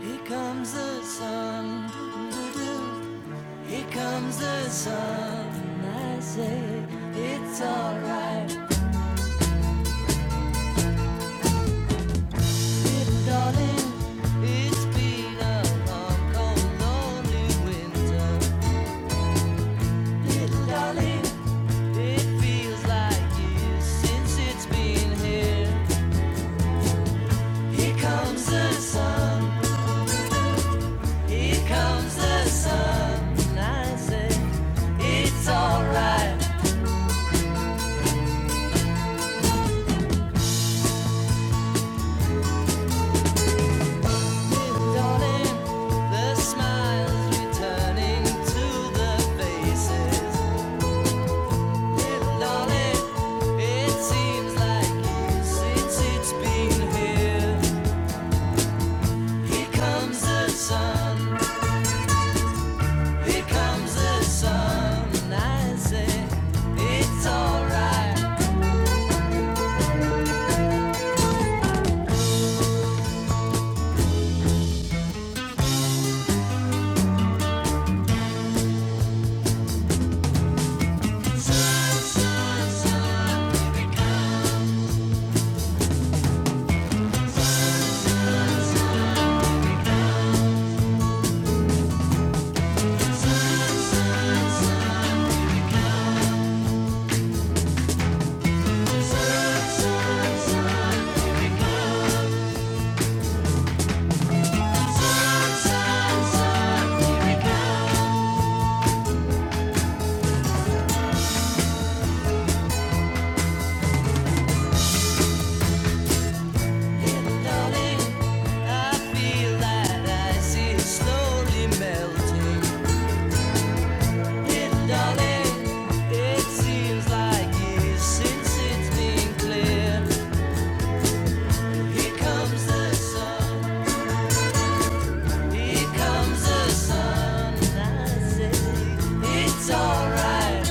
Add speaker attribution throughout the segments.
Speaker 1: Here comes the sun. doo-doo-doo. Here comes the sun. And I say, it's alright. Dear darling, it's been a long, cold, lonely winter. Little darling, it feels like years since it's been here. Here comes the sun. Here comes the sun. And I say, it's alright. Little darling, the smiles returning to the faces. Little darling, it seems like it's it's been here. Here comes the sun, here comes the sun, and I say it's all right. Sun, sun, sun, here comes sun, sun, sun, here comes. It's alright.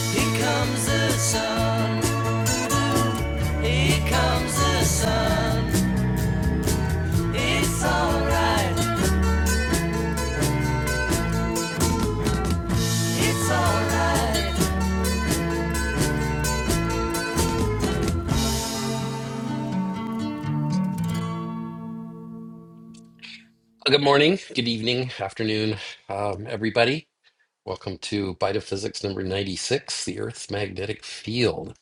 Speaker 1: Here comes the sun. Here comes the sun. It's alright. It's alright. Good morning, good evening, afternoon, um, everybody. Welcome to Bite of Physics number 96, the Earth's Magnetic Field.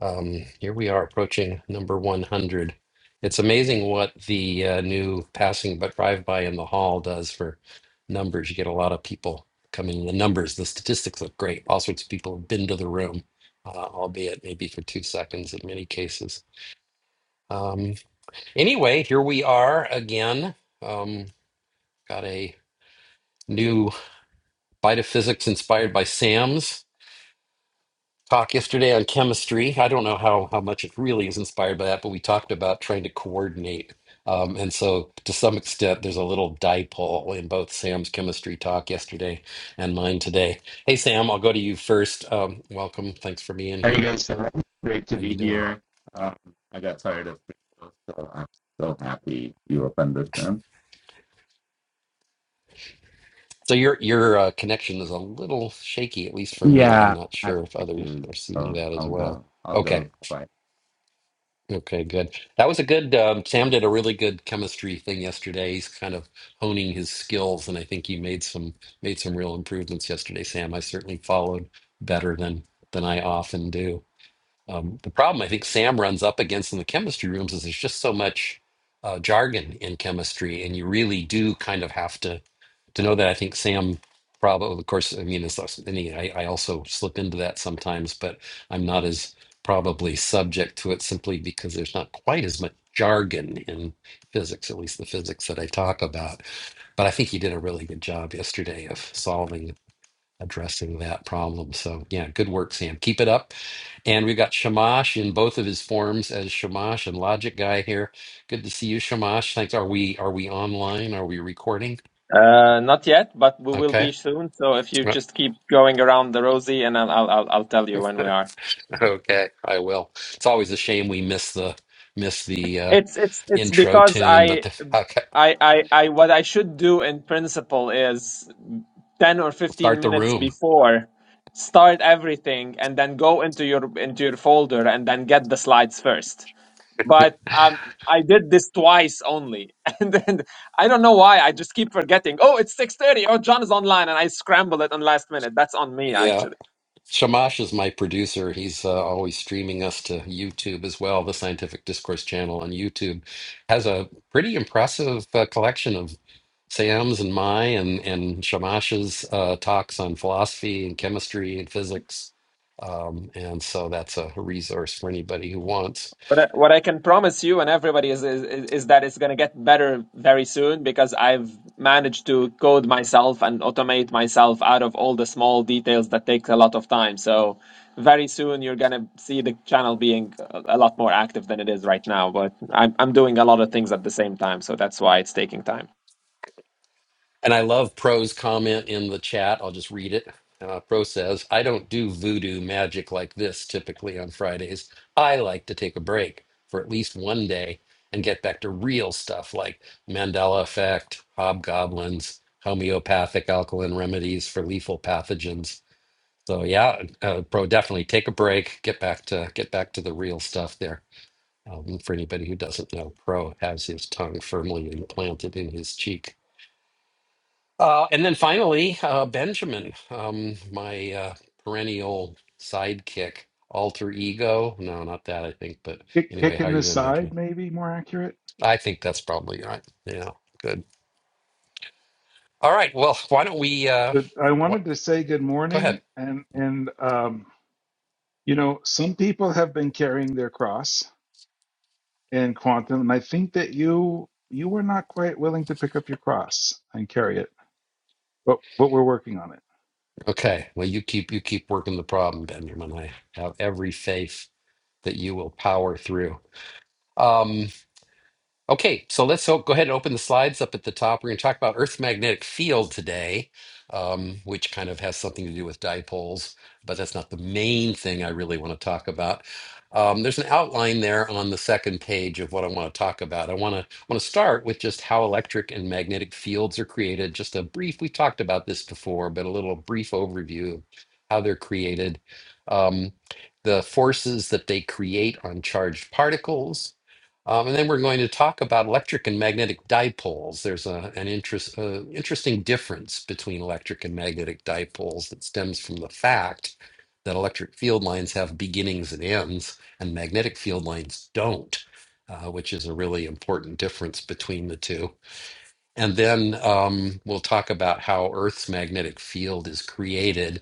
Speaker 1: Um, here we are approaching number 100. It's amazing what the uh, new passing but drive-by in the hall does for numbers. You get a lot of people coming. The numbers, the statistics look great. All sorts of people have been to the room, uh, albeit maybe for two seconds in many cases. Um, Anyway, here we are again. Um, got a new bite of physics inspired by Sam's talk yesterday on chemistry. I don't know how, how much it really is inspired by that, but we talked about trying to coordinate. Um, and so, to some extent, there's a little dipole in both Sam's chemistry talk yesterday and mine today. Hey, Sam, I'll go to you first. Um, welcome. Thanks for being
Speaker 2: How you
Speaker 1: here.
Speaker 2: guys doing? Great to
Speaker 1: How
Speaker 2: be
Speaker 1: you doing?
Speaker 2: here. Um, I got tired of people, so I'm so happy you opened this room.
Speaker 1: So your your uh, connection is a little shaky, at least for me. I'm
Speaker 2: Yeah,
Speaker 1: not
Speaker 2: I
Speaker 1: sure
Speaker 2: have
Speaker 1: if others
Speaker 2: issues,
Speaker 1: are seeing
Speaker 2: so
Speaker 1: that as
Speaker 2: I'll
Speaker 1: well.
Speaker 2: go. I'll
Speaker 1: Okay.
Speaker 2: go quiet.
Speaker 1: Okay, good. That was a good um, Sam did a really good chemistry thing yesterday. He's kind of honing his skills, and I think he made some made some real improvements yesterday, Sam. I certainly followed better than than I often do. Um, the problem I think Sam runs up against in the chemistry rooms is there's just so much uh, jargon in chemistry, and you really do kind of have to to know that. I think Sam probably, of course, I mean, it's less, I, mean, I I also slip into that sometimes, but I'm not as probably subject to it simply because there's not quite as much jargon in physics, at least the physics that I talk about. But I think he did a really good job yesterday of solving addressing that problem. So yeah, good work, Sam. Keep it up. And we've got Shamash in both of his forms as Shamash and Logic Guy here. Good to see you, Shamash. Thanks. Are we are we online? Are we recording?
Speaker 3: Uh, not yet, but we will
Speaker 1: Okay.
Speaker 3: be soon. So if you just keep going around the rosy, and I'll I'll I'll I'll tell you when we are.
Speaker 1: Okay, I will. It's always a shame we miss the miss the uh,
Speaker 3: It's it's it's
Speaker 1: intro
Speaker 3: because
Speaker 1: tune, but
Speaker 3: I
Speaker 1: the, okay,
Speaker 3: I I I what I should do in principle is ten or fifteen
Speaker 1: start the
Speaker 3: minutes
Speaker 1: room.
Speaker 3: before start everything and then go into your into your folder and then get the slides first. But um, I did this twice only, and then I don't know why I just keep forgetting. Oh, it's six thirty. Oh, John is online, and I scramble it on last minute. That's on me
Speaker 1: Yeah.
Speaker 3: actually.
Speaker 1: Shamash is my producer. He's uh, always streaming us to YouTube as well. The Scientific Discourse channel on YouTube has a pretty impressive uh, collection of Sam's and my and and Shamash's uh, talks on philosophy and chemistry and physics. Um, and so that's a resource for anybody who wants.
Speaker 3: But I- what I can promise you and everybody is is, is that it's going to get better very soon because I've managed to code myself and automate myself out of all the small details that take a lot of time. So very soon you're going to see the channel being a a lot more active than it is right now. But I'm I'm doing a lot of things at the same time, so that's why it's taking time.
Speaker 1: And I love Pro's comment in the chat. I'll just read it. Uh, Pro says, I don't do voodoo magic like this typically on Fridays. I like to take a break for at least one day and get back to real stuff like Mandela effect, hobgoblins, homeopathic alkaline remedies for lethal pathogens. So yeah, uh, Pro, definitely take a break. Get back to get back to the real stuff there. Um, for anybody who doesn't know, Pro has his tongue firmly implanted in his cheek. Uh, and then finally, uh, Benjamin, um, my uh, perennial sidekick, alter ego. No, not that, I think. But
Speaker 4: kick,
Speaker 1: anyway,
Speaker 4: kick
Speaker 1: how
Speaker 4: in
Speaker 1: are you
Speaker 4: the
Speaker 1: doing, Benjamin?
Speaker 4: side, maybe more accurate.
Speaker 1: I think that's probably right. Yeah, good. All right. Well, why don't we? Uh,
Speaker 4: But I
Speaker 1: what?
Speaker 4: wanted to say good
Speaker 1: Go ahead.
Speaker 4: morning, and and um, you know, some people have been carrying their cross in quantum, and I think that you you were not quite willing to pick up your cross and carry it, but but we're working on it.
Speaker 1: Okay. Well, you keep you keep working the problem, Benjamin. I have every faith that you will power through. Um, Okay, so let's o- go ahead and open the slides up at the top. We're going to talk about Earth's magnetic field today, um, which kind of has something to do with dipoles, but that's not the main thing I really want to talk about. Um, there's an outline there on the second page of what I want to talk about. I want to want to start with just how electric and magnetic fields are created. Just a brief, we talked about this before, but a little brief overview of how they're created. Um, the forces that they create on charged particles, um, and then we're going to talk about electric and magnetic dipoles. There's a, an interest, uh, interesting difference between electric and magnetic dipoles that stems from the fact that electric field lines have beginnings and ends, and magnetic field lines don't, uh, which is a really important difference between the two. And then um, we'll talk about how Earth's magnetic field is created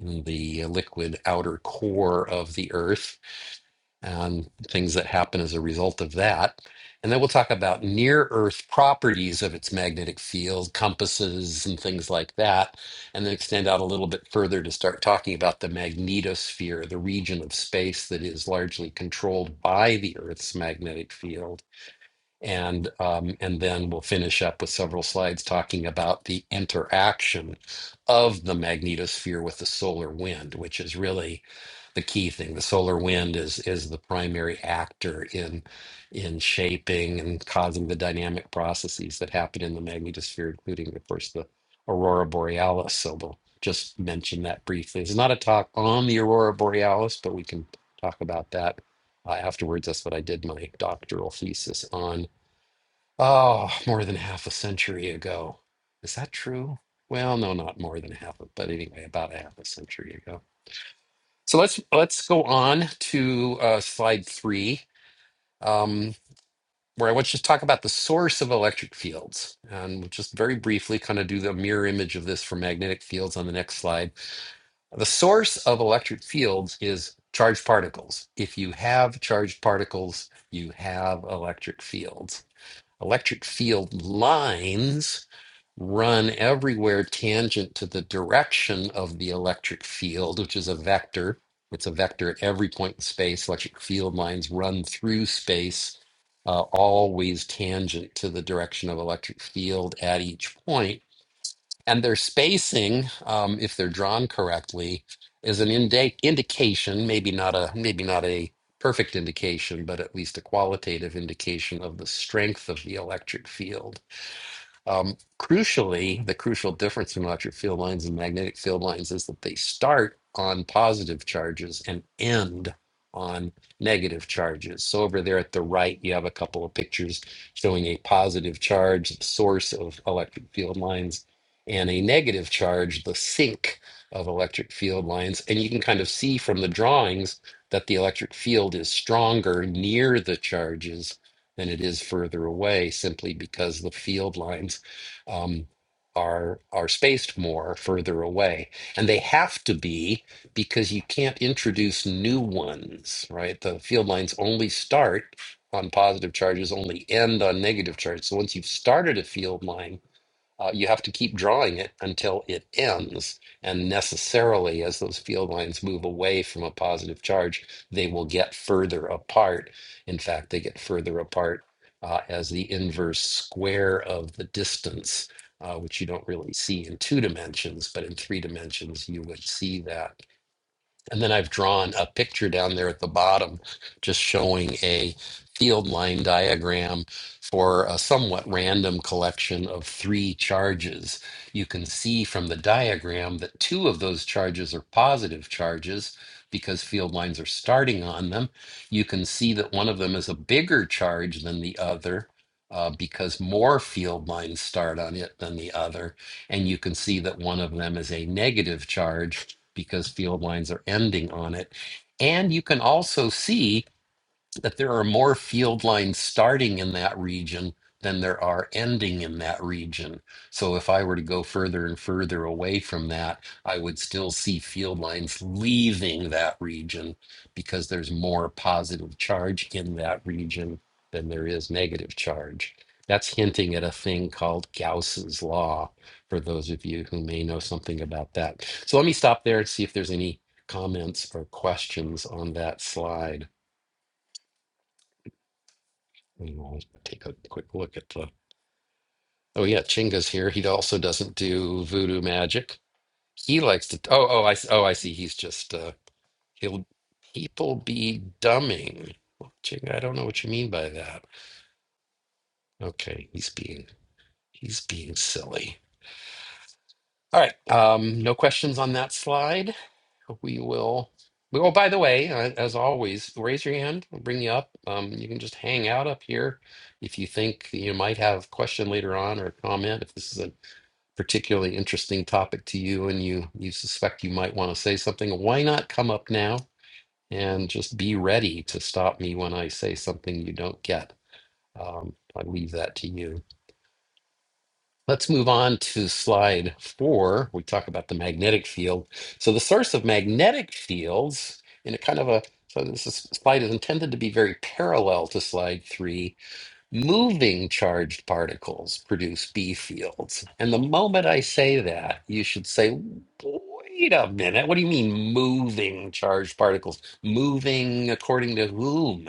Speaker 1: in the liquid outer core of the Earth and things that happen as a result of that. And then we'll talk about near Earth properties of its magnetic field, compasses, and things like that. And then extend out a little bit further to start talking about the magnetosphere, the region of space that is largely controlled by the Earth's magnetic field and um, and then we'll finish up with several slides talking about the interaction of the magnetosphere with the solar wind, which is really the key thing. The solar wind is is the primary actor in in shaping and causing the dynamic processes that happen in the magnetosphere, including, of course, the aurora borealis. So we'll just mention that briefly. It's not a talk on the aurora borealis, but we can talk about that uh, afterwards. That's what I did my doctoral thesis on Oh, more than half a century ago. Is that true? Well, no, not more than half, but anyway, about a half a century ago. So let's let's go on to uh, slide three, um, where I want you to talk about the source of electric fields, and we'll just very briefly kind of do the mirror image of this for magnetic fields on the next slide. The source of electric fields is charged particles. If you have charged particles, you have electric fields. Electric field lines run everywhere tangent to the direction of the electric field, which is a vector. It's a vector at every point in space. Electric field lines run through space, uh, always tangent to the direction of electric field at each point and their spacing, um, if they're drawn correctly, is an indi- indication, maybe not a maybe not a perfect indication, but at least a qualitative indication of the strength of the electric field. Um, crucially, the crucial difference in electric field lines and magnetic field lines is that they start on positive charges and end on negative charges. So over there at the right, you have a couple of pictures showing a positive charge, the source of electric field lines, and a negative charge, the sink of electric field lines. And you can kind of see from the drawings that the electric field is stronger near the charges than it is further away simply because the field lines um, are are spaced more further away, and they have to be because you can't introduce new ones, right? The field lines only start on positive charges, only end on negative charges. So once you've started a field line uh, you have to keep drawing it until it ends. And necessarily, as those field lines move away from a positive charge, they will get further apart. In fact, they get further apart uh, as the inverse square of the distance, uh, which you don't really see in two dimensions, but in three dimensions, you would see that. And then I've drawn a picture down there at the bottom, just showing a field line diagram for a somewhat random collection of three charges. You can see from the diagram that two of those charges are positive charges because field lines are starting on them. You can see that one of them is a bigger charge than the other. uh, because more field lines start on it than the other. And you can see that one of them is a negative charge because field lines are ending on it. And you can also see that there are more field lines starting in that region than there are ending in that region. So if I were to go further and further away from that, I would still see field lines leaving that region because there's more positive charge in that region than there is negative charge. That's hinting at a thing called Gauss's law for those of you who may know something about that. So let me stop there and see if there's any comments or questions on that slide. And we'll take a quick look at the. Oh yeah, Chinga's here. He also doesn't do voodoo magic. He likes to. Oh oh I s- oh I see. He's just uh he'll people be dumbing. Well, Chinga, I don't know what you mean by that. Okay, he's being he's being silly. All right. Um, no questions on that slide. We will. we- Oh, by the way, uh, as always, raise your hand. We'll bring you up. Um, you can just hang out up here if you think you might have a question later on or a comment. If this is a particularly interesting topic to you and you you suspect you might want to say something, why not come up now and just be ready to stop me when I say something you don't get? Um, I leave that to you. Let's move on to slide four. We talk about the magnetic field. So the source of magnetic fields in a kind of a so this is, slide is intended to be very parallel to slide three Moving charged particles produce B fields. And the moment I say that, you should say, wait a minute, what do you mean moving charged particles? Moving according to whom?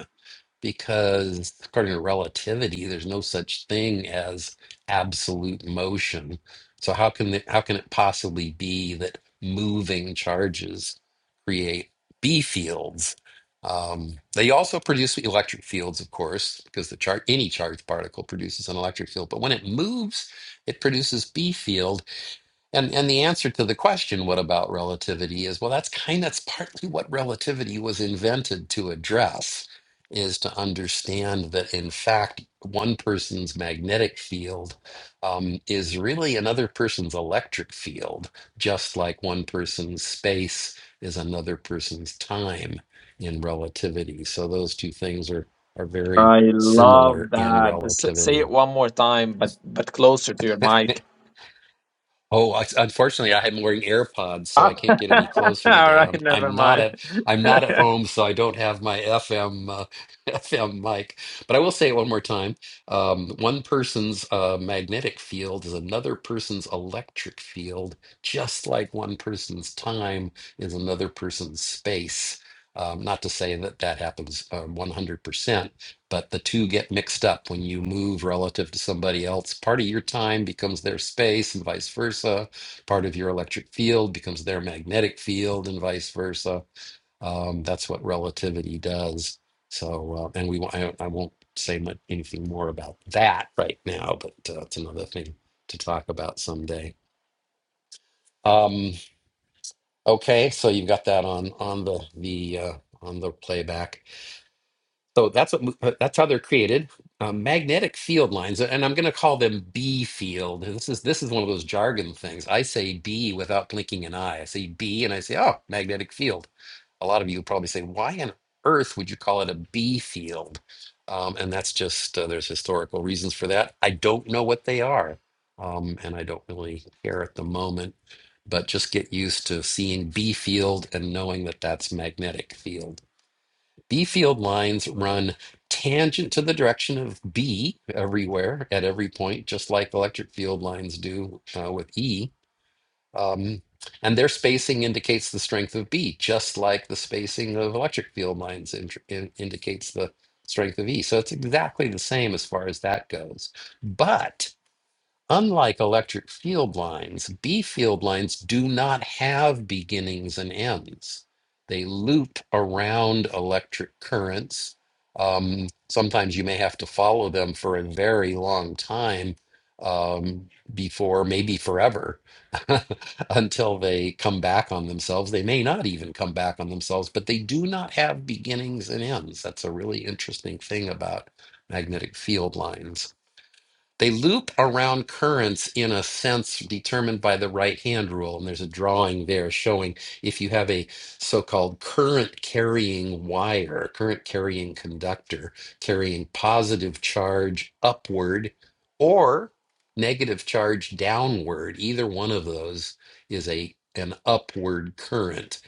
Speaker 1: because according to relativity, there's no such thing as absolute motion. So how can the, how can it possibly be that moving charges create B fields? Um, they also produce electric fields, of course, because the char- any charged particle produces an electric field. But when it moves, it produces B fields and and the answer to the question, what about relativity, is well, that's kind that's partly what relativity was invented to address, is to understand that in fact one person's magnetic field um, is really another person's electric field, just like one person's space is another person's time in relativity. So those two things are are very
Speaker 3: I love
Speaker 1: similar in
Speaker 3: that. S- Say
Speaker 1: relativity.
Speaker 3: it one more time, but but closer to your mic.
Speaker 1: Oh, I- unfortunately, I am wearing AirPods, so I can't get any closer
Speaker 3: all
Speaker 1: today. I'm
Speaker 3: right, never
Speaker 1: I'm not
Speaker 3: mind.
Speaker 1: at I'm not at home, so I don't have my FM uh, FM mic. But I will say it one more time. Um, one person's uh, magnetic field is another person's electric field, just like one person's time is another person's space. Um, not to say that that happens uh, 100%, but the two get mixed up when you move relative to somebody else. Part of your time becomes their space and vice versa. Part of your electric field becomes their magnetic field and vice versa. Um, that's what relativity does. So, uh, and we won't- I, I won't say much, anything more about that right now, but uh, it's another thing to talk about someday. Um, okay, so you've got that on on the the uh, on the playback. So that's what uh, that's how they're created. Um, magnetic field lines, and I'm going to call them B field. This is this is one of those jargon things. I say B without blinking an eye. I say B, and I say, oh, magnetic field. A lot of you probably say, why on earth would you call it a B field? Um, and that's just uh, there's historical reasons for that. I don't know what they are, um, and I don't really care at the moment. But just get used to seeing B field and knowing that that's magnetic field. B field lines run tangent to the direction of B everywhere at every point, just like electric field lines do uh, with E. Um, and their spacing indicates the strength of B, just like the spacing of electric field lines in, in- indicates the strength of E. So it's exactly the same as far as that goes. but. Unlike electric field lines, B field lines do not have beginnings and ends. They loop around electric currents. Um, sometimes you may have to follow them for a very long time um, before, maybe forever, until they come back on themselves. They may not even come back on themselves, but they do not have beginnings and ends. That's a really interesting thing about magnetic field lines. They loop around currents in a sense determined by the right hand rule. And there's a drawing there showing if you have a so called current carrying wire, current carrying conductor, carrying positive charge upward or negative charge downward, either one of those is a an upward current.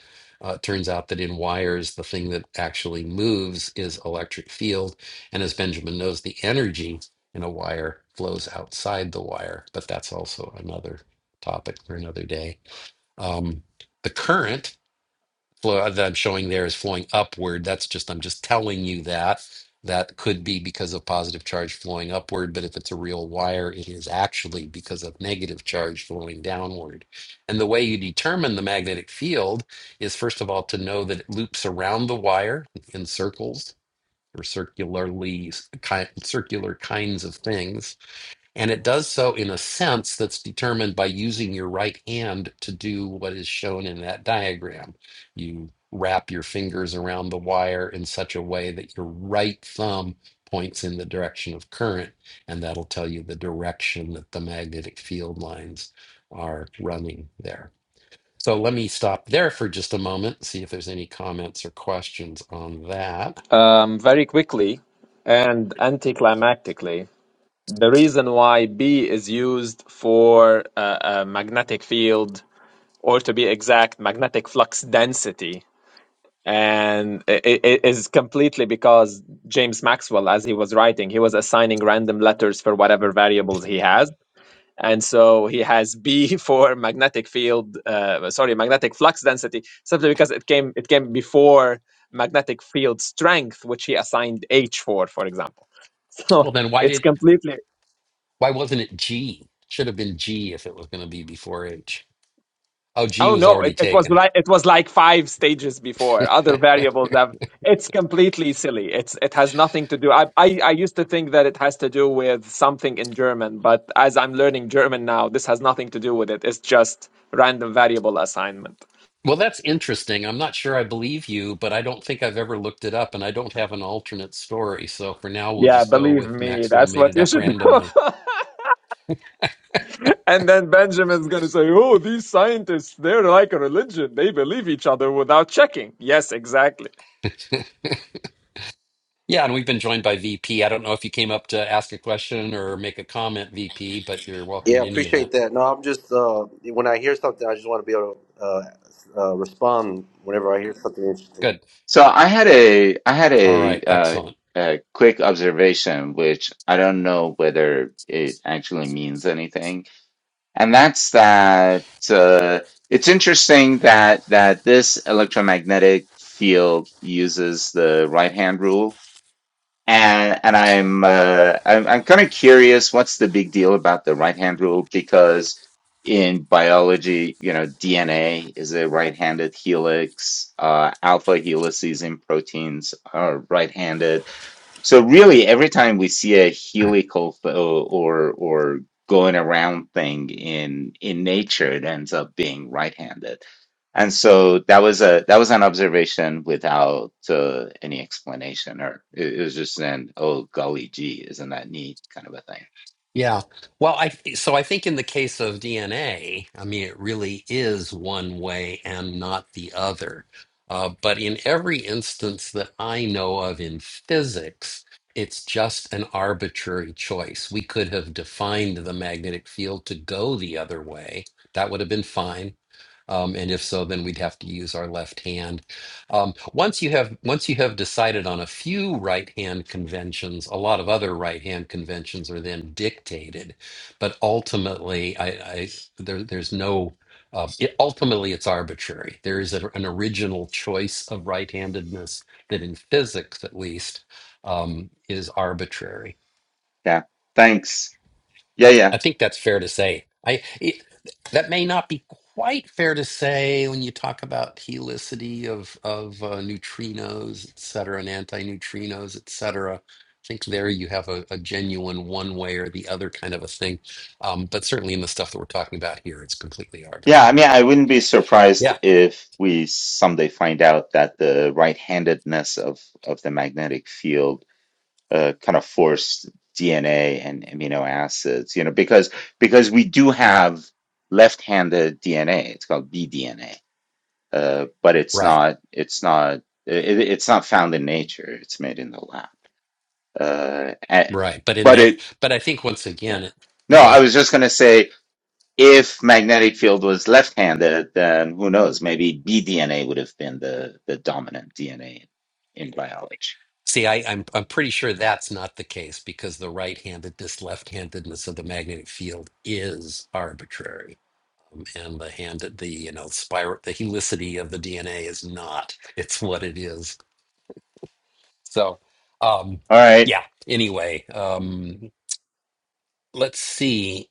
Speaker 1: Uh, it turns out that in wires, the thing that actually moves is electric field. And as Benjamin knows, the energy in a wire flows outside the wire, but that's also another topic for another day. Um, the current flow uh, that I'm showing there is flowing upward. That's just, I'm just telling you that. That could be because of positive charge flowing upward, but if it's a real wire, it is actually because of negative charge flowing downward. And the way you determine the magnetic field is, first of all, to know that it loops around the wire in circles or circularly, ki- circular kinds of things and it does so in a sense that's determined by using your right hand to do what is shown in that diagram. You wrap your fingers around the wire in such a way that your right thumb points in the direction of current, and that'll tell you the direction that the magnetic field lines are running there. So let me stop there for just a moment, see if there's any comments or questions on that.
Speaker 3: Um, very quickly and anticlimactically, the reason why B is used for uh, a magnetic field, or to be exact, magnetic flux density, and i i- is completely because James Maxwell, as he was writing, he was assigning random letters for whatever variables he has and so he has B for magnetic field. Uh, sorry, magnetic flux density, simply because it came it came before magnetic field strength, which he assigned H for, for example. So
Speaker 1: Well, then why
Speaker 3: it's
Speaker 1: did
Speaker 3: completely.
Speaker 1: why wasn't it G? Should have been G if it was going to be before H. Oh, G
Speaker 3: Oh
Speaker 1: was
Speaker 3: no,
Speaker 1: already
Speaker 3: it, it was
Speaker 1: taken.
Speaker 3: like it was like five stages before. Other variables have. It's completely silly. It's it has nothing to do. I, I I used to think that it has to do with something in German, but as I'm learning German now, this has nothing to do with it. It's just random variable assignment.
Speaker 1: Well, that's interesting. I'm not sure I believe you, but I don't think I've ever looked it up, and I don't have an alternate story. So for now, we'll
Speaker 3: Yeah,
Speaker 1: just go
Speaker 3: believe
Speaker 1: with
Speaker 3: me,
Speaker 1: Maxwell
Speaker 3: that's
Speaker 1: made
Speaker 3: what
Speaker 1: it
Speaker 3: you
Speaker 1: up
Speaker 3: should do.
Speaker 1: randomly.
Speaker 3: and then Benjamin's going to say, oh, these scientists, they're like a religion. They believe each other without checking. Yes, exactly.
Speaker 1: Yeah, and we've been joined by VP. I don't know if you came up to ask a question or make a comment, VP, but you're welcome
Speaker 5: Yeah, I
Speaker 1: in any event.
Speaker 5: appreciate that. No, I'm just uh, when I hear something, I just want to be able to uh, uh, respond whenever I hear something interesting.
Speaker 1: Good.
Speaker 2: So I had a I had
Speaker 1: All
Speaker 2: a
Speaker 1: right.
Speaker 2: uh,
Speaker 1: Excellent.
Speaker 2: a quick observation, which I don't know whether it actually means anything, and that's that uh, it's interesting that that this electromagnetic field uses the right hand rule And and I'm uh, I'm, I'm kind of curious what's the big deal about the right hand rule because in biology, you know, DNA is a right-handed helix, uh, alpha helices in proteins are right-handed so really, every time we see a helical th- uh, or or going around thing in in nature, it ends up being right-handed. And so that was a that was an observation without uh, any explanation, or it, it was just an oh golly gee, isn't that neat kind of a thing.
Speaker 1: Yeah. Well, I so I think in the case of DNA, I mean, it really is one way and not the other. Uh, but in every instance that I know of in physics, it's just an arbitrary choice. We could have defined the magnetic field to go the other way. That would have been fine um, and if so, then we'd have to use our left hand. Um, once you have once you have decided on a few right hand conventions, a lot of other right hand conventions are then dictated. But ultimately, I, I there, there's no uh, it, ultimately it's arbitrary. There is a, an original choice of right handedness that, in physics at least, um, is arbitrary.
Speaker 2: Yeah. Thanks. Yeah, yeah.
Speaker 1: I think that's fair to say. I it, that may not be quite fair to say when you talk about helicity of of uh, neutrinos, et cetera, and antineutrinos, et cetera. I think there you have a, a genuine one way or the other kind of a thing. Um, but certainly in the stuff that we're talking about here, it's completely
Speaker 2: Yeah, I mean,
Speaker 1: arbitrary.
Speaker 2: I wouldn't be surprised
Speaker 1: Yeah,
Speaker 2: if we someday find out that the right-handedness of of the magnetic field uh, kind of forced DNA and amino acids, you know, because because we do have left-handed DNA. It's called BDNA, uh, but it's
Speaker 1: right,
Speaker 2: not it's not it, it's not found in nature. It's made in the lab. Uh, a-
Speaker 1: right. But in
Speaker 2: but
Speaker 1: that,
Speaker 2: it
Speaker 1: but I think once
Speaker 2: yeah.
Speaker 1: again, it,
Speaker 2: No,
Speaker 1: go
Speaker 2: I
Speaker 1: ahead.
Speaker 2: was just gonna say if magnetic field was left-handed, then who knows? Maybe BDNA would have been the the dominant DNA in in biology.
Speaker 1: See, I, I'm I'm pretty sure that's not the case because the right-handedness, left-handedness of the magnetic field is arbitrary, Um, and the handed the you know spiral the helicity of the DNA is not. It's what it is. So, um,
Speaker 2: All right.
Speaker 1: yeah. Anyway, um, let's see.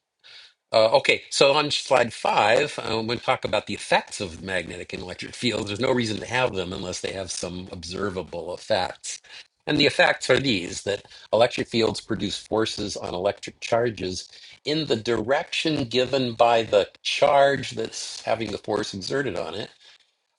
Speaker 1: Uh, okay, so on slide five, um, we talk about the effects of magnetic and electric fields. There's no reason to have them unless they have some observable effects. And the effects are these that electric fields produce forces on electric charges in the direction given by the charge that's having the force exerted on it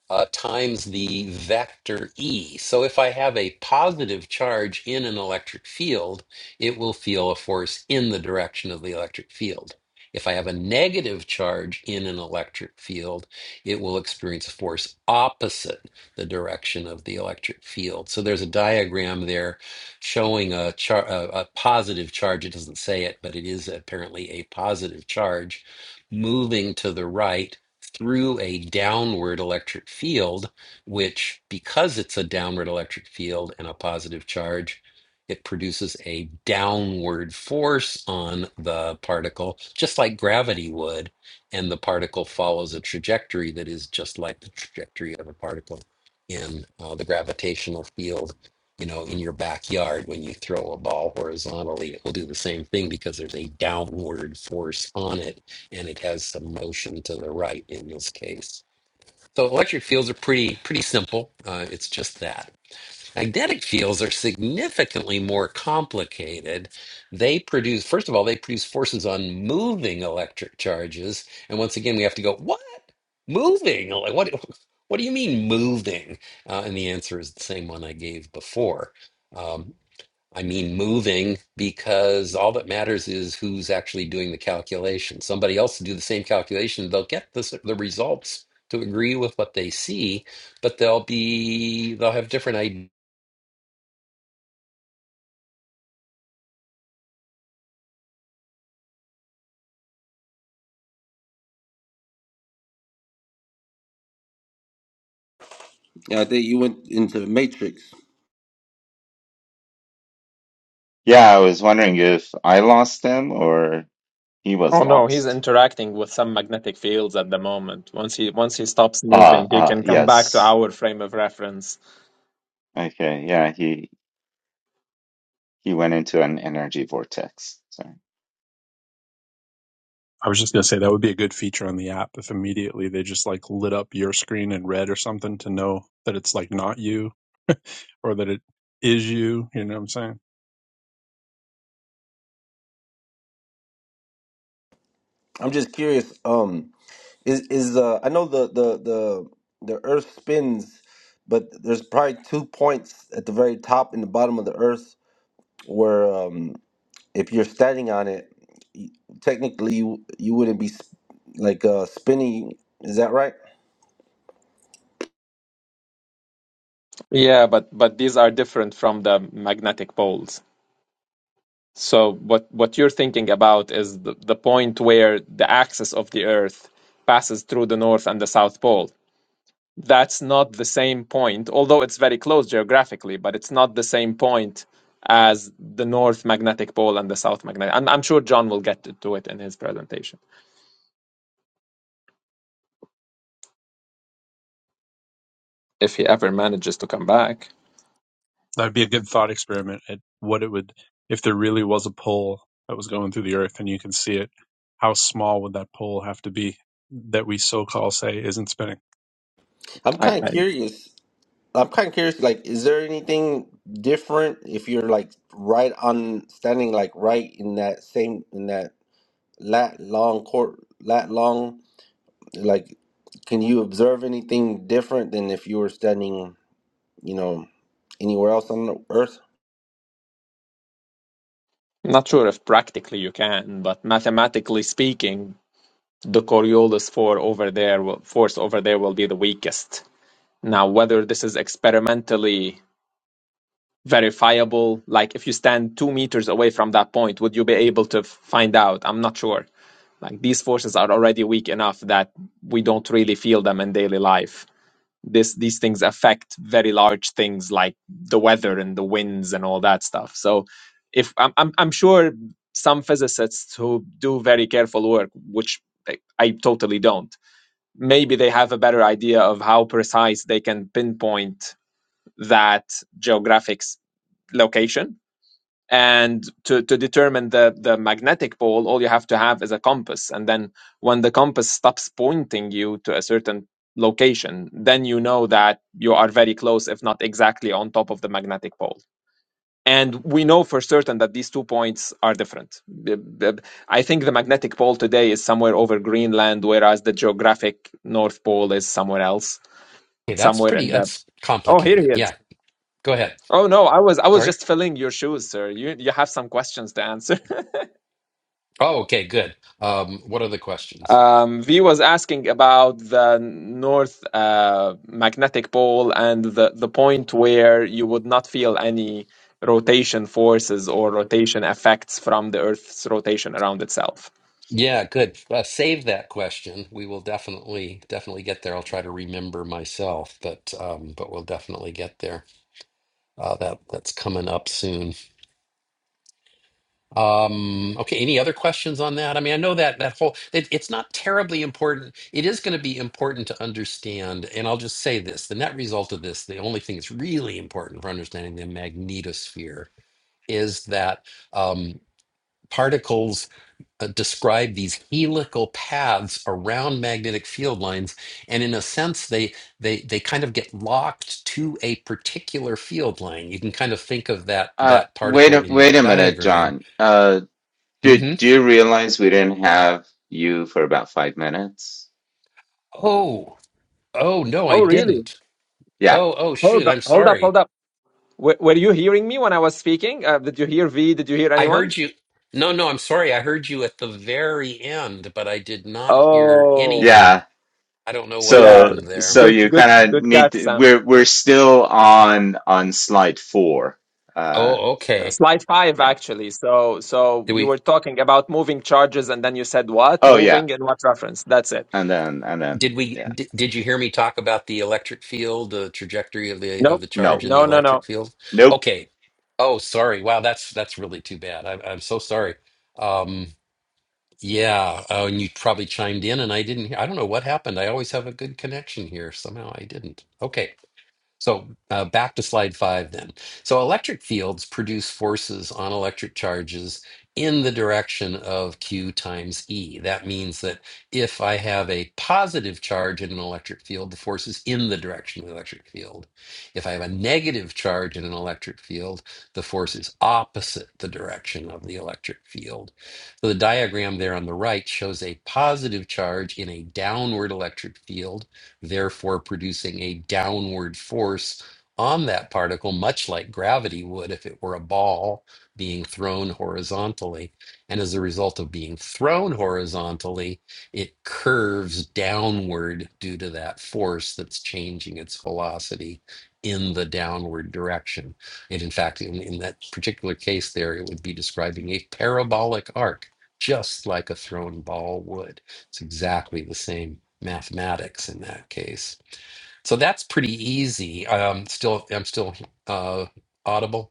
Speaker 1: uh, times the vector E. So if I have a positive charge in an electric field, it will feel a force in the direction of the electric field. If I have a negative charge in an electric field, it will experience a force opposite the direction of the electric field. So there's a diagram there showing a, char- a, a positive charge. It doesn't say it, but it is apparently a positive charge moving to the right through a downward electric field, which, because it's a downward electric field and a positive charge, it produces a downward force on the particle, just like gravity would. And the particle follows a trajectory that is just like the trajectory of a particle in uh, the gravitational field. You know, in your backyard, when you throw a ball horizontally, it will do the same thing because there's a downward force on it and it has some motion to the right in this case. So electric fields are pretty pretty simple. Uh, it's just that magnetic fields are significantly more complicated. They produce first of all they produce forces on moving electric charges, and once again we have to go what moving Like, what what do you mean moving? Uh, and the answer is the same one I gave before. Um, I mean moving because all that matters is who's actually doing the calculation. Somebody else will do the same calculation. They'll get the, s- the results to agree with what they see, but they'll be they'll have different ideas.
Speaker 5: Yeah, I think you went into the Matrix.
Speaker 2: Yeah, I was wondering if I lost him or He was
Speaker 3: Oh no, he's
Speaker 2: lost.
Speaker 3: interacting with some magnetic fields at the moment. Once he once he stops
Speaker 2: Ah,
Speaker 3: moving, he
Speaker 2: ah,
Speaker 3: can come back to
Speaker 2: yes.
Speaker 3: our frame of reference.
Speaker 2: Okay, yeah, he he went into an energy vortex. Sorry.
Speaker 6: I was just gonna say that would be a good feature on the app if immediately they just like lit up your screen in red or something to know that it's like not you or that it is you. You know what I'm saying?
Speaker 5: I'm just curious. Um, is is uh, I know the the the the Earth spins, but there's probably two points at the very top and the bottom of the Earth where um, if you're standing on it, y- technically you you wouldn't be sp- like uh spinning. Is that right?
Speaker 3: Yeah, but but these are different from the magnetic poles. So what what you're thinking about is the, the point where the axis of the Earth passes through the north and the south pole. that's not the same point, although it's very close geographically, but it's not the same point as the North Magnetic Pole and the South Magnetic. I'm, I'm sure John will get to it in his presentation if he ever manages to come back.
Speaker 6: That'd be a good thought experiment at what it would if there really was a pole that was going through the earth and you can see it. How small would that pole have to be that we so call say isn't spinning?
Speaker 5: I'm
Speaker 3: I,
Speaker 5: kind of
Speaker 3: I'm
Speaker 5: curious I'm kind of curious. Like, is there anything different if you're like right on standing, like right in that same in that lat long court lat long? Like, can you observe anything different than if you were standing, you know, anywhere else on the earth?
Speaker 3: not sure if practically you can, but mathematically speaking, the Coriolis four over there will, force over there will be the weakest. Now, whether this is experimentally verifiable, like if you stand two meters away from that point, would you be able to f- find out? I'm not sure Like these forces are already weak enough that we don't really feel them in daily life. This these things affect very large things like the weather and the winds and all that stuff. So if I'm I'm, I'm sure some physicists who do very careful work, which I I totally don't, maybe they have a better idea of how precise they can pinpoint that geographic s- location and to, to determine the, the magnetic pole all you have to have is a compass and then when the compass stops pointing you to a certain location then you know that you are very close if not exactly on top of the magnetic pole and we know for certain that these two points are different The- i think the magnetic pole today is somewhere over greenland whereas the geographic north pole is somewhere else
Speaker 1: that's
Speaker 3: somewhere in
Speaker 1: pretty
Speaker 3: the
Speaker 1: that's
Speaker 3: oh here he
Speaker 1: complicated.
Speaker 3: is
Speaker 1: Yeah. Go ahead.
Speaker 3: oh no i was i was
Speaker 1: Sorry.
Speaker 3: just filling your shoes sir you you have some questions to answer
Speaker 1: Oh, okay, good. Um, what are the questions?
Speaker 3: Um, V was asking about the north uh, magnetic pole and the, the point where you would not feel any rotation forces or rotation effects from the Earth's rotation around itself.
Speaker 1: Yeah, good. Uh, save that question. We will definitely definitely get there. I'll try to remember myself, but um, but we'll definitely get there. Uh, that that's coming up soon. Um, okay, any other questions on that? I mean, I know that that whole it, it's not terribly important. It is going to be important to understand, and I'll just say this, the net result of this, the only thing that's really important for understanding the magnetosphere is that um, particles uh, describe these helical paths around magnetic field lines, and in a sense, they they they kind of get locked to a particular field line. You can kind of think of that
Speaker 2: Uh,
Speaker 1: that
Speaker 2: wait
Speaker 1: particle
Speaker 2: a
Speaker 1: in
Speaker 2: wait
Speaker 1: that
Speaker 2: a minute,
Speaker 1: diagram.
Speaker 2: John. Uh, do
Speaker 1: Mm-hmm.
Speaker 2: do you realize we didn't have you for about five minutes?
Speaker 1: Oh, oh no, I
Speaker 3: Oh, really?
Speaker 1: didn't.
Speaker 2: Yeah,
Speaker 1: Oh, oh shoot,
Speaker 3: Hold up,
Speaker 1: I'm
Speaker 3: hold up,
Speaker 1: sorry.
Speaker 3: hold up. Were, were you hearing me when I was speaking? Uh, did you hear V? Did you hear
Speaker 1: I
Speaker 3: anyone?
Speaker 1: heard you. No, no, I'm sorry. I heard you at the very end, but I did not hear
Speaker 3: Oh,
Speaker 1: anything.
Speaker 2: yeah.
Speaker 1: I don't know what
Speaker 3: yeah.
Speaker 2: So
Speaker 1: happened there.
Speaker 2: so
Speaker 3: Good,
Speaker 2: you
Speaker 3: good,
Speaker 2: kind of
Speaker 3: good
Speaker 2: need
Speaker 3: catch,
Speaker 2: to.
Speaker 3: Sam.
Speaker 2: We're we're still on on slide four. Uh,
Speaker 1: Oh,
Speaker 2: so
Speaker 1: okay.
Speaker 3: Slide five,
Speaker 2: yeah.
Speaker 3: actually. So, so
Speaker 1: Did
Speaker 3: you
Speaker 1: we
Speaker 3: were talking about moving charges, and then you said what?
Speaker 2: Oh yeah,
Speaker 3: Moving in what reference? That's it.
Speaker 2: and then and then
Speaker 1: did we
Speaker 2: yeah.
Speaker 1: did, did you hear me talk about the electric field, the trajectory of the of
Speaker 3: Nope.
Speaker 1: the charge
Speaker 2: No,
Speaker 1: in the
Speaker 3: No, no, no.
Speaker 1: electric field?
Speaker 2: nope.
Speaker 1: Okay. Oh, sorry. Wow, that's that's really too bad. I, I'm so sorry. Um Yeah. Oh, and you probably chimed in and I didn't hear. I don't know what happened. I always have a good connection here. Somehow I didn't. Okay. So uh, back to slide five then. So electric fields produce forces on electric charges in the direction of Q times E. That means that if I have a positive charge in an electric field, the force is in the direction of the electric field. If I have a negative charge in an electric field, the force is opposite the direction of the electric field. So the diagram there on the right shows a positive charge in a downward electric field therefore producing a downward force on that particle, much like gravity would if it were a ball being thrown horizontally. And as a result of being thrown horizontally, it curves downward due to that force that's changing its velocity in the downward direction. And in fact, in, in that particular case, there, it would be describing a parabolic arc, just like a thrown ball would. It's exactly the same mathematics in that case. So that's pretty easy. Um, still, I'm still uh, audible.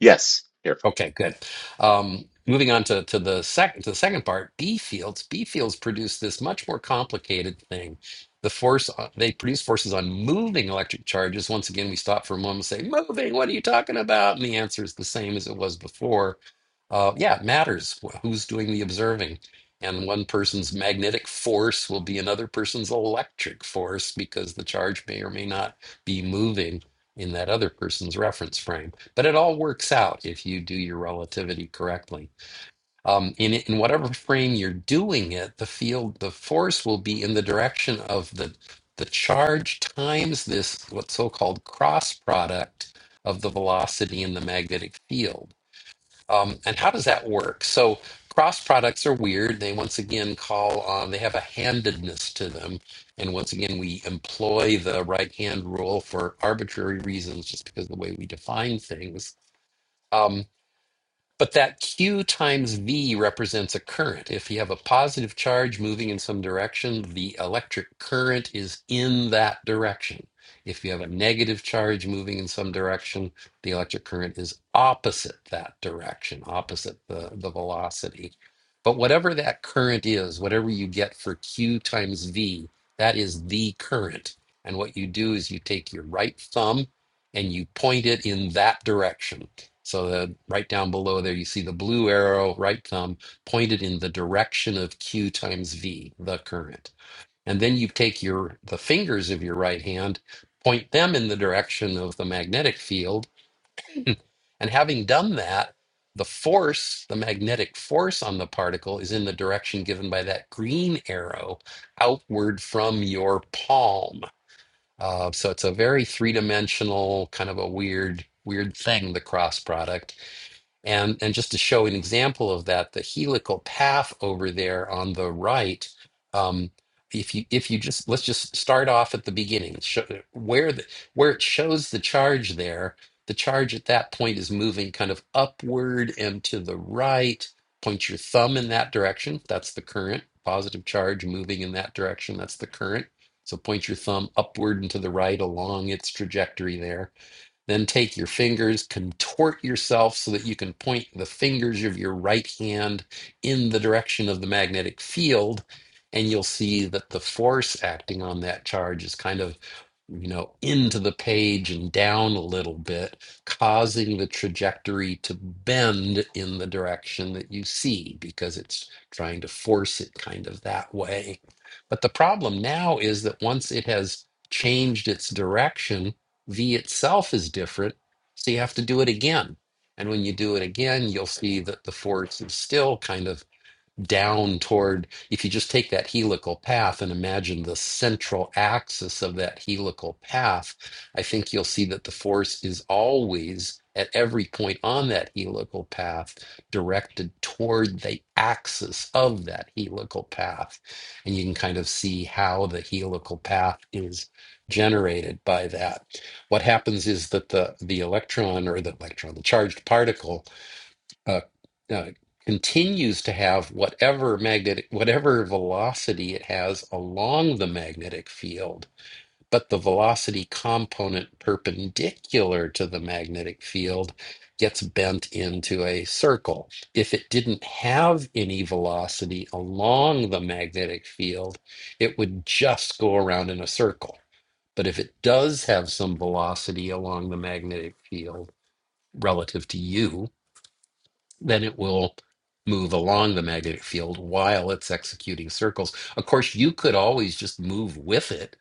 Speaker 2: Yes.
Speaker 1: Okay, good. Um, moving on to, to the second to the second part, B fields. B fields produce this much more complicated thing. The force on- they produce forces on moving electric charges. Once again, we stop for a moment and say, "Moving? What are you talking about?" And the answer is the same as it was before. Uh, yeah, it matters wh- who's doing the observing, and one person's magnetic force will be another person's electric force because the charge may or may not be moving in that other person's reference frame. But it all works out if you do your relativity correctly. Um, in, in whatever frame you're doing it, the field, the force will be in the direction of the, the charge times this what so-called cross product of the velocity and the magnetic field. Um, and how does that work? So cross products are weird. They once again call on, they have a handedness to them. And once again, we employ the right hand rule for arbitrary reasons, just because of the way we define things. Um, but that Q times V represents a current. If you have a positive charge moving in some direction, the electric current is in that direction. If you have a negative charge moving in some direction, the electric current is opposite that direction, opposite the, the velocity. But whatever that current is, whatever you get for Q times V, that is the current. And what you do is you take your right thumb and you point it in that direction so the right down below there, you see the blue arrow, right thumb pointed in the direction of Q times V, the current. And then you take your the fingers of your right hand, point them in the direction of the magnetic field, and having done that, the force, the magnetic force on the particle is in the direction given by that green arrow outward from your palm. Uh, so it's a very three-dimensional kind of a weird, weird thing, the cross product and, and just to show an example of that, the helical path over there on the right, um, if you if you just let's just start off at the beginning, show, where the where it shows the charge there, the charge at that point is moving kind of upward and to the right. Point your thumb in that direction. That's the current. Positive charge moving in that direction. That's the current. So point your thumb upward and to the right along its trajectory there then take your fingers, contort yourself so that you can point the fingers of your right hand in the direction of the magnetic field. And you'll see that the force acting on that charge is kind of, you know, into the page and down a little bit, causing the trajectory to bend in the direction that you see because it's trying to force it kind of that way. But the problem now is that once it has changed its direction, V itself is different, so you have to do it again. And when you do it again, you'll see that the force is still kind of down toward, if you just take that helical path and imagine the central axis of that helical path, I think you'll see that the force is always at every point on that helical path directed toward the axis of that helical path. And you can kind of see how the helical path is generated by that. What happens is that the, the electron or the electron, the charged particle, uh, uh, continues to have whatever magnetic, whatever velocity it has along the magnetic field, but the velocity component perpendicular to the magnetic field gets bent into a circle. If it didn't have any velocity along the magnetic field, it would just go around in a circle. But if it does have some velocity along the magnetic field relative to you, then it will move along the magnetic field while it's executing circles. Of course, you could always just move with it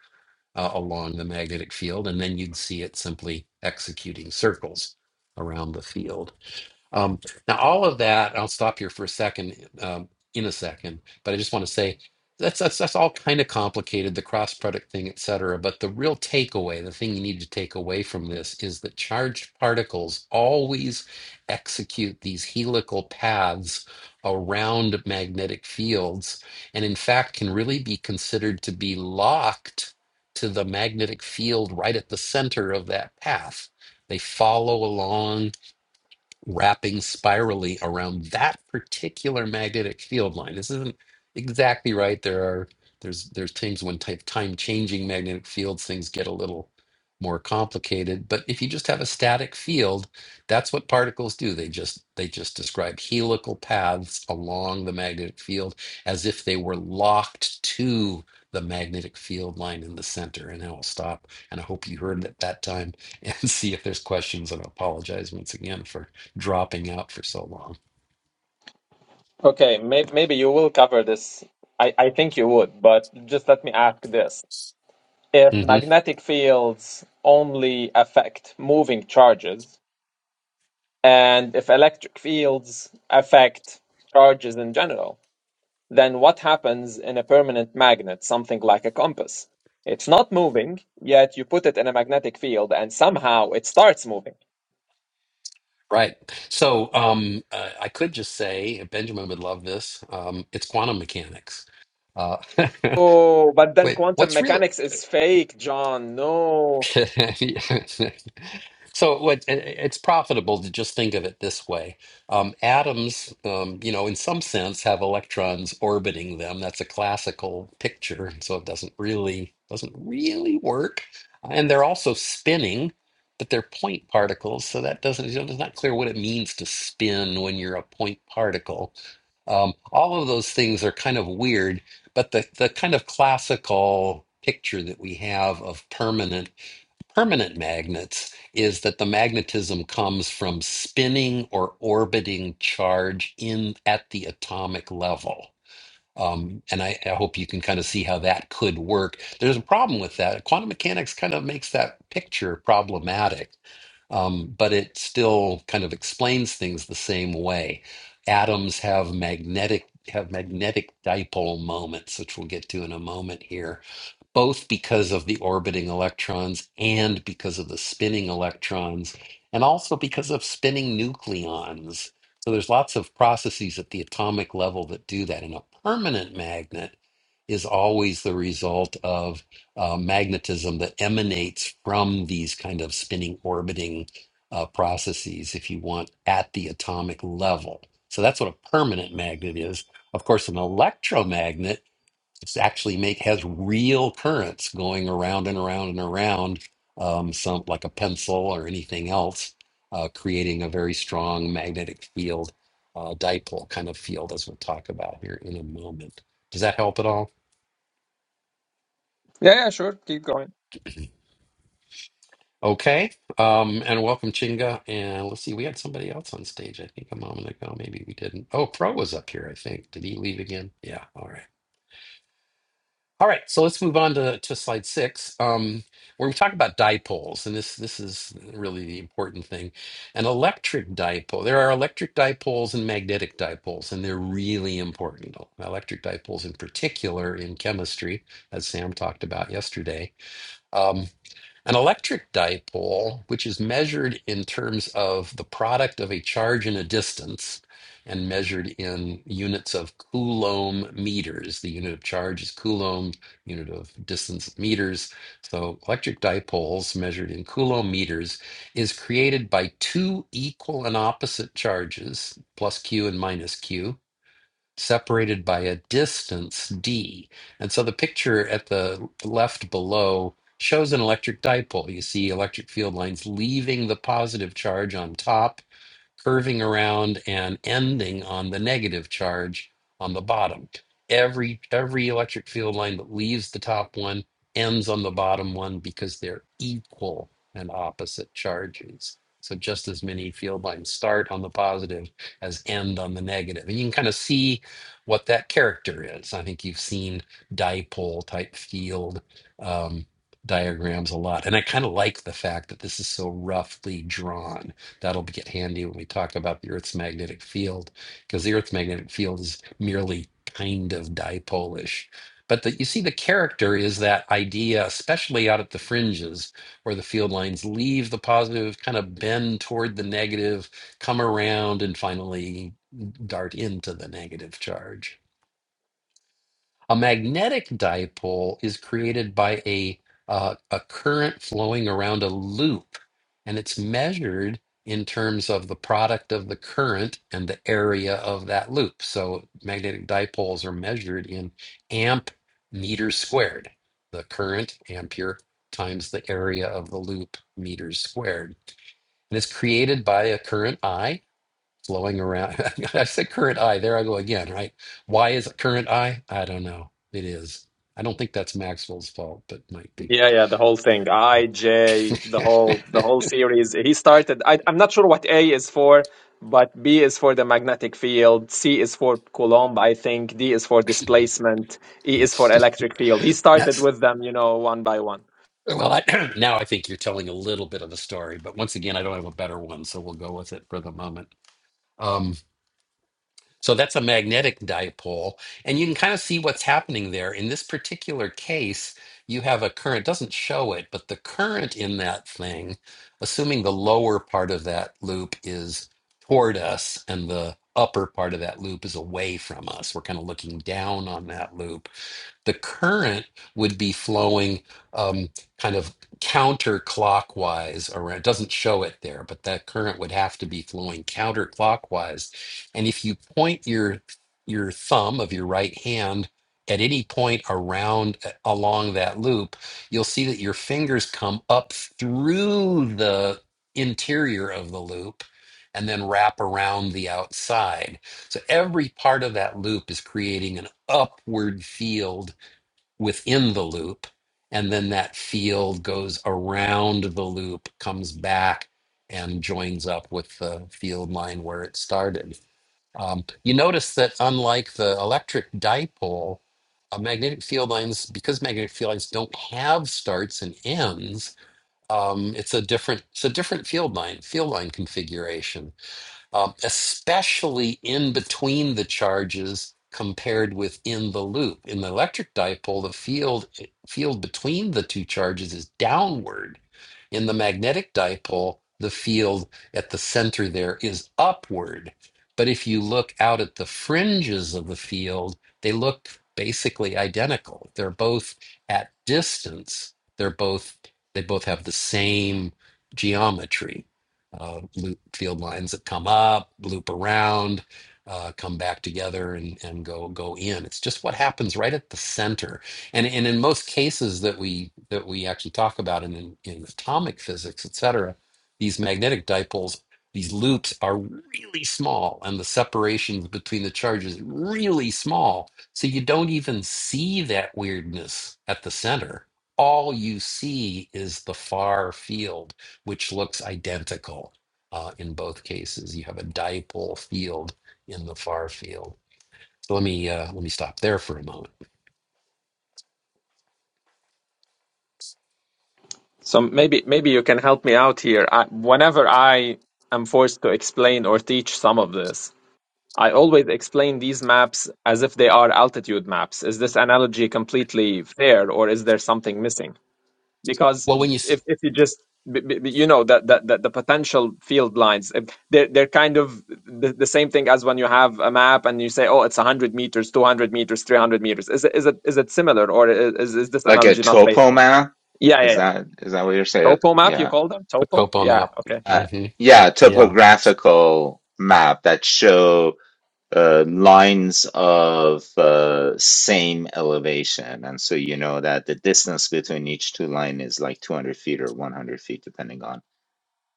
Speaker 1: uh, along the magnetic field, and then you'd see it simply executing circles around the field. Um, now, all of that, I'll stop here for a second, um, in a second, but I just want to say that's that's that's all kind of complicated, the cross product thing, et cetera. But the real takeaway, the thing you need to take away from this is that charged particles always execute these helical paths around magnetic fields, and in fact can really be considered to be locked to the magnetic field right at the center of that path. They follow along wrapping spirally around that particular magnetic field line. This isn't exactly right. There are there's there's times when type time changing magnetic fields things get a little more complicated. But if you just have a static field, that's what particles do. They just they just describe helical paths along the magnetic field as if they were locked to the magnetic field line in the center. And I'll stop. And I hope you heard it that time and see if there's questions. And I apologize once again for dropping out for so long.
Speaker 3: Okay, may maybe you will cover this. I, I think you would, but just let me ask this. If
Speaker 1: hmm
Speaker 3: magnetic fields only affect moving charges, and if electric fields affect charges in general, then what happens in a permanent magnet, something like a compass? It's not moving, yet you put it in a magnetic field and somehow it starts moving.
Speaker 1: Right. So um, uh, I could just say, Benjamin would love this. Um, it's quantum mechanics. Uh,
Speaker 3: Oh, but then
Speaker 1: wait,
Speaker 3: quantum
Speaker 1: what's real?
Speaker 3: mechanics is fake, John. No.
Speaker 1: So what it, it's profitable to just think of it this way. Um, atoms, um, you know, in some sense, have electrons orbiting them. That's a classical picture, so it doesn't really doesn't really work. And they're also spinning, but they're point particles, so that doesn't, you know, it's not clear what it means to spin when you're a point particle. Um, all of those things are kind of weird, but the the kind of classical picture that we have of permanent permanent magnets is that the magnetism comes from spinning or orbiting charge in at the atomic level. Um, and I, I hope you can kind of see how that could work. There's a problem with that. Quantum mechanics kind of makes that picture problematic, um, but it still kind of explains things the same way. Atoms have magnetic have magnetic dipole moments, which we'll get to in a moment here both because of the orbiting electrons and because of the spinning electrons, and also because of spinning nucleons. So there's lots of processes at the atomic level that do that. And a permanent magnet is always the result of uh, magnetism that emanates from these kind of spinning orbiting uh, processes, if you want, at the atomic level. So that's what a permanent magnet is. Of course, an electromagnet it's actually make has real currents going around and around and around, um, some like a pencil or anything else, uh, creating a very strong magnetic field, uh, dipole kind of field, as we'll talk about here in a moment. Does that help at all?
Speaker 3: Yeah, yeah, sure. Keep going.
Speaker 1: Okay. Um, and welcome, Chinga. And let's see, we had somebody else on stage, I think, a moment ago. Maybe we didn't. Oh, Pro was up here, I think. Did he leave again? Yeah. All right. All right, so let's move on to, to slide six. Um, where we talk about dipoles, and this this is really the important thing. An electric dipole. There are electric dipoles and magnetic dipoles, and they're really important. Electric dipoles, in particular, in chemistry, as Sam talked about yesterday. Um, an electric dipole, which is measured in terms of the product of a charge and a distance, and measured in units of Coulomb meters. The unit of charge is Coulomb, unit of distance is meters. So electric dipoles measured in Coulomb meters is created by two equal and opposite charges, plus Q and minus Q, separated by a distance d. And so the picture at the left below shows an electric dipole. You see electric field lines leaving the positive charge on top curving around and ending on the negative charge on the bottom. Every every electric field line that leaves the top one ends on the bottom one because they're equal and opposite charges. So just as many field lines start on the positive as end on the negative. And you can kind of see what that character is. I think you've seen dipole type field um, diagrams a lot. And I kind of like the fact that this is so roughly drawn That'll get handy when we talk about the Earth's magnetic field, because the Earth's magnetic field is merely kind of dipolish. But the, you see, the character is that idea, especially out at the fringes where the field lines leave the positive, kind of bend toward the negative, come around, and finally dart into the negative charge. A magnetic dipole is created by a uh, a current flowing around a loop, and it's measured in terms of the product of the current and the area of that loop. So magnetic dipoles are measured in amp meters squared, the current ampere times the area of the loop meters squared. And it's created by a current I flowing around. I said current I. There I go again, right? Why is it current I? I don't know. It is. I don't think that's Maxwell's fault, but might be.
Speaker 3: Yeah, yeah, the whole thing. I, J, the whole the whole series. He started I I'm not sure what A is for, but B is for the magnetic field, C is for Coulomb, I think, D is for displacement, E is for electric field. He started
Speaker 1: that's
Speaker 3: with them, you know, one by one.
Speaker 1: well. I, now I think you're telling a little bit of a story, but once again, I don't have a better one, so we'll go with it for the moment. Um, So that's a magnetic dipole. And you can kind of see what's happening there. In this particular case, you have a current, doesn't show it, but the current in that thing, assuming the lower part of that loop is toward us and the upper part of that loop is away from us, we're kind of looking down on that loop the current would be flowing um, kind of counterclockwise around. It doesn't show it there, but that current would have to be flowing counterclockwise. And if you point your your thumb of your right hand at any point around uh, along that loop, you'll see that your fingers come up through the interior of the loop and then wrap around the outside. So every part of that loop is creating an upward field within the loop and then that field goes around the loop comes back and joins up with the field line where it started um, you notice that unlike the electric dipole uh, magnetic field lines because magnetic field lines don't have starts and ends um, it's a different it's a different field line field line configuration um, especially in between the charges compared with in the loop. In the electric dipole, the field field between the two charges is downward. In the magnetic dipole, the field at the center there is upward. But if you look out at the fringes of the field, they look basically identical. They're both at distance. They're both they both have the same geometry uh, loop field lines that come up, loop around, uh, come back together, and and go go in. It's just what happens right at the center. And and in most cases that we that we actually talk about in in, in atomic physics, et cetera, these magnetic dipoles. These loops are really small, and the separations between the charges really small. So you don't even see that weirdness at the center. All you see is the far field which looks identical uh, in both cases. You have a dipole field in the far field. So let me uh, let me stop there for a moment.
Speaker 3: So maybe maybe you can help me out here. I, whenever I am forced to explain or teach some of this, I always explain these maps as if they are altitude maps. Is this analogy completely fair or is there something missing? because
Speaker 1: Well, when you s-
Speaker 3: if if you just b- b- b- you know that that that the potential field lines if they're they're kind of the, the same thing as when you have a map and you say oh it's 100 meters 200 meters 300 meters is it is it is it similar or i- is is this
Speaker 2: like a
Speaker 3: analogy not faithful
Speaker 2: topoma
Speaker 3: yeah yeah
Speaker 2: is
Speaker 3: yeah
Speaker 2: that is that what you're saying
Speaker 3: topo map you
Speaker 2: yeah
Speaker 3: call them
Speaker 1: put
Speaker 3: topo
Speaker 1: topo
Speaker 3: yeah
Speaker 1: map,
Speaker 3: okay
Speaker 2: uh,
Speaker 1: hmm
Speaker 2: yeah
Speaker 1: yeah, S-
Speaker 2: topographical map that show uh, lines of uh, same elevation and so you know that the distance between each two line is like 200 feet or 100 feet depending on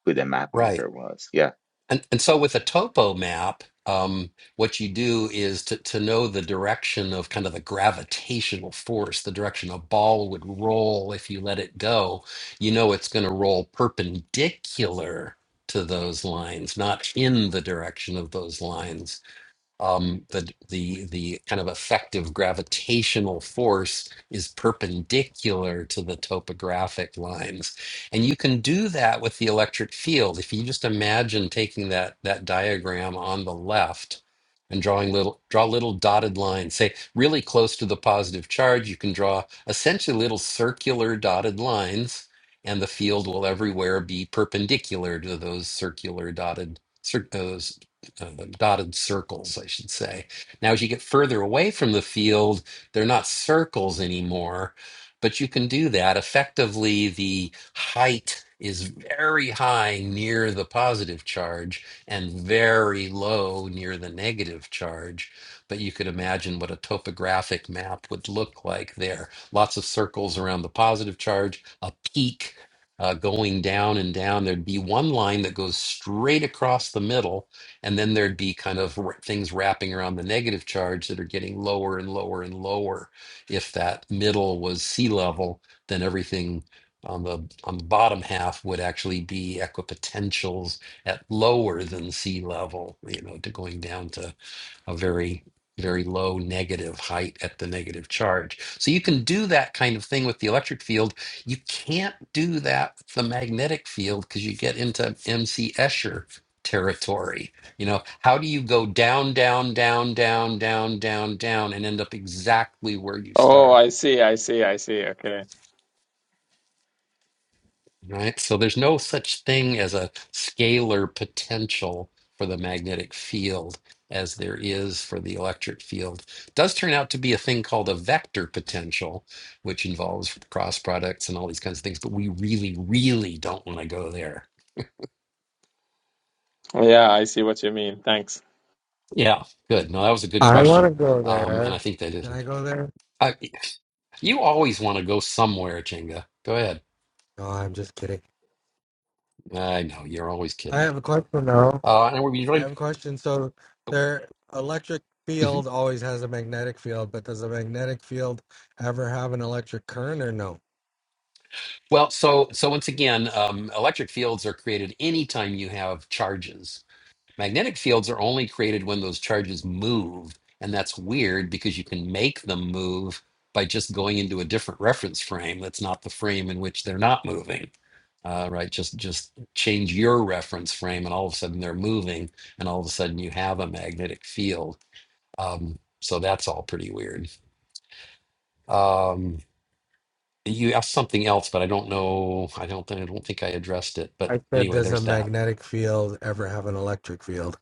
Speaker 2: who the map
Speaker 1: right.
Speaker 2: maker was Yeah.
Speaker 1: And, and so with a topo map, um, what you do is to, to know the direction of kind of the gravitational force, the direction a ball would roll if you let it go, you know it's going to roll perpendicular to those lines, not in the direction of those lines um, the the the kind of effective gravitational force is perpendicular to the topographic lines, and you can do that with the electric field. If you just imagine taking that that diagram on the left and drawing little draw little dotted lines, say really close to the positive charge, you can draw essentially little circular dotted lines, and the field will everywhere be perpendicular to those circular dotted. cir- those uh, the dotted circles, I should say. Now, as you get further away from the field, they're not circles anymore, but you can do that. Effectively, the height is very high near the positive charge and very low near the negative charge. But you could imagine what a topographic map would look like there. Lots of circles around the positive charge, a peak uh, going down and down. There'd be one line that goes straight across the middle and then there'd be kind of r- things wrapping around the negative charge that are getting lower and lower and lower. If that middle was sea level, then everything on the on the bottom half would actually be equipotentials at lower than sea level, you know, to going down to a very, very low negative height at the negative charge. So you can do that kind of thing with the electric field. You can't do that with the magnetic field because you get into MC Escher territory. You know, how do you go down, down, down, down, down, down, down, and end up exactly where you
Speaker 3: oh
Speaker 1: started?
Speaker 3: i see i see i see okay
Speaker 1: right? So there's no such thing as a scalar potential for the magnetic field as there is for the electric field. does turn out to be a thing called a vector potential, which involves cross products and all these kinds of things, but we really, really don't want to go there.
Speaker 3: yeah i see what you mean thanks
Speaker 1: Yeah, good. No, that was a good
Speaker 7: I want
Speaker 1: question.
Speaker 7: to go
Speaker 1: Um, and I
Speaker 7: there.
Speaker 1: think that is.
Speaker 7: Can I go there?
Speaker 1: I, you always want to go somewhere, Chinga. Go ahead.
Speaker 7: No, I'm just kidding.
Speaker 1: I know you're always
Speaker 7: I
Speaker 1: kidding.
Speaker 7: have a question though.
Speaker 1: Uh, and we're
Speaker 7: I
Speaker 1: really,
Speaker 7: have a question. So their electric
Speaker 1: mm-hmm.
Speaker 7: field always has a magnetic field, but does a magnetic field ever have an electric current or no?
Speaker 1: Well, so so once again, um, electric fields are created anytime you have charges. Magnetic fields are only created when those charges move, and that's weird because you can make them move by just going into a different reference frame. That's not the frame in which they're not moving, uh, right? Just just change your reference frame, and all of a sudden they're moving, and all of a sudden you have a magnetic field. Um, so that's all pretty weird. Um, you asked something else, but I don't know. I don't. I don't think I addressed it. But
Speaker 7: I said,
Speaker 1: anyway,
Speaker 7: does a
Speaker 1: there's that.
Speaker 7: magnetic field ever have an electric field?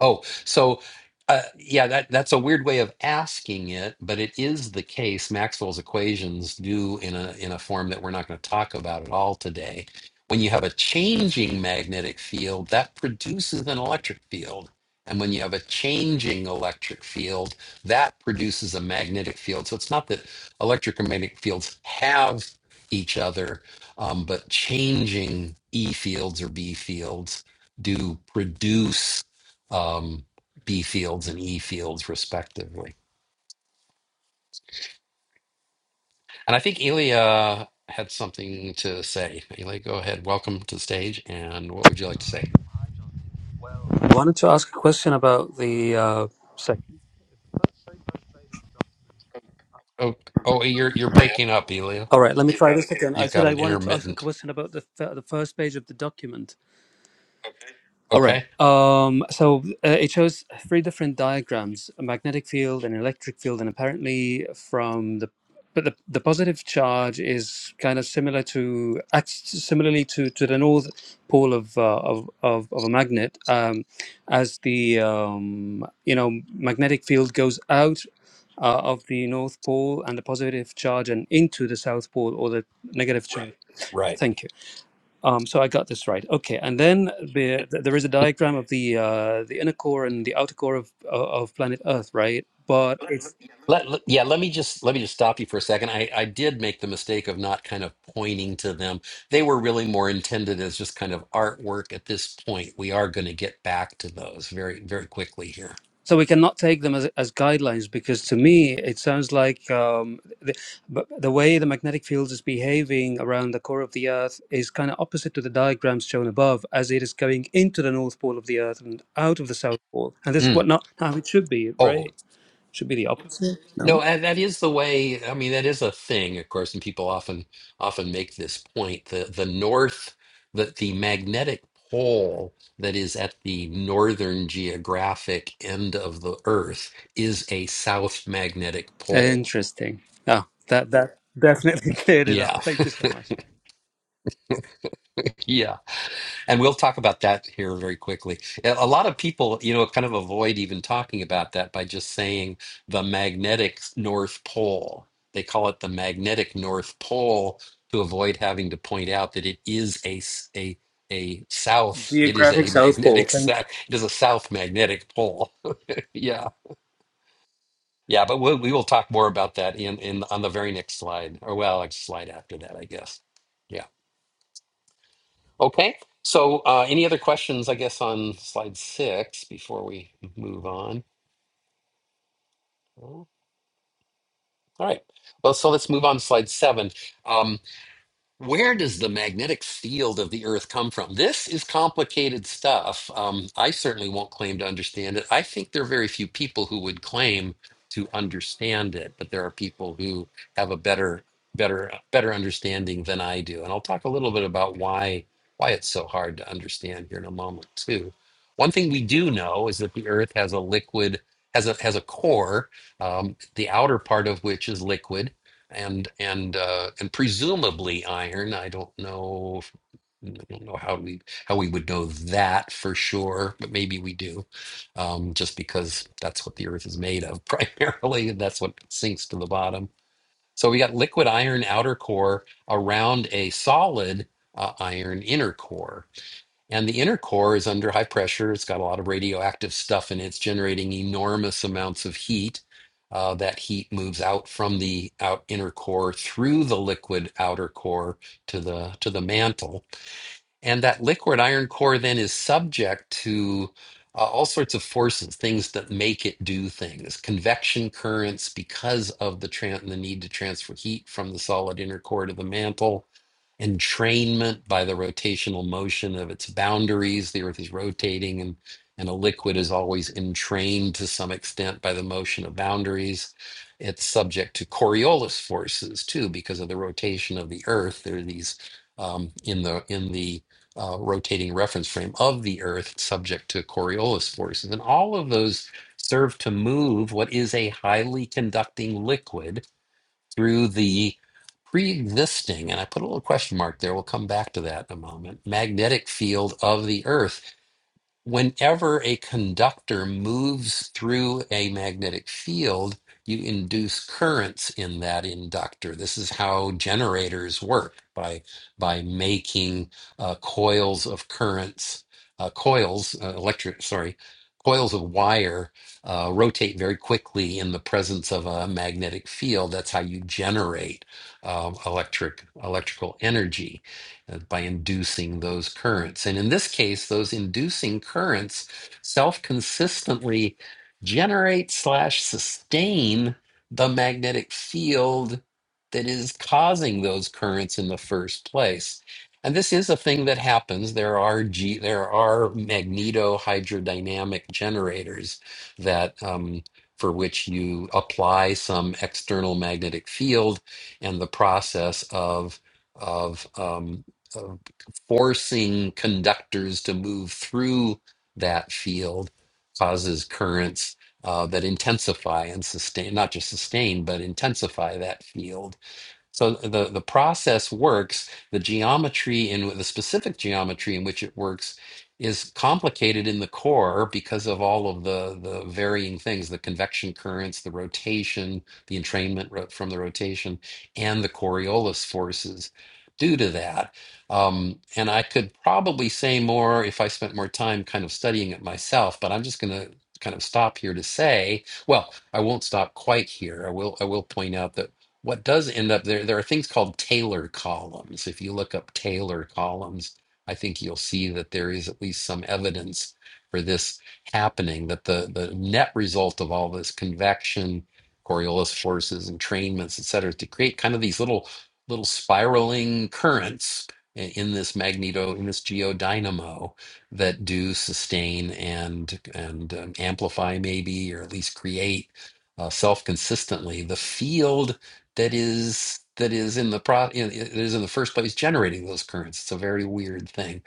Speaker 1: Oh, so uh, yeah, that that's a weird way of asking it, but it is the case. Maxwell's equations do in a in a form that we're not going to talk about at all today. When you have a changing magnetic field, that produces an electric field. And when you have a changing electric field, that produces a magnetic field. So it's not that electric and magnetic fields have each other, um, but changing E fields or B fields do produce um, B fields and E fields, respectively. And I think Elia had something to say. Elia, go ahead. Welcome to the stage. And what would you like to say?
Speaker 8: I wanted to ask a question about the. Uh, sec-
Speaker 1: Oh, oh, you're you're breaking up, Elia.
Speaker 8: All right, let me try this again. I
Speaker 1: You've
Speaker 8: said
Speaker 1: got
Speaker 8: I
Speaker 1: an
Speaker 8: wanted to ask a
Speaker 1: intermittent.
Speaker 8: question about the f- the first page of the document. All right.
Speaker 1: Okay,
Speaker 8: Um, so uh, it shows three different diagrams: a magnetic field, an electric field, and apparently from the but the, the positive charge is kind of similar to acts similarly to, to the north pole of uh, of, of of a magnet. Um, as the um, you know magnetic field goes out uh, of the north pole and the positive charge and into the south pole or the negative charge.
Speaker 1: right.
Speaker 8: Thank you. Um, so I got this right. Okay, and then the, th- there is a diagram of the uh, the inner core and the outer core of of planet Earth, right? But
Speaker 1: Let, let- yeah. Let me just let me just stop you for a second. I I did make the mistake of not kind of pointing to them. They were really more intended as just kind of artwork at this point. We are going to get back to those very very quickly here.
Speaker 8: so we cannot take them as, as guidelines because to me it sounds like um, the, but the way the magnetic field is behaving around the core of the Earth is kind of opposite to the diagrams shown above, as it is going into the north pole of the Earth and out of the south pole, and this is
Speaker 1: Mm.
Speaker 8: what not how it should be,
Speaker 1: Oh,
Speaker 8: right? Should be the opposite.
Speaker 1: No, and that is the way. I mean, that is a thing, of course, and people often often make this point. The the north, that the magnetic pole that is at the northern geographic end of the Earth is a south magnetic pole.
Speaker 8: Interesting. Yeah, that that definitely cleared it up.
Speaker 1: Yeah,
Speaker 8: Thank you so much.
Speaker 1: yeah. And we'll talk about that here very quickly. A lot of people, you know, kind of avoid even talking about that by just saying the magnetic North Pole. They call it the magnetic North Pole to avoid having to point out that it is a s- a a south. It is
Speaker 8: Geographic
Speaker 1: a
Speaker 8: South Pole.
Speaker 1: magnetic
Speaker 8: Thank
Speaker 1: south. It is a south magnetic pole. yeah, yeah. But we'll, we will talk more about that in in on the very next slide, or well, next slide after that, I guess. Yeah. Okay. So, uh, any other questions, I guess, on slide six before we move on? No? All right. Well, so let's move on to slide seven. Um, where does the magnetic field of the earth come from this is complicated stuff um, i certainly won't claim to understand it i think there are very few people who would claim to understand it but there are people who have a better better better understanding than i do and i'll talk a little bit about why why it's so hard to understand here in a moment too one thing we do know is that the earth has a liquid has a has a core um, the outer part of which is liquid and and uh, and presumably iron. I don't know. if- I don't know how we how we would know that for sure, but maybe we do, um, just because that's what the Earth is made of primarily, and that's what sinks to the bottom. So we got liquid iron outer core around a solid uh, iron inner core. And the inner core is under high pressure. It's got a lot of radioactive stuff in it. It's generating enormous amounts of heat. Uh, that heat moves out from the out inner core through the liquid outer core to the to the mantle and that liquid iron core then is subject to uh, all sorts of forces, things that make it do things, convection currents because of the, tran- the need to transfer heat from the solid inner core to the mantle, entrainment by the rotational motion of its boundaries. The Earth is rotating, and, and a liquid is always entrained to some extent by the motion of boundaries. It's subject to Coriolis forces too, because of the rotation of the Earth. There are these um, in the in the uh, rotating reference frame of the Earth subject to Coriolis forces. And all of those serve to move what is a highly conducting liquid through the pre existing, and I put a little question mark there, we'll come back to that in a moment, magnetic field of the Earth whenever a conductor moves through a magnetic field, you induce currents in that inductor. This is how generators work by by making uh, coils of currents, uh, coils, uh, electric, sorry, coils of wire uh, rotate very quickly in the presence of a magnetic field. That's how you generate um, electric electrical energy uh, by inducing those currents. And in this case, those inducing currents self-consistently generate slash sustain the magnetic field that is causing those currents in the first place. And this is a thing that happens. There are G, there are magnetohydrodynamic generators that um, for which you apply some external magnetic field, and the process of of um, of forcing conductors to move through that field causes currents uh, that intensify and sustain, not just sustain, but intensify that field so the, the process works. The geometry and the specific geometry in which it works is complicated in the core because of all of the, the varying things, the convection currents, the rotation, the entrainment ro- from the rotation, and the Coriolis forces due to that. Um, and I could probably say more if I spent more time kind of studying it myself, but I'm just going to kind of stop here to say, well, I won't stop quite here. I will I will point out that what does end up there there are things called Taylor columns if you look up Taylor columns i think you'll see that there is at least some evidence for this happening that the the net result of all this convection coriolis forces entrainments et cetera is to create kind of these little little spiraling currents i- in this magneto in this geodynamo that do sustain and and um, amplify maybe or at least create uh, self consistently the field that is that is in the pro in- that is in the first place generating those currents. It's a very weird thing,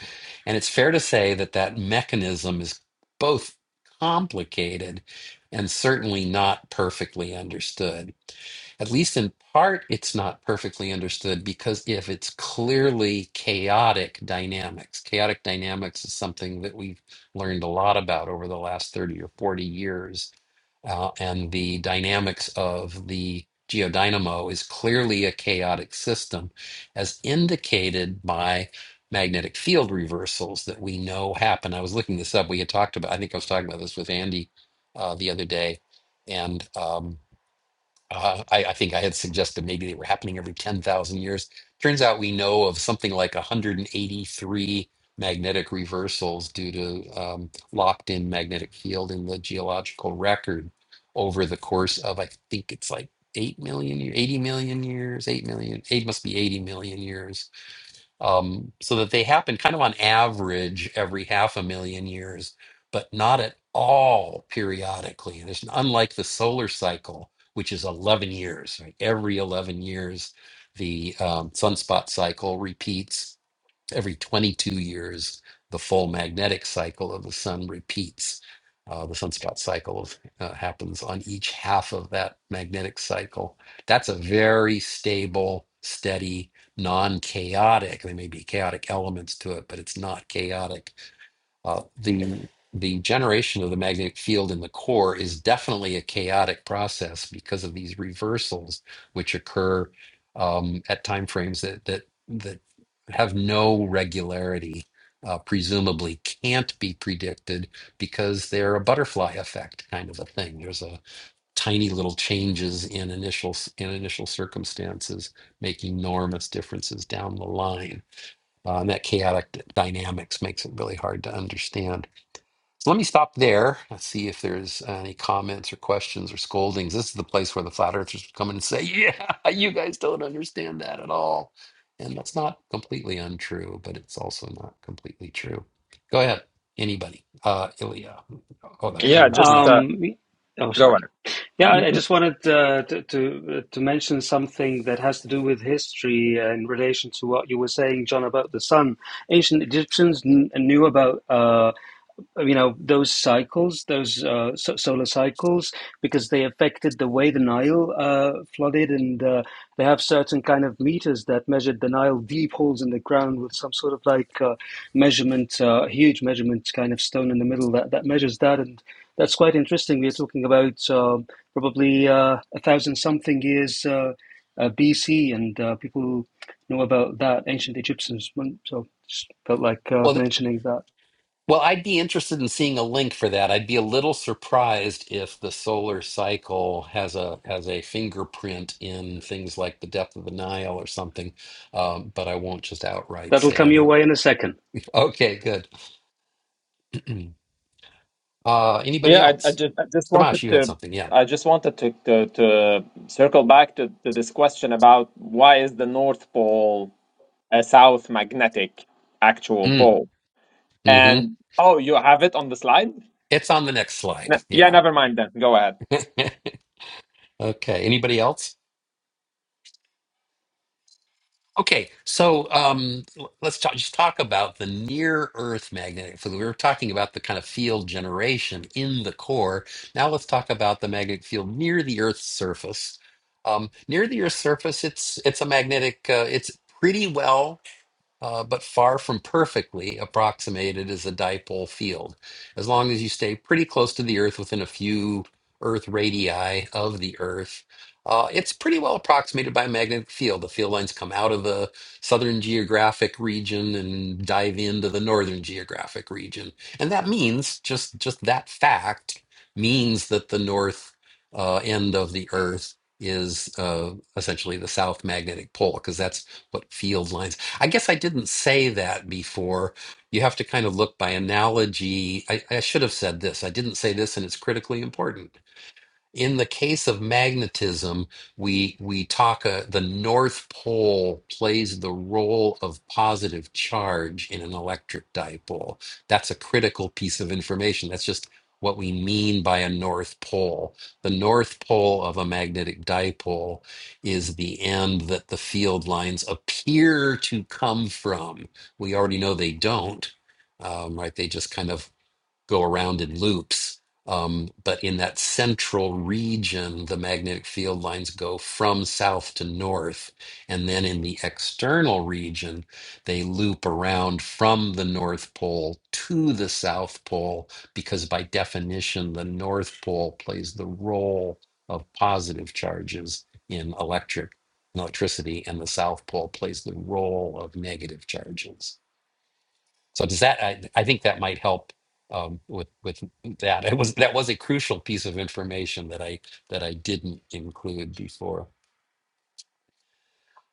Speaker 1: and it's fair to say that that mechanism is both complicated and certainly not perfectly understood. At least in part, it's not perfectly understood because if it's clearly chaotic dynamics, chaotic dynamics is something that we've learned a lot about over the last 30 or 40 years uh, and the dynamics of the geodynamo is clearly a chaotic system, as indicated by magnetic field reversals that we know happen. I was looking this up. We had talked about, I think I was talking about this with Andy uh, the other day, and um, uh, I, I think I had suggested maybe they were happening every 10,000 years. Turns out we know of something like 183 magnetic reversals due to um, locked in magnetic field in the geological record over the course of, I think it's like 8 million, year- 80 million years, 8 million, it must be 80 million years um, so that they happen kind of on average every half a million years, but not at all periodically. There's unlike the solar cycle, which is 11 years. Right? Every 11 years, the um, sunspot cycle repeats every 22 years, the full magnetic cycle of the sun repeats. Uh, the sunspot cycle of, uh, happens on each half of that magnetic cycle. That's a very stable, steady, non chaotic. There may be chaotic elements to it, but it's not chaotic. Uh, the the generation of the magnetic field in the core is definitely a chaotic process because of these reversals which occur um, at time frames that that that have no regularity, uh, presumably can't be predicted because they're a butterfly effect kind of a thing. There's a tiny little changes in initial s- in initial circumstances making enormous differences down the line uh, and that chaotic d- dynamics makes it really hard to understand so let me stop there. Let's see if there's uh, any comments or questions or scoldings. This is the place where the flat earthers would come in and say, Yeah, you guys don't understand that at all. And that's not completely untrue, but it's also not completely true. Go ahead. Anybody. Uh Ilya. Oh that
Speaker 3: yeah
Speaker 1: you're
Speaker 8: you.
Speaker 3: just
Speaker 1: you-
Speaker 3: uh,
Speaker 8: Um, oh,
Speaker 3: go
Speaker 8: sorry. Yeah,
Speaker 3: on
Speaker 8: I just wanted uh, to to to mention something that has to do with history uh, in relation to what you were saying, John, about the sun. Ancient Egyptians kn knew about. uh, you know those cycles, those uh, so- solar cycles, because they affected the way the Nile uh, flooded, and uh, they have certain kind of meters that measured the Nile deep holes in the ground with some sort of like uh, measurement, uh, huge measurement kind of stone in the middle that that measures that, and that's quite interesting. We are talking about uh, probably uh, a thousand something years. Uh, uh, BC, and uh, people know about that ancient Egyptians. So just felt like uh,
Speaker 1: well
Speaker 8: mentioning that.
Speaker 1: Well, I'd be interested in seeing a link for that. I'd be a little surprised if the solar cycle has a has a fingerprint in things like the depth of the Nile or something. Um, but I won't just outright
Speaker 8: That'll
Speaker 1: say I
Speaker 8: come your
Speaker 1: don't.
Speaker 8: way in a second.
Speaker 1: Okay, good. uh, anybody
Speaker 3: Yeah, I, I
Speaker 1: else?
Speaker 3: just I just
Speaker 1: Samash,
Speaker 3: wanted
Speaker 1: you had
Speaker 3: to
Speaker 1: something, yeah.
Speaker 3: I just wanted to to, to circle back to, to this question about why is the North Pole a south magnetic actual
Speaker 1: Mm,
Speaker 3: pole?
Speaker 1: hmm
Speaker 3: And oh, you have it on the slide?
Speaker 1: It's on the next slide.
Speaker 3: Ne- yeah,
Speaker 1: Yeah.
Speaker 3: never mind then. Go ahead.
Speaker 1: Okay. Anybody else? Okay, so um, l- let's talk, just talk about the near Earth magnetic field. We were talking about the kind of field generation in the core. Now let's talk about the magnetic field near the Earth's surface. Um, near the Earth's surface, it's it's a magnetic. Uh, it's pretty well uh, but far from perfectly approximated as a dipole field, as long as you stay pretty close to the Earth within a few Earth radii of the Earth. Uh, it's pretty well approximated by a magnetic field. The field lines come out of the southern geographic region and dive into the northern geographic region, and that means just just that fact means that the north uh, end of the Earth is uh, essentially the south magnetic pole, because that's what field lines I guess I didn't say that before. You have to kind of look by analogy. I, I should have said this. I didn't say this, and it's critically important. In the case of magnetism, we we talk uh, the North Pole plays the role of positive charge in an electric dipole. That's a critical piece of information. That's just what we mean by a North Pole. The North Pole of a magnetic dipole is the end that the field lines appear to come from. We already know they don't, um, right? They just kind of go around in loops. Um, but in that central region, the magnetic field lines go from south to north. And then in the external region, they loop around from the North Pole to the South Pole, because by definition, the North Pole plays the role of positive charges in electric in electricity, and the South Pole plays the role of negative charges. So does that? I, I think that might help um, with with that. It was that was a crucial piece of information that I that I didn't include before.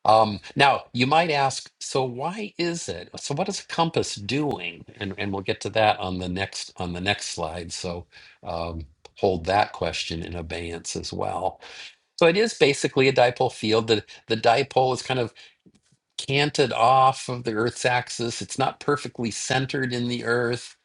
Speaker 1: Um, now you might ask, so why is it? So what is Compass doing? And and we'll get to that on the next on the next slide. So um, hold that question in abeyance as well. So it is basically a dipole field. The the dipole is kind of canted off of the Earth's axis. It's not perfectly centered in the Earth.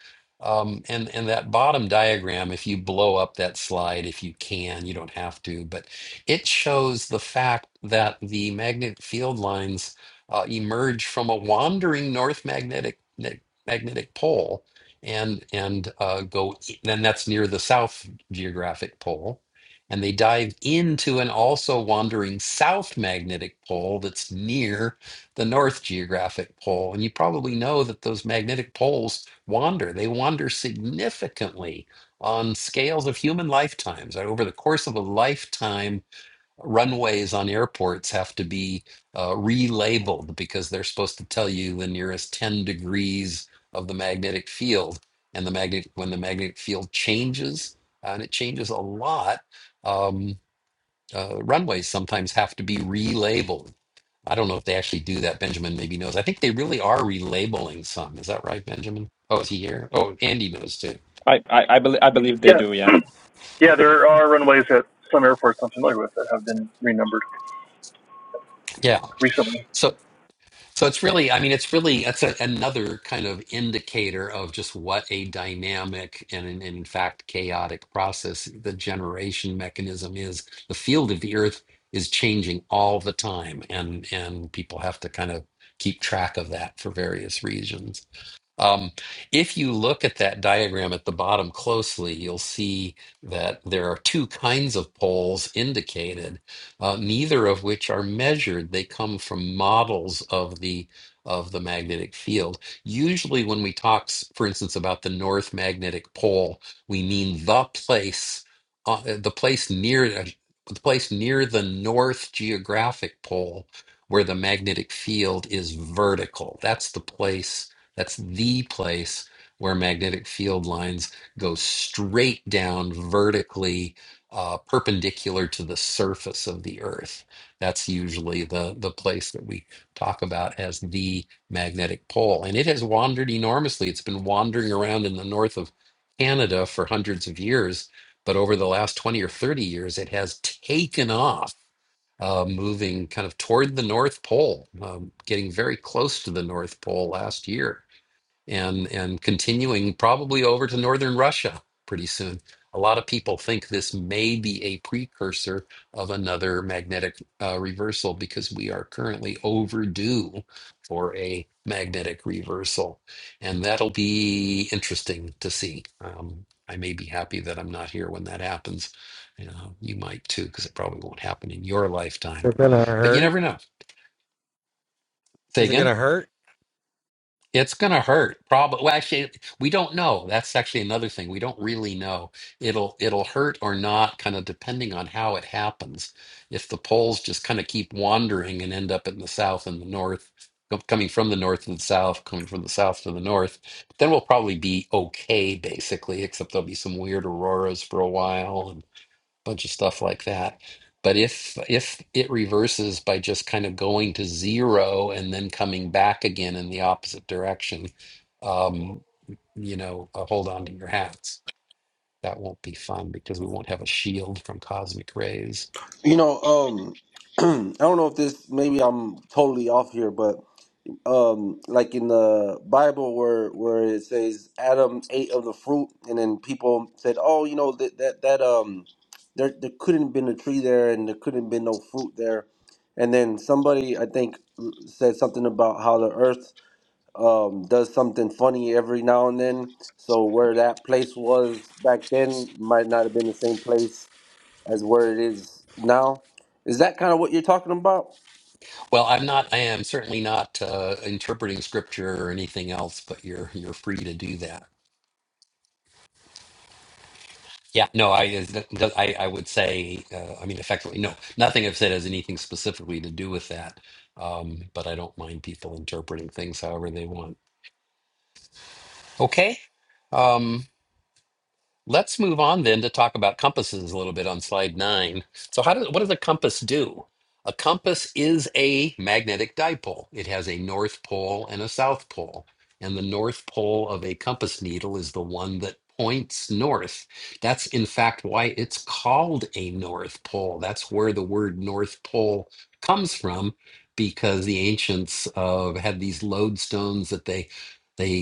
Speaker 1: Um, and and that bottom diagram, if you blow up that slide, if you can, you don't have to, but it shows the fact that the magnetic field lines uh, emerge from a wandering north magnetic ne- magnetic pole, and and uh, go. e, Then that's near the south geographic pole, and they dive into an also wandering south magnetic pole that's near the North geographic pole. And you probably know that those magnetic poles wander. They wander significantly on scales of human lifetimes. Over the course of a lifetime, runways on airports have to be uh, relabeled because they're supposed to tell you the nearest 10 degrees of the magnetic field. And the magnetic, when the magnetic field changes, and it changes a lot, um, uh, runways sometimes have to be relabeled I don't know if they actually do that. Benjamin maybe knows. I think they really are relabeling some. Is that right, Benjamin? Oh, is he here? Oh, Andy knows too.
Speaker 3: I I I, bel I believe they
Speaker 9: Yeah,
Speaker 3: do. Yeah.
Speaker 9: yeah, there are runways at some airports I'm familiar with that have been renumbered
Speaker 1: Yeah.
Speaker 9: recently.
Speaker 1: So, so it's really, I mean, it's really, that's a, another kind of indicator of just what a dynamic and, in, in fact, chaotic process the generation mechanism is. The field of the earth is changing all the time, and and people have to kind of keep track of that for various reasons. Um, if you look at that diagram at the bottom closely, you'll see that there are two kinds of poles indicated, uh, neither of which are measured. They come from models of the of the magnetic field. Usually, when we talk, s- for instance, about the north magnetic pole, we mean the place, uh, the place near uh, the place near the north geographic pole where the magnetic field is vertical. That's the place that's the place where magnetic field lines go straight down vertically, uh, perpendicular to the surface of the Earth. That's usually the, the place that we talk about as the magnetic pole. And it has wandered enormously. It's been wandering around in the north of Canada for hundreds of years. But over the last 20 or 30 years, it has taken off, uh, moving kind of toward the North Pole, um, getting very close to the North Pole last year and and continuing probably over to northern Russia pretty soon. A lot of people think this may be a precursor of another magnetic uh, reversal because we are currently overdue for a magnetic reversal, and that'll be interesting to see. Um, I may be happy that I'm not here when that happens. You know, you might too, because it probably won't happen in your
Speaker 7: Is
Speaker 1: lifetime,
Speaker 7: it gonna
Speaker 1: but you
Speaker 7: hurt?
Speaker 1: never know. Say
Speaker 7: Is it
Speaker 1: again.
Speaker 7: gonna hurt?
Speaker 1: It's going to hurt. Probably. Well, actually, we don't know. That's actually another thing. We don't really know. It'll it'll hurt or not, kind of depending on how it happens. If the polls just kind of keep wandering and end up in the south and the north, com- coming from the north to the south, coming from the south to the north, then we'll probably be okay, basically. Except there'll be some weird auroras for a while, bunch of stuff like that. But if if it reverses by just kind of going to zero and then coming back again in the opposite direction, um, you know, uh, hold on to your hats. That won't be fun because we won't have a shield from cosmic rays.
Speaker 5: You know, um, I don't know if this maybe I'm totally off here, but um like in the Bible where where it says Adam ate of the fruit and then people said, "Oh, you know that that that um there there couldn't have been a tree there and there couldn't have been no fruit there." And then somebody I think said something about how the earth um does something funny every now and then. So where that place was back then might not have been the same place as where it is now. Is that kind of what you're talking about?
Speaker 1: Well, I'm not. I am certainly not uh, interpreting scripture or anything else. But you're you're free to do that. Yeah, no, I, I, I would say, uh, I mean, effectively, no, nothing I've said has anything specifically to do with that. Um, but I don't mind people interpreting things however they want. Okay. Um, Let's move on then to talk about compasses a little bit on slide nine. So, how does what does a compass do? A compass is a magnetic dipole. It has a north pole and a south pole. And the north pole of a compass needle is the one that points north. That's in fact why it's called a north pole. That's where the word north pole comes from because the ancients uh, had these lodestones that they they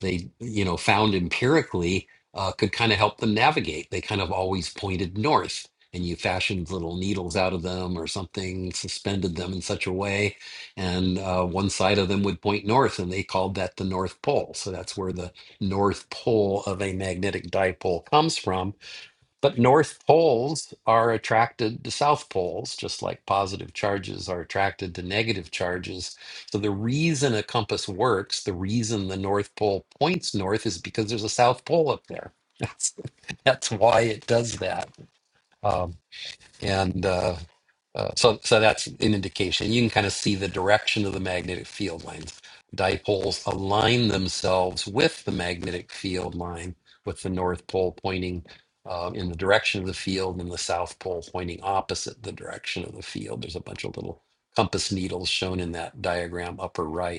Speaker 1: they you know found empirically uh, could kind of help them navigate. They kind of always pointed north, and you fashioned little needles out of them or something, suspended them in such a way, and uh, one side of them would point north, and they called that the North Pole. So that's where the North Pole of a magnetic dipole comes from but north poles are attracted to south poles, just like positive charges are attracted to negative charges. So the reason a compass works, the reason the north pole points north, is because there's a south pole up there. That's that's why it does that. Um, and uh, uh, so so that's an indication. You can kind of see the direction of the magnetic field lines. Dipoles align themselves with the magnetic field line, with the north pole pointing uh, in the direction of the field and the south pole pointing opposite the direction of the field. There's a bunch of little compass needles shown in that diagram upper right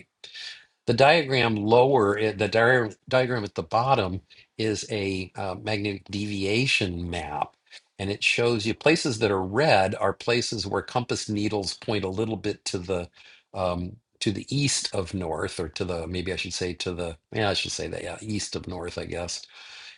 Speaker 1: the diagram lower, eh, the diar- diagram at the bottom is a uh, magnetic deviation map. And it shows you places that are red are places where compass needles point a little bit to the um, to the east of north, or to the maybe I should say to the yeah I should say that yeah east of north I guess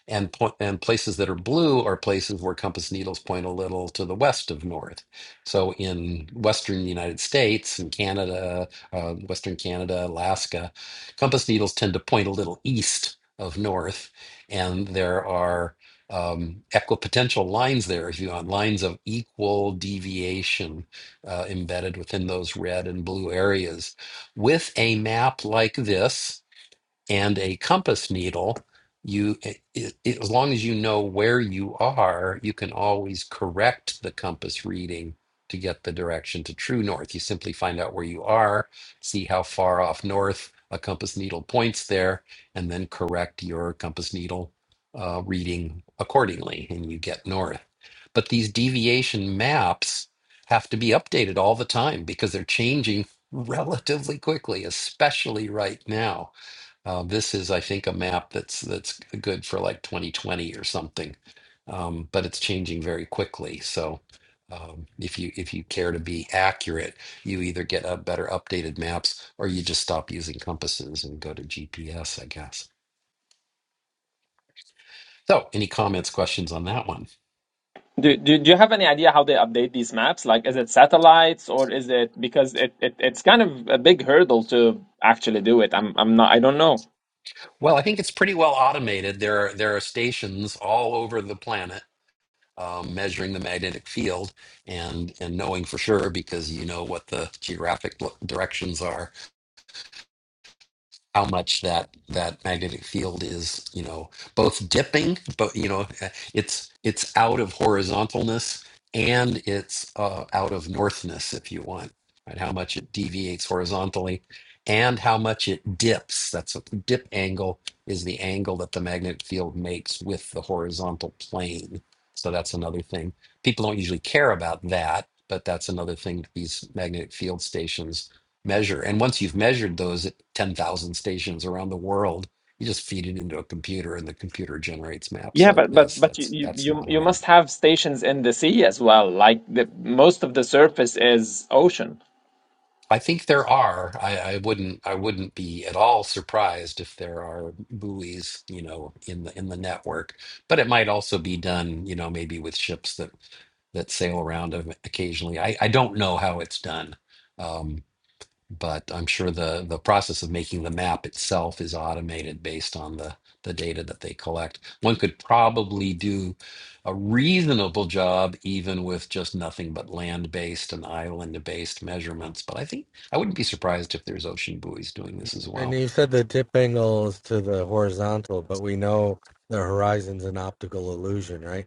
Speaker 1: and point and places that are blue are places where compass needles point a little to the west of north. So in western United States and Canada, uh, western Canada, Alaska, compass needles tend to point a little east of north, and there are um, equipotential lines there, if you want, lines of equal deviation uh, embedded within those red and blue areas. With a map like this, and a compass needle you it, it, as long as you know where you are you can always correct the compass reading to get the direction to true north you simply find out where you are see how far off north a compass needle points there and then correct your compass needle uh, reading accordingly and you get north but these deviation maps have to be updated all the time because they're changing relatively quickly especially right now uh, this is, I think, a map that's that's good for like 2020 or something, um, but it's changing very quickly. So um, if you if you care to be accurate, you either get a better updated maps or you just stop using compasses and go to GPS, I guess. So any comments, questions on that one?
Speaker 3: Do, do, do you have any idea how they update these maps? Like, is it satellites or is it because it, it it's kind of a big hurdle to actually do it. I'm I'm not I don't know.
Speaker 1: Well, I think it's pretty well automated. There are there are stations all over the planet um, measuring the magnetic field and and knowing for sure because you know what the geographic lo- directions are how much that that magnetic field is you know both dipping but you know uh, it's it's out of horizontalness and it's uh, out of northness if you want right how much it deviates horizontally and how much it dips that's what the dip angle is the angle that the magnetic field makes with the horizontal plane so that's another thing people don't usually care about that but that's another thing that these magnetic field stations measure and once you've measured those 10,000 stations around the world. You just feed it into a computer and the computer generates maps
Speaker 3: Yeah,
Speaker 1: like
Speaker 3: but but
Speaker 1: this.
Speaker 3: but you
Speaker 1: That's
Speaker 3: you
Speaker 1: that's
Speaker 3: you,
Speaker 1: not
Speaker 3: you
Speaker 1: hard.
Speaker 3: must have stations in the sea as well. Like the most of the surface is ocean.
Speaker 1: I think there are. I, I wouldn't I wouldn't be at all surprised if there are buoys, you know, in the in the network. But it might also be done, you know, maybe with ships that that sail around them occasionally. I, I don't know how it's done. Um, but I'm sure the the process of making the map itself is automated based on the the data that they collect. One could probably do a reasonable job even with just nothing but land-based and island-based measurements, but I think I wouldn't be surprised if there's ocean buoys doing this as
Speaker 7: And
Speaker 1: well.
Speaker 7: you said the tip angle is to the horizontal, but we know the horizon's an optical illusion, right?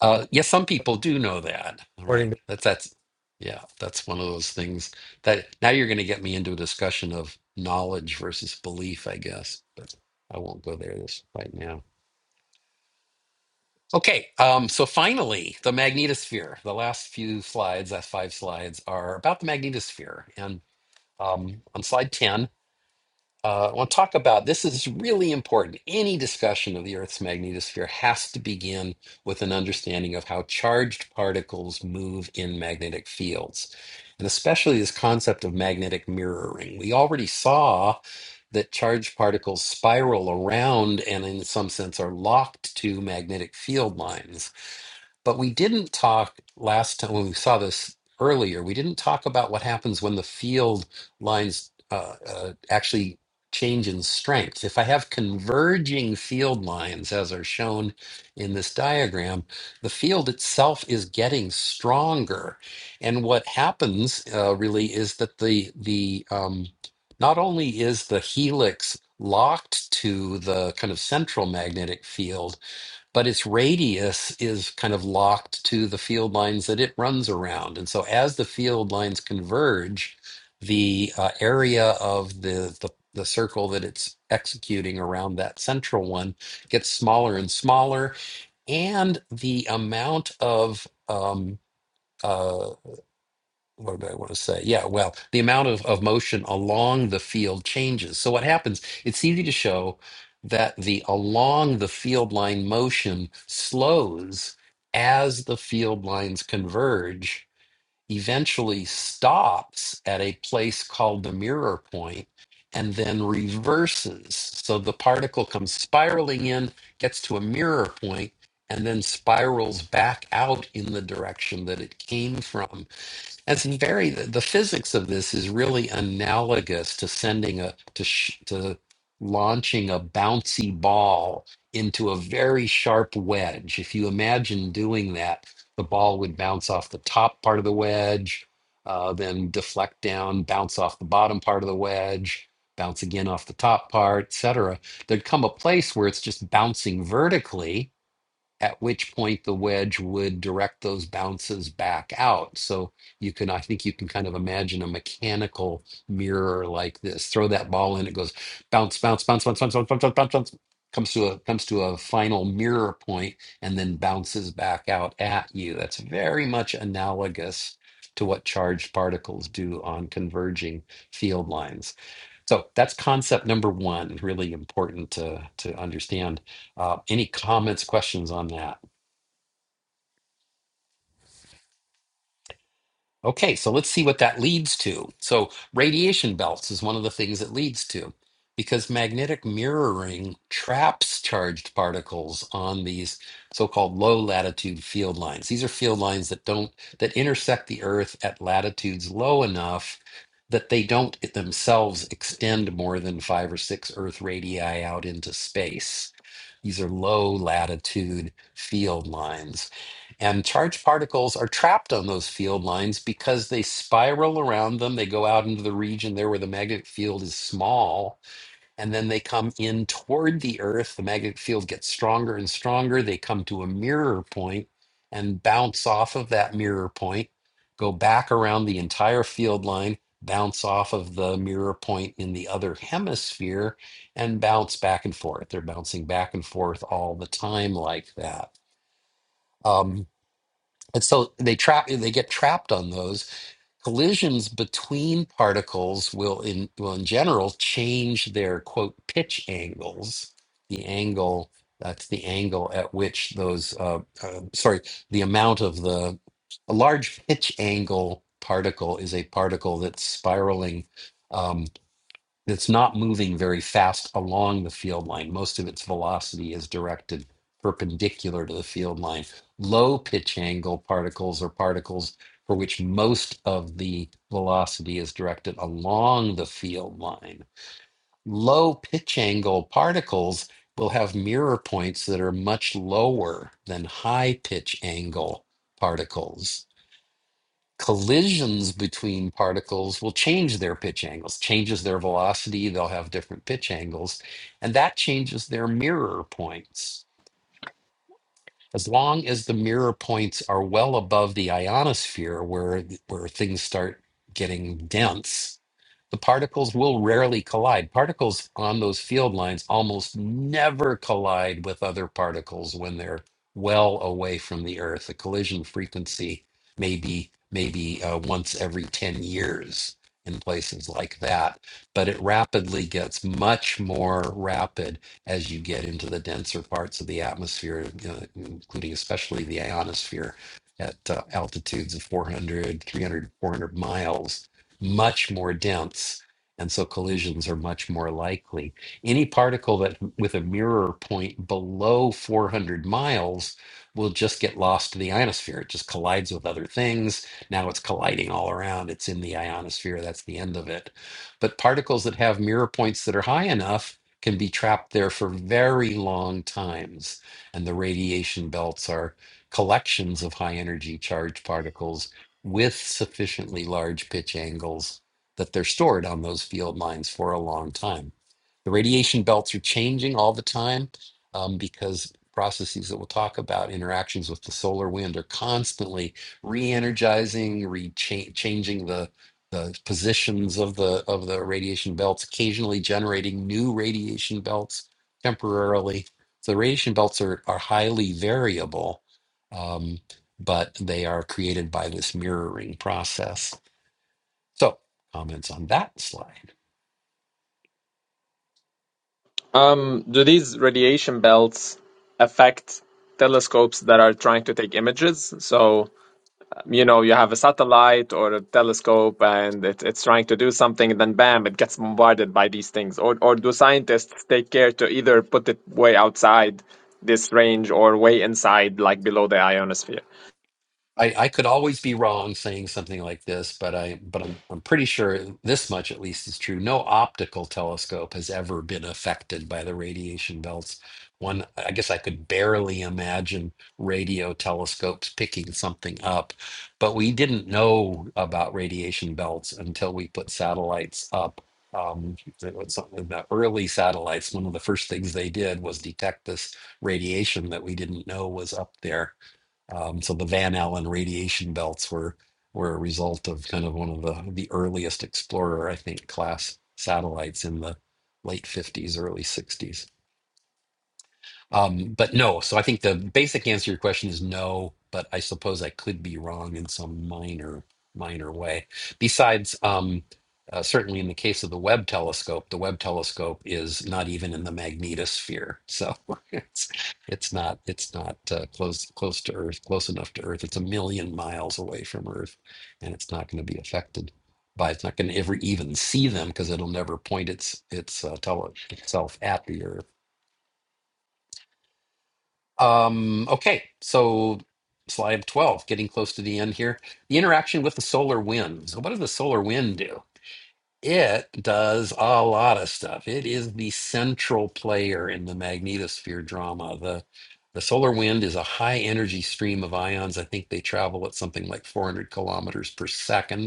Speaker 1: Uh, yes, some people do know that. All right.
Speaker 7: According
Speaker 1: That's that's yeah, that's one of those things that now you're going to get me into a discussion of knowledge versus belief, I guess, but I won't go there this right now. Okay, um, so finally, the magnetosphere. The last few slides, last five slides, are about the magnetosphere. And um, on slide 10, uh, I want to talk about this is really important. Any discussion of the Earth's magnetosphere has to begin with an understanding of how charged particles move in magnetic fields, and especially this concept of magnetic mirroring. We already saw that charged particles spiral around and, in some sense, are locked to magnetic field lines. But we didn't talk last time when we saw this earlier. We didn't talk about what happens when the field lines uh, uh, actually change in strength. If I have converging field lines, as are shown in this diagram, the field itself is getting stronger. And what happens uh, really is that the the um, not only is the helix locked to the kind of central magnetic field but its radius is kind of locked to the field lines that it runs around. And so as the field lines converge, the uh, area of the, the the circle that it's executing around that central one gets smaller and smaller, and the amount of um, uh, what did I want to say? Yeah, well, the amount of, of motion along the field changes. So what happens? It's easy to show that the along the field line motion slows as the field lines converge, eventually stops at a place called the mirror point, and then reverses. So the particle comes spiraling in, gets to a mirror point, and then spirals back out in the direction that it came from and it's very the, the physics of this is really analogous to sending a to sh, to launching a bouncy ball into a very sharp wedge. If you imagine doing that, the ball would bounce off the top part of the wedge, uh, then deflect down, bounce off the bottom part of the wedge, bounce again off the top part, etc. There'd come a place where it's just bouncing vertically at which point the wedge would direct those bounces back out. So you can, I think you can kind of imagine a mechanical mirror like this. Throw that ball in, it goes bounce, bounce, bounce, bounce, bounce, bounce, bounce, bounce, bounce, bounce. Comes to a comes to a final mirror point and then bounces back out at you. That's very much analogous to what charged particles do on converging field lines. So that's concept number one, really important to, to understand. Uh, any comments, questions on that? Okay, so let's see what that leads to. So, radiation belts is one of the things it leads to because magnetic mirroring traps charged particles on these so-called low latitude field lines. These are field lines that don't that intersect the earth at latitudes low enough that they don't themselves extend more than 5 or 6 earth radii out into space. These are low latitude field lines And charged particles are trapped on those field lines because they spiral around them. They go out into the region there where the magnetic field is small, and then they come in toward the Earth. The magnetic field gets stronger and stronger. They come to a mirror point and bounce off of that mirror point, go back around the entire field line, bounce off of the mirror point in the other hemisphere, and bounce back and forth. They're bouncing back and forth all the time like that. Um, and so they trap they get trapped on those. Collisions between particles will in will in general change their quote pitch angles, the angle that's the angle at which those uh, uh, sorry the amount of the a large pitch angle particle is a particle that's spiraling um, it's not moving very fast along the field line. Most of its velocity is directed perpendicular to the field line. Low pitch angle particles are particles for which most of the velocity is directed along the field line. Low pitch angle particles will have mirror points that are much lower than high pitch angle particles collisions between particles will change their pitch angles changes their velocity they'll have different pitch angles and that changes their mirror points as long as the mirror points are well above the ionosphere where where things start getting dense the particles will rarely collide particles on those field lines almost never collide with other particles when they're well away from the earth the collision frequency may be maybe uh, once every 10 years in places like that but it rapidly gets much more rapid as you get into the denser parts of the atmosphere, uh, including especially the ionosphere at uh, altitudes of 400, 300, 400 miles, much more dense. And so collisions are much more likely. Any particle that with a mirror point below 400 miles will just get lost to the ionosphere. It just collides with other things. Now it's colliding all around. It's in the ionosphere. That's the end of it. But particles that have mirror points that are high enough can be trapped there for very long times. And the radiation belts are collections of high energy charged particles with sufficiently large pitch angles that they're stored on those field lines for a long time. The radiation belts are changing all the time um, because processes that we'll talk about, interactions with the solar wind, are constantly re energizing, re changing the positions of the of the radiation belts, occasionally generating new radiation belts temporarily. So the radiation belts are are highly variable, um, but they are created by this mirroring process. So comments on that slide.
Speaker 3: Um, do these radiation belts affect telescopes that are trying to take images? So you know you have a satellite or a telescope and it, it's trying to do something and then bam it gets bombarded by these things or or do scientists take care to either put it way outside this range or way inside like below the ionosphere
Speaker 1: I, I could always be wrong saying something like this, but I but I'm I'm pretty sure this much at least is true. No optical telescope has ever been affected by the radiation belts. One, I guess I could barely imagine radio telescopes picking something up, but we didn't know about radiation belts until we put satellites up. Um, it was something about early satellites. One of the first things they did was detect this radiation that we didn't know was up there um, so the Van Allen radiation belts were were a result of kind of one of the the earliest Explorer, I think, class satellites in the late 50s, early 60s. Um, but no, so I think the basic answer to your question is no, but I suppose I could be wrong in some minor, minor way. Besides, um, uh, certainly in the case of the Webb telescope, the Webb telescope is not even in the magnetosphere, so it's it's not it's not uh, close close to Earth, close enough to Earth. It's a million miles away from Earth, and it's not going to be affected by. It's not going to ever even see them because it'll never point its its uh, tele itself at the Earth. Um, okay, so slide 12, getting close to the end here. The interaction with the solar wind. So, what does the solar wind do? It does a lot of stuff. It is the central player in the magnetosphere drama. The the solar wind is a high energy stream of ions. I think they travel at something like 400 kilometers per second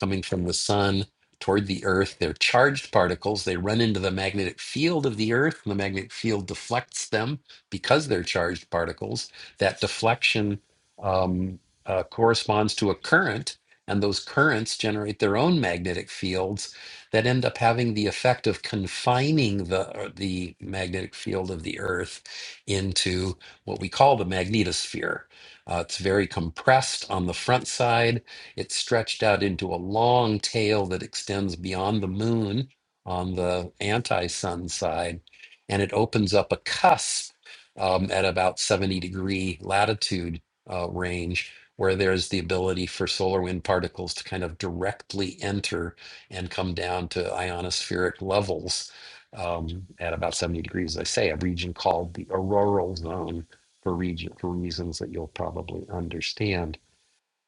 Speaker 1: coming from the sun toward the earth. They're charged particles. They run into the magnetic field of the earth, and the magnetic field deflects them because they're charged particles. That deflection um, uh, corresponds to a current, and those currents generate their own magnetic fields that end up having the effect of confining the, uh, the magnetic field of the earth into what we call the magnetosphere. Uh, it's very compressed on the front side it's stretched out into a long tail that extends beyond the moon on the anti sun side, and it opens up a cusp um, at about 70 degree latitude uh, range. Where there's the ability for solar wind particles to kind of directly enter and come down to ionospheric levels um, at about 70 degrees, as I say, a region called the auroral zone for region for reasons that you'll probably understand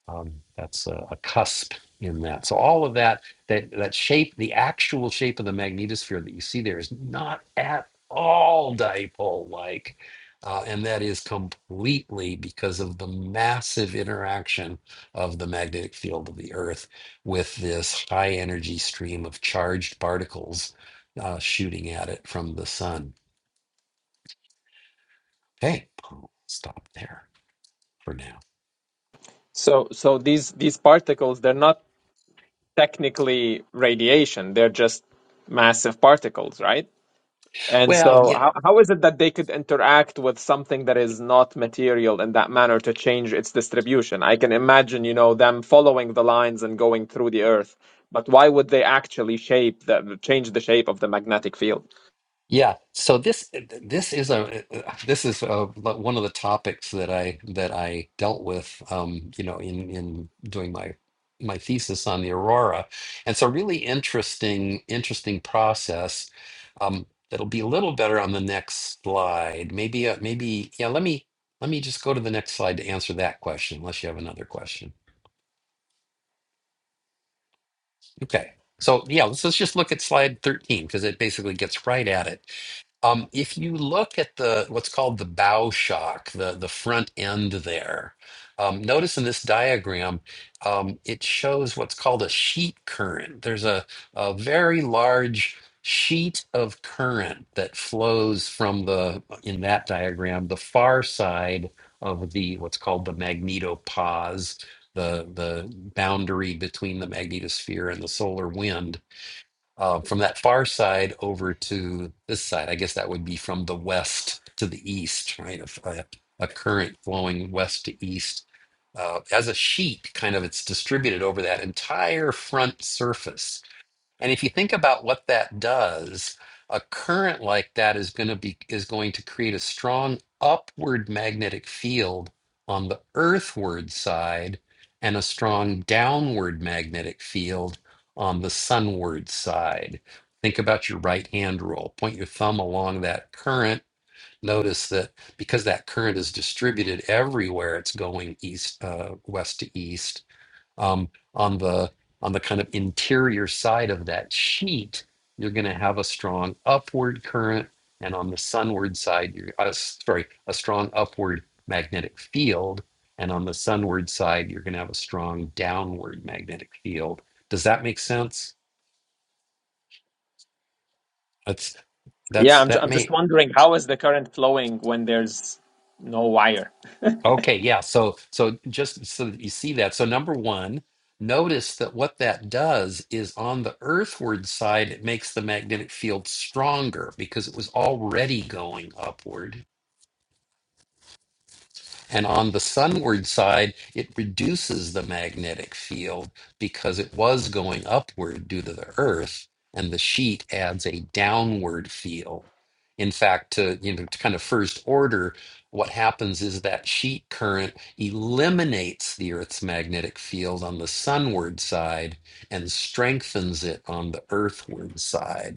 Speaker 1: um, that's a, a cusp in that. So all of that, that that shape, the actual shape of the magnetosphere that you see there is not at all dipole-like, uh, and that is completely because of the massive interaction of the magnetic field of the Earth with this high-energy stream of charged particles uh, shooting at it from the sun. Hey, I'll stop there for now.
Speaker 3: so so these these particles they're not technically radiation they're just massive particles right And
Speaker 1: Well,
Speaker 3: so,
Speaker 1: yeah.
Speaker 3: how, how is it that they could interact with something that is not material in that manner to change its distribution? I can imagine, you know, them following the lines and going through the earth, but why would they actually shape the change the shape of the magnetic field?
Speaker 1: Yeah, so this this is a eh, eh, this is a, one of the topics that I that I dealt with, um, you know, in in doing my my thesis on the aurora, and so really interesting interesting process um, that'll be a little better on the next slide. Maybe uh, maybe yeah. Let me let me just go to the next slide to answer that question, unless you have another question. Okay, so yeah, let's, let's just look at slide thirteen because it basically gets right at it. Um, if you look at the what's called the bow shock, the the front end there, um, notice in this diagram, um, it shows what's called a sheet current. There's a, a very large sheet of current that flows from the, in that diagram, the far side of the what's called the magnetopause, the the boundary between the magnetosphere and the solar wind uh, from that far side over to this side. I guess that would be from the west to the east, right? A, a- a current flowing west to east. Uh, as a sheet, kind of, it's distributed over that entire front surface and if you think about what that does, a current like that is going to be is going to create a strong upward magnetic field on the earthward side and a strong downward magnetic field on the sunward side. Think about your right hand rule. Point your thumb along that current. Notice that because that current is distributed everywhere, it's going east, uh, west to east um, on the on the kind of interior side of that sheet you're going to have a strong upward current and on the sunward side you're uh, sorry a strong upward magnetic field and on the sunward side you're going to have a strong downward magnetic field does that make sense that's that's
Speaker 3: Yeah, I'm, ju-
Speaker 1: that
Speaker 3: I'm
Speaker 1: may
Speaker 3: just wondering how is the current flowing when there's no wire?
Speaker 1: Okay, yeah. So so just so that you see that. So number one, notice that what that does is on the earthward side, it makes the magnetic field stronger because it was already going upward. And on the sunward side, it reduces the magnetic field because it was going upward due to the earth, and the sheet adds a downward field. In fact, to you know, to kind of first order, what happens is that sheet current eliminates the Earth's magnetic field on the sunward side and strengthens it on the earthward side.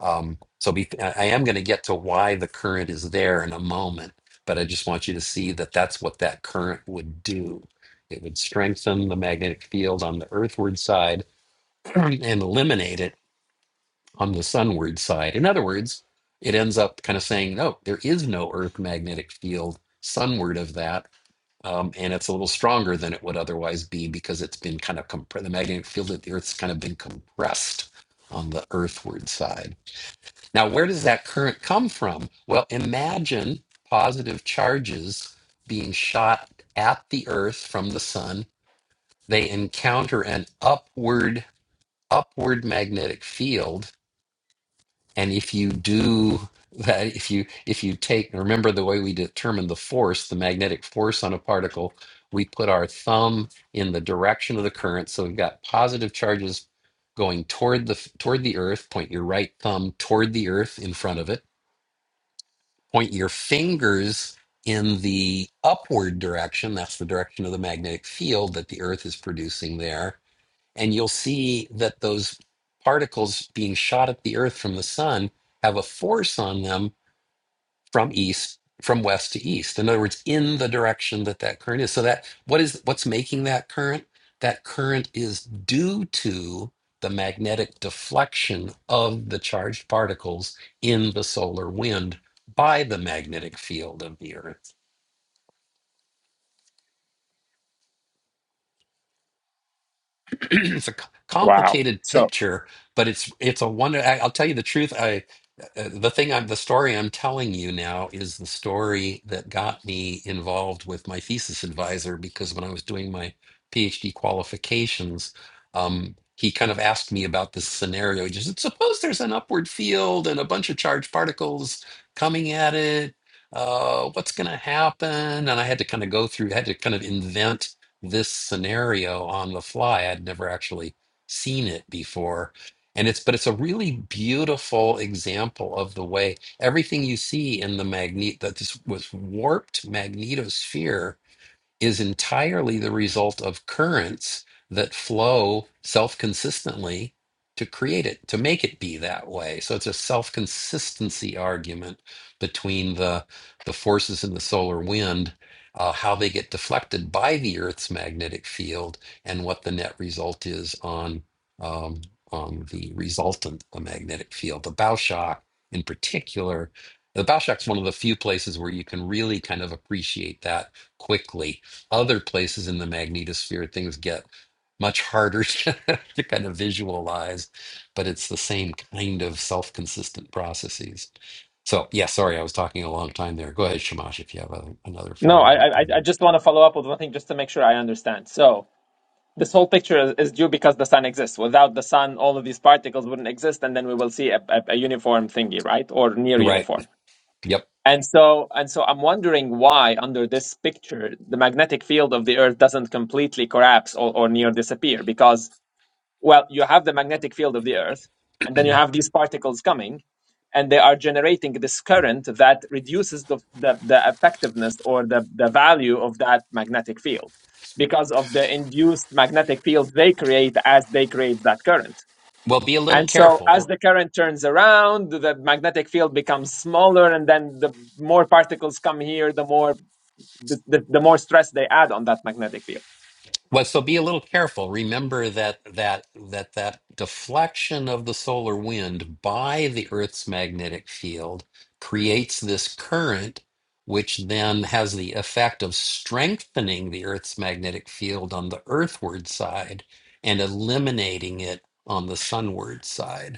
Speaker 1: Um, so be, I am going to get to why the current is there in a moment, but I just want you to see that that's what that current would do. It would strengthen the magnetic field on the earthward side and eliminate it on the sunward side. In other words, it ends up kind of saying, no, there is no earth magnetic field sunward of that. Um, and it's a little stronger than it would otherwise be because it's been kind of compre- the magnetic field at the earth's kind of been compressed on the earthward side. Now, where does that current come from? Well, imagine positive charges being shot at the earth from the sun. They encounter an upward upward magnetic field, and if you do that, if you if you take remember the way we determine the force, the magnetic force on a particle, we put our thumb in the direction of the current. So we've got positive charges going toward the toward the earth. Point your right thumb toward the earth in front of it point your fingers in the upward direction, that's the direction of the magnetic field that the Earth is producing there, and you'll see that those particles being shot at the Earth from the sun have a force on them from east from west to east in other words in the direction that that current is so that what is what's making that current that current is due to the magnetic deflection of the charged particles in the solar wind by the magnetic field of the earth it's a c-
Speaker 3: Wow.
Speaker 1: complicated
Speaker 3: So,
Speaker 1: picture, but it's it's a wonder. I, I'll tell you the truth. I uh, the thing I'm the story I'm telling you now is the story that got me involved with my thesis advisor because when I was doing my PhD qualifications, um, he kind of asked me about this scenario. He just suppose there's an upward field and a bunch of charged particles coming at it. Uh, what's going to happen? And I had to kind of go through, had to kind of invent this scenario on the fly. I'd never actually seen it before. And it's, but it's a really beautiful example of the way everything you see in the magnet, that this was warped magnetosphere is entirely the result of currents that flow self consistently to create it, to make it be that way. So it's a self consistency argument between the, the forces in the solar wind, uh, how they get deflected by the Earth's magnetic field, and what the net result is on, um, on the resultant magnetic field. The bow shock, in particular, the bow shock's one of the few places where you can really kind of appreciate that quickly other places in the magnetosphere, things get much harder to kind of visualize, but it's the same kind of self-consistent processes. So, yeah, sorry, I was talking a long time there. Go ahead, Shamash, if you have a, another
Speaker 3: no, I I,
Speaker 1: follow-up
Speaker 3: I
Speaker 1: on
Speaker 3: I just
Speaker 1: you.
Speaker 3: want to follow up with one thing just to make sure I understand. So, this whole picture is, is due because the sun exists. Without the sun, all of these particles wouldn't exist, and then we will see a, a, a uniform thingy, right, or near
Speaker 1: are right.
Speaker 3: uniform.
Speaker 1: Yep.
Speaker 3: And so, and so, I'm wondering why, under this picture, the magnetic field of the Earth doesn't completely collapse or, or near disappear, because well, you have the magnetic field of the Earth, and then you have these particles coming, and they are generating this current that reduces the, the, the effectiveness or the, the value of that magnetic field because of the induced magnetic field they create as they create that current.
Speaker 1: Well, be a little
Speaker 3: And so,
Speaker 1: careful.
Speaker 3: as the current turns around, the magnetic field becomes smaller, and then the more particles come here, the more the, the, the more stress they add on that magnetic field.
Speaker 1: Well, so be a little careful. Remember that that that that deflection of the solar wind by the Earth's magnetic field creates this current, which then has the effect of strengthening the Earth's magnetic field on the earthward side and eliminating it on the sunward side.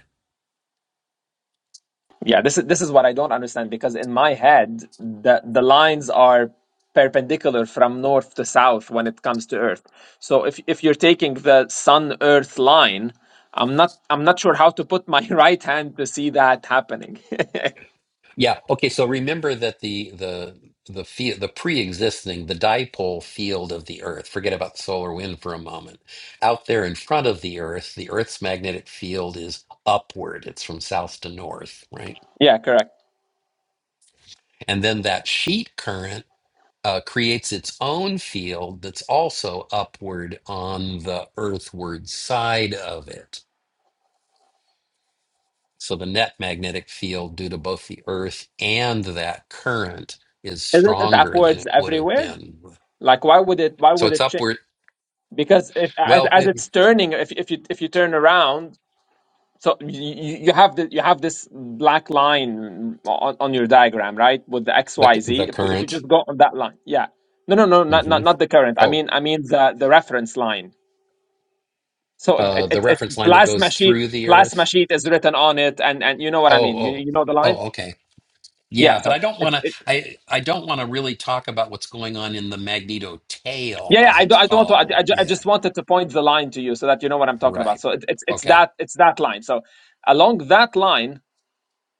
Speaker 3: Yeah, this is this is what I don't understand because in my head the the lines are perpendicular from north to south when it comes to Earth. So if if you're taking the Sun Earth line, I'm not I'm not sure how to put my right hand to see that happening.
Speaker 1: Yeah. Okay. So remember that the the the field, the pre-existing, the dipole field of the Earth. Forget about solar wind for a moment. Out there in front of the Earth, the Earth's magnetic field is upward. It's from south to north, right?
Speaker 3: Yeah, correct.
Speaker 1: And then that sheet current uh, creates its own field that's also upward on the earthward side of it. So the net magnetic field due to both the Earth and that current is
Speaker 3: Isn't it
Speaker 1: stronger than
Speaker 3: upwards
Speaker 1: it would have
Speaker 3: everywhere?
Speaker 1: been
Speaker 3: Like why would it why
Speaker 1: So
Speaker 3: would
Speaker 1: it's
Speaker 3: it change?
Speaker 1: upward.
Speaker 3: Because if as,
Speaker 1: Well,
Speaker 3: as
Speaker 1: it,
Speaker 3: it's turning, if if you if you turn around, So you, you have the you have this black line on, on your diagram, right? With the X,
Speaker 1: the
Speaker 3: Y, Z.
Speaker 1: the
Speaker 3: If we, if we
Speaker 1: current.
Speaker 3: just go on that line, yeah. No, no, no, not
Speaker 1: hmm
Speaker 3: not, not the current. I
Speaker 1: Oh,
Speaker 3: mean, I mean the, the reference line. So
Speaker 1: uh,
Speaker 3: it,
Speaker 1: the
Speaker 3: it, it's
Speaker 1: reference line that
Speaker 3: plasma
Speaker 1: goes
Speaker 3: sheet.
Speaker 1: through the
Speaker 3: Plasma
Speaker 1: Earth.
Speaker 3: sheet is written on it, and and you know what
Speaker 1: Oh,
Speaker 3: I mean. You
Speaker 1: oh,
Speaker 3: you know the line.
Speaker 1: oh. Okay.
Speaker 3: Yeah.
Speaker 1: Yeah, but
Speaker 3: So
Speaker 1: I don't
Speaker 3: it's
Speaker 1: want to.
Speaker 3: it,
Speaker 1: I I don't want to really talk about what's going on in the magneto
Speaker 3: yeah,
Speaker 1: tail,
Speaker 3: yeah.
Speaker 1: as
Speaker 3: I
Speaker 1: it's
Speaker 3: don't I don't want to.
Speaker 1: called.
Speaker 3: I, I, ju- I
Speaker 1: Yeah.
Speaker 3: just wanted to point the line to you so that you know what I'm talking about.
Speaker 1: Right.
Speaker 3: So it, it's it's
Speaker 1: Okay.
Speaker 3: that it's that line. So along that line,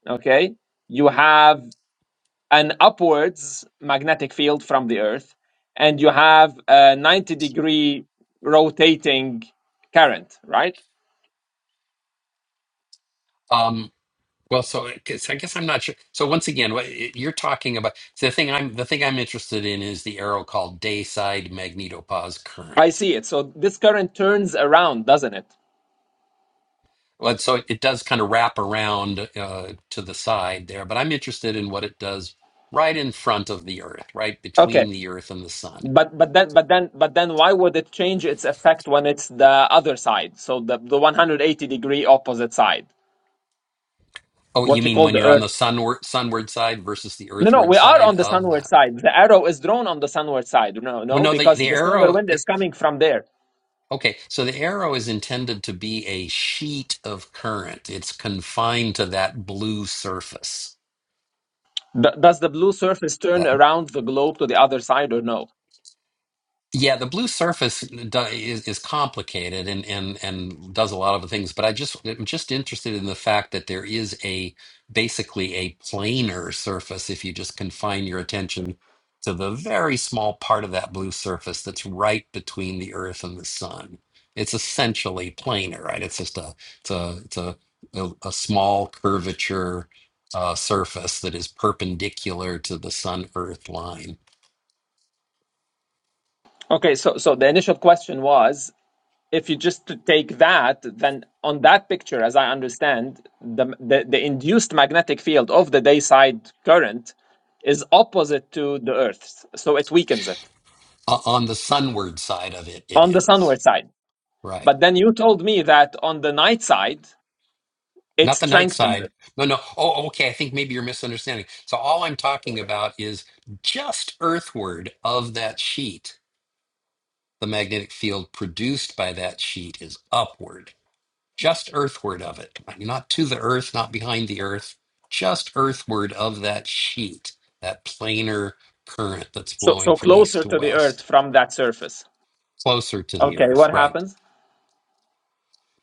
Speaker 3: okay, you have. an upwards magnetic field from the Earth, and you have a 90 degree rotating current, right?
Speaker 1: Um. Well, so I guess, I guess I'm not sure. So once again, what you're talking about the thing I'm the thing I'm interested in is the arrow called dayside magnetopause
Speaker 3: I
Speaker 1: current.
Speaker 3: see it. So this current turns around, doesn't it?
Speaker 1: Well, so it does kind of wrap around uh, to the side there, but I'm interested in what it does right in front of the Earth, right
Speaker 3: Okay.
Speaker 1: between the Earth and the Sun.
Speaker 3: But but then but then but then why would it change its effect when it's the other side? So the, the 180 degree opposite side,
Speaker 1: Oh, you
Speaker 3: what you
Speaker 1: mean
Speaker 3: call
Speaker 1: when
Speaker 3: the
Speaker 1: you're on
Speaker 3: Earth.
Speaker 1: the sunward sunward side versus the
Speaker 3: No, no,
Speaker 1: earthward
Speaker 3: we are
Speaker 1: side
Speaker 3: on the
Speaker 1: of
Speaker 3: sunward
Speaker 1: that?
Speaker 3: side. The arrow is drawn on the sunward side. No,
Speaker 1: Well,
Speaker 3: no,
Speaker 1: no, the
Speaker 3: because
Speaker 1: the
Speaker 3: the solar
Speaker 1: arrow.
Speaker 3: wind
Speaker 1: The,
Speaker 3: is coming from there.
Speaker 1: okay, so the arrow is intended to be a sheet of current. It's confined to that blue surface.
Speaker 3: Th- does the blue surface
Speaker 1: That.
Speaker 3: turn around the globe to the other side or no?
Speaker 1: Yeah, the blue surface do- is, is complicated and, and, and does a lot of the things, but I just I'm just interested in the fact that there is a basically a planar surface if you just confine your attention to the very small part of that blue surface that's right between the Earth and the Sun. It's essentially planar, right? It's just a it's a it's a a, a small curvature uh, surface that is perpendicular to the Sun Earth line
Speaker 3: Okay, so so the initial question was if you just to take that, then on that picture, as I understand, the, the the induced magnetic field of the day side current is opposite to the Earth's, so it weakens it
Speaker 1: O- on the sunward side of it, it
Speaker 3: on the
Speaker 1: is.
Speaker 3: sunward side.
Speaker 1: Right.
Speaker 3: But then you told me that on the night side, it
Speaker 1: Not the night
Speaker 3: strengthens
Speaker 1: side.
Speaker 3: it,
Speaker 1: No, no. Oh, okay. I think maybe you're misunderstanding. So all I'm talking about is just earthward of that sheet. The magnetic field produced by that sheet is upward, just earthward of it. I mean, Not to the earth, not behind the earth, just earthward of that sheet, that planar current that's
Speaker 3: so
Speaker 1: flowing
Speaker 3: so
Speaker 1: from east
Speaker 3: closer
Speaker 1: to
Speaker 3: to the Earth
Speaker 1: west,
Speaker 3: from that surface.
Speaker 1: closer to the
Speaker 3: Okay,
Speaker 1: earth.
Speaker 3: what
Speaker 1: Right.
Speaker 3: happens?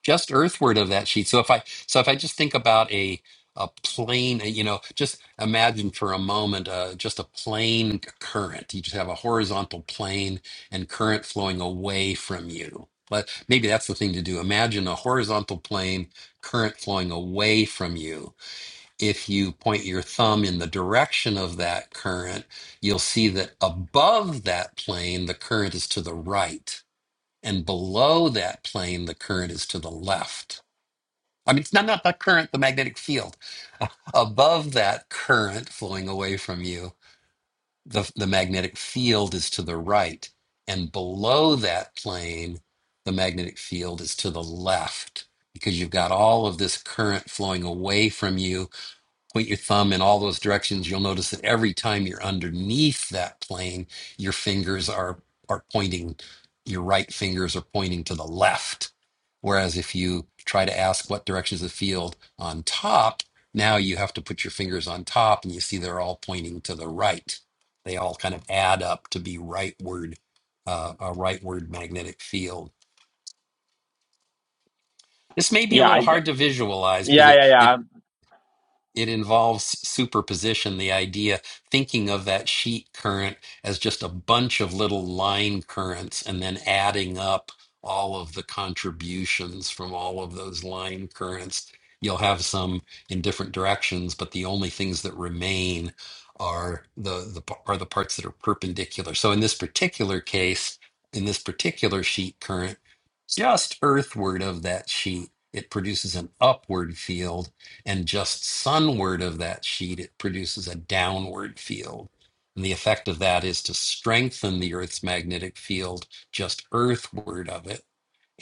Speaker 1: just earthward of that sheet. So if I so if I just think about a a plane, uh, you know, just imagine for a moment uh, just a plane current. You just have a horizontal plane and current flowing away from you. But maybe that's the thing to do. Imagine a horizontal plane, current flowing away from you. If you point your thumb in the direction of that current, you'll see that above that plane, the current is to the right, and below that plane, the current is to the left I mean, it's not, not the current, the magnetic field. Above that current flowing away from you, the, the magnetic field is to the right. And below that plane, the magnetic field is to the left because you've got all of this current flowing away from you point your thumb in all those directions, you'll notice that every time you're underneath that plane, your fingers are are pointing, your right fingers are pointing to the left. Whereas if you try to ask what direction is the field on top, now you have to put your fingers on top and you see they're all pointing to the right. They all kind of add up to be rightward, uh, a rightward magnetic field. This may be a
Speaker 3: Yeah, I,
Speaker 1: little hard to visualize because
Speaker 3: yeah,
Speaker 1: it,
Speaker 3: yeah,
Speaker 1: it
Speaker 3: yeah.
Speaker 1: it involves superposition, the idea thinking of that sheet current as just a bunch of little line currents and then adding up all of the contributions from all of those line currents. You'll have some in different directions, but the only things that remain are the, the p- are the parts that are perpendicular. So in this particular case, in this particular sheet current, just earthward of that sheet, it produces an upward field and just sunward of that sheet, it produces a downward field. And the effect of that is to strengthen the Earth's magnetic field just earthward of it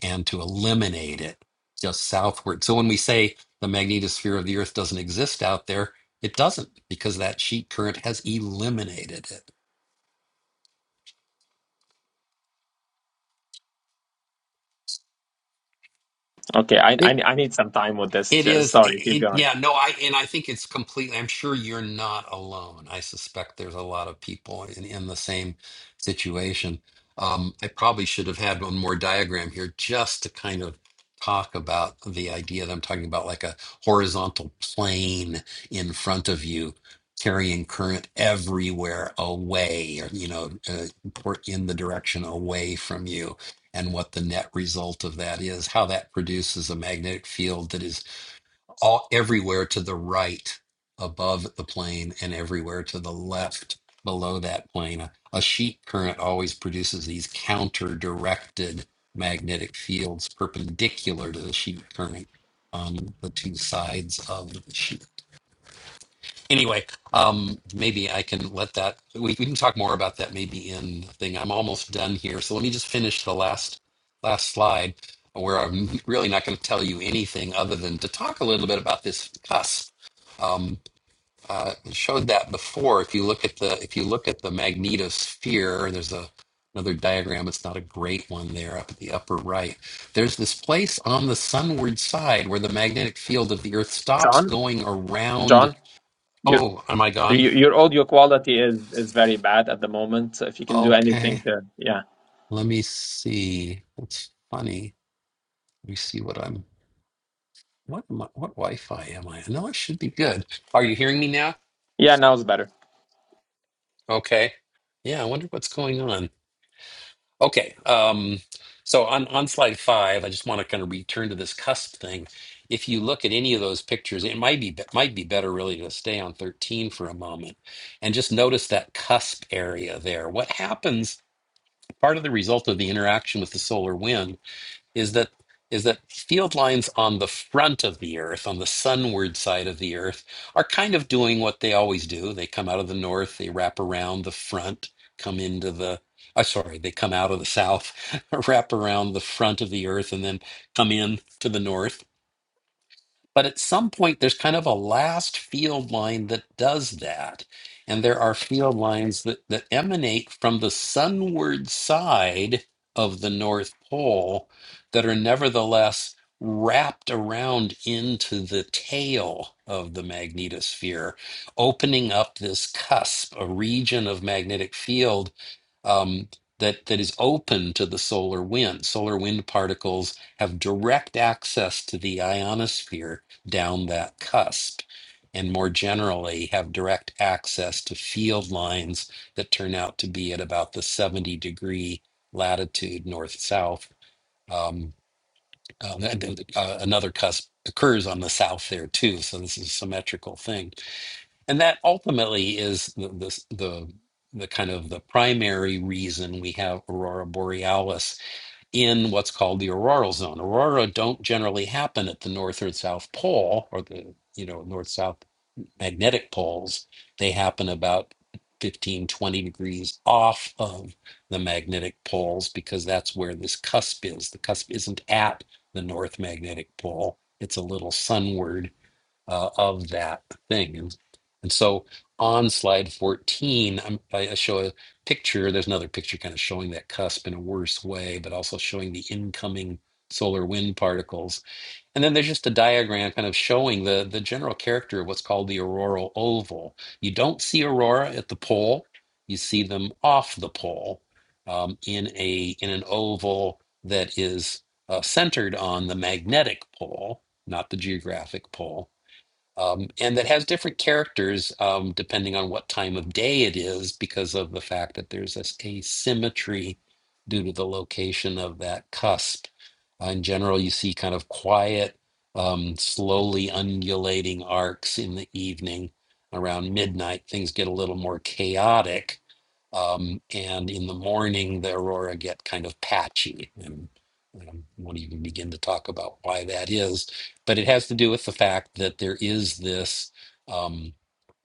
Speaker 1: and to eliminate it just southward. So when we say the magnetosphere of the Earth doesn't exist out there, it doesn't because that sheet current has eliminated it.
Speaker 3: Okay, I, I I need some time with this.
Speaker 1: It
Speaker 3: Just,
Speaker 1: is, it,
Speaker 3: sorry, keep
Speaker 1: it-
Speaker 3: going.
Speaker 1: yeah, no, I and I think it's completely. I'm sure you're not alone. I suspect there's a lot of people in, in the same situation. Um, I probably should have had one more diagram here just to kind of talk about the idea that I'm talking about, like a horizontal plane in front of you, carrying current everywhere away, or you know, uh, port in the direction away from you, and what the net result of that is, how that produces a magnetic field that is all everywhere to the right above the plane and everywhere to the left below that plane. A, a sheet current always produces these counter directed magnetic fields perpendicular to the sheet current on the two sides of the sheet anyway, um, maybe I can let that. We, we can talk more about that maybe in the thing. I'm almost done here, so let me just finish the last last slide, where I'm really not going to tell you anything other than to talk a little bit about this cusp. Um, uh, I showed that before. If you look at the if you look at the magnetosphere, there's a another diagram. It's not a great one there up at the upper right. There's this place on the sunward side where the magnetic field of the Earth stops
Speaker 3: John,
Speaker 1: going around
Speaker 3: John, your
Speaker 1: Oh, am I gone?
Speaker 3: your your audio quality is is very bad at the moment. So if you can do
Speaker 1: Okay.
Speaker 3: anything to, yeah,
Speaker 1: Let me see. That's funny. Let me see what I'm. What am I, what Wi-Fi am I? No, I should be good. Are you hearing me now?
Speaker 3: yeah, now it's better.
Speaker 1: Okay. Yeah, I wonder what's going on. Okay. Um, so on on slide five, I just want to kind of return to this cusp thing. If you look at any of those pictures, it might be be- might be better really to stay on 13 for a moment and just notice that cusp area there. What happens? Part of the result of the interaction with the solar wind is that is that field lines on the front of the earth on the sunward side of the earth are kind of doing what they always do they come out of the north they wrap around the front come into the uh, sorry they come out of the south wrap around the front of the earth and then come in to the north but at some point, there's kind of a last field line that does that. And there are field lines that, that emanate from the sunward side of the North Pole that are nevertheless wrapped around into the tail of the magnetosphere, opening up this cusp, a region of magnetic field um, that, that is open to the solar wind. Solar wind particles have direct access to the ionosphere down that cusp and more generally have direct access to field lines that turn out to be at about the 70 degree latitude north south. Um, uh, and- and, uh, another cusp occurs on the south there too, so this is a symmetrical thing, and that ultimately is the the, the the kind of the primary reason we have aurora borealis in what's called the auroral zone. Aurora don't generally happen at the north or south pole or the you know north south magnetic poles. They happen about 15 20 degrees off of the magnetic poles because that's where this cusp is. The cusp isn't at the north magnetic pole. It's a little sunward uh, of that thing. And, and so on slide 14, I'm, I I show a picture. There's another picture kind of showing that cusp in a worse way, but also showing the incoming solar wind particles. And then there's just a diagram kind of showing the, the general character of what's called the auroral oval. You don't see aurora at the pole, you see them off the pole um, in, a, in an oval that is uh, centered on the magnetic pole, not the geographic pole um, and that has different characters um, depending on what time of day it is because of the fact that there's a asymmetry due to the location of that cusp. Uh, in general, you see kind of quiet, um, slowly undulating arcs in the evening. Around midnight, things get a little more chaotic. Um, and in the morning, the aurora get kind of patchy. And um, won't even begin to talk about why that is but it has to do with the fact that there is this um,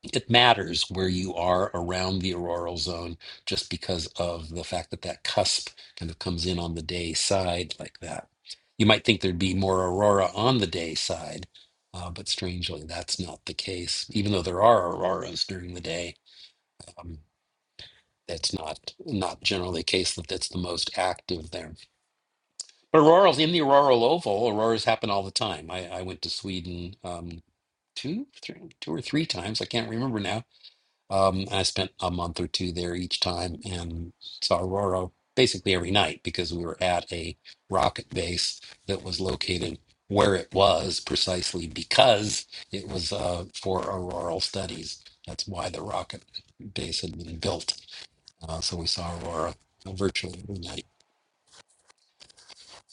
Speaker 1: it matters where you are around the auroral zone just because of the fact that that cusp kind of comes in on the day side like that you might think there'd be more aurora on the day side uh, but strangely that's not the case even though there are auroras during the day um, that's not not generally the case that that's the most active there but Aurora's in the auroral oval. Auroras happen all the time. I, I went to Sweden um, two, three, two or three times. I can't remember now. Um, and I spent a month or two there each time and saw aurora basically every night because we were at a rocket base that was located where it was precisely because it was uh, for auroral studies. That's why the rocket base had been built. Uh, so we saw aurora virtually every night.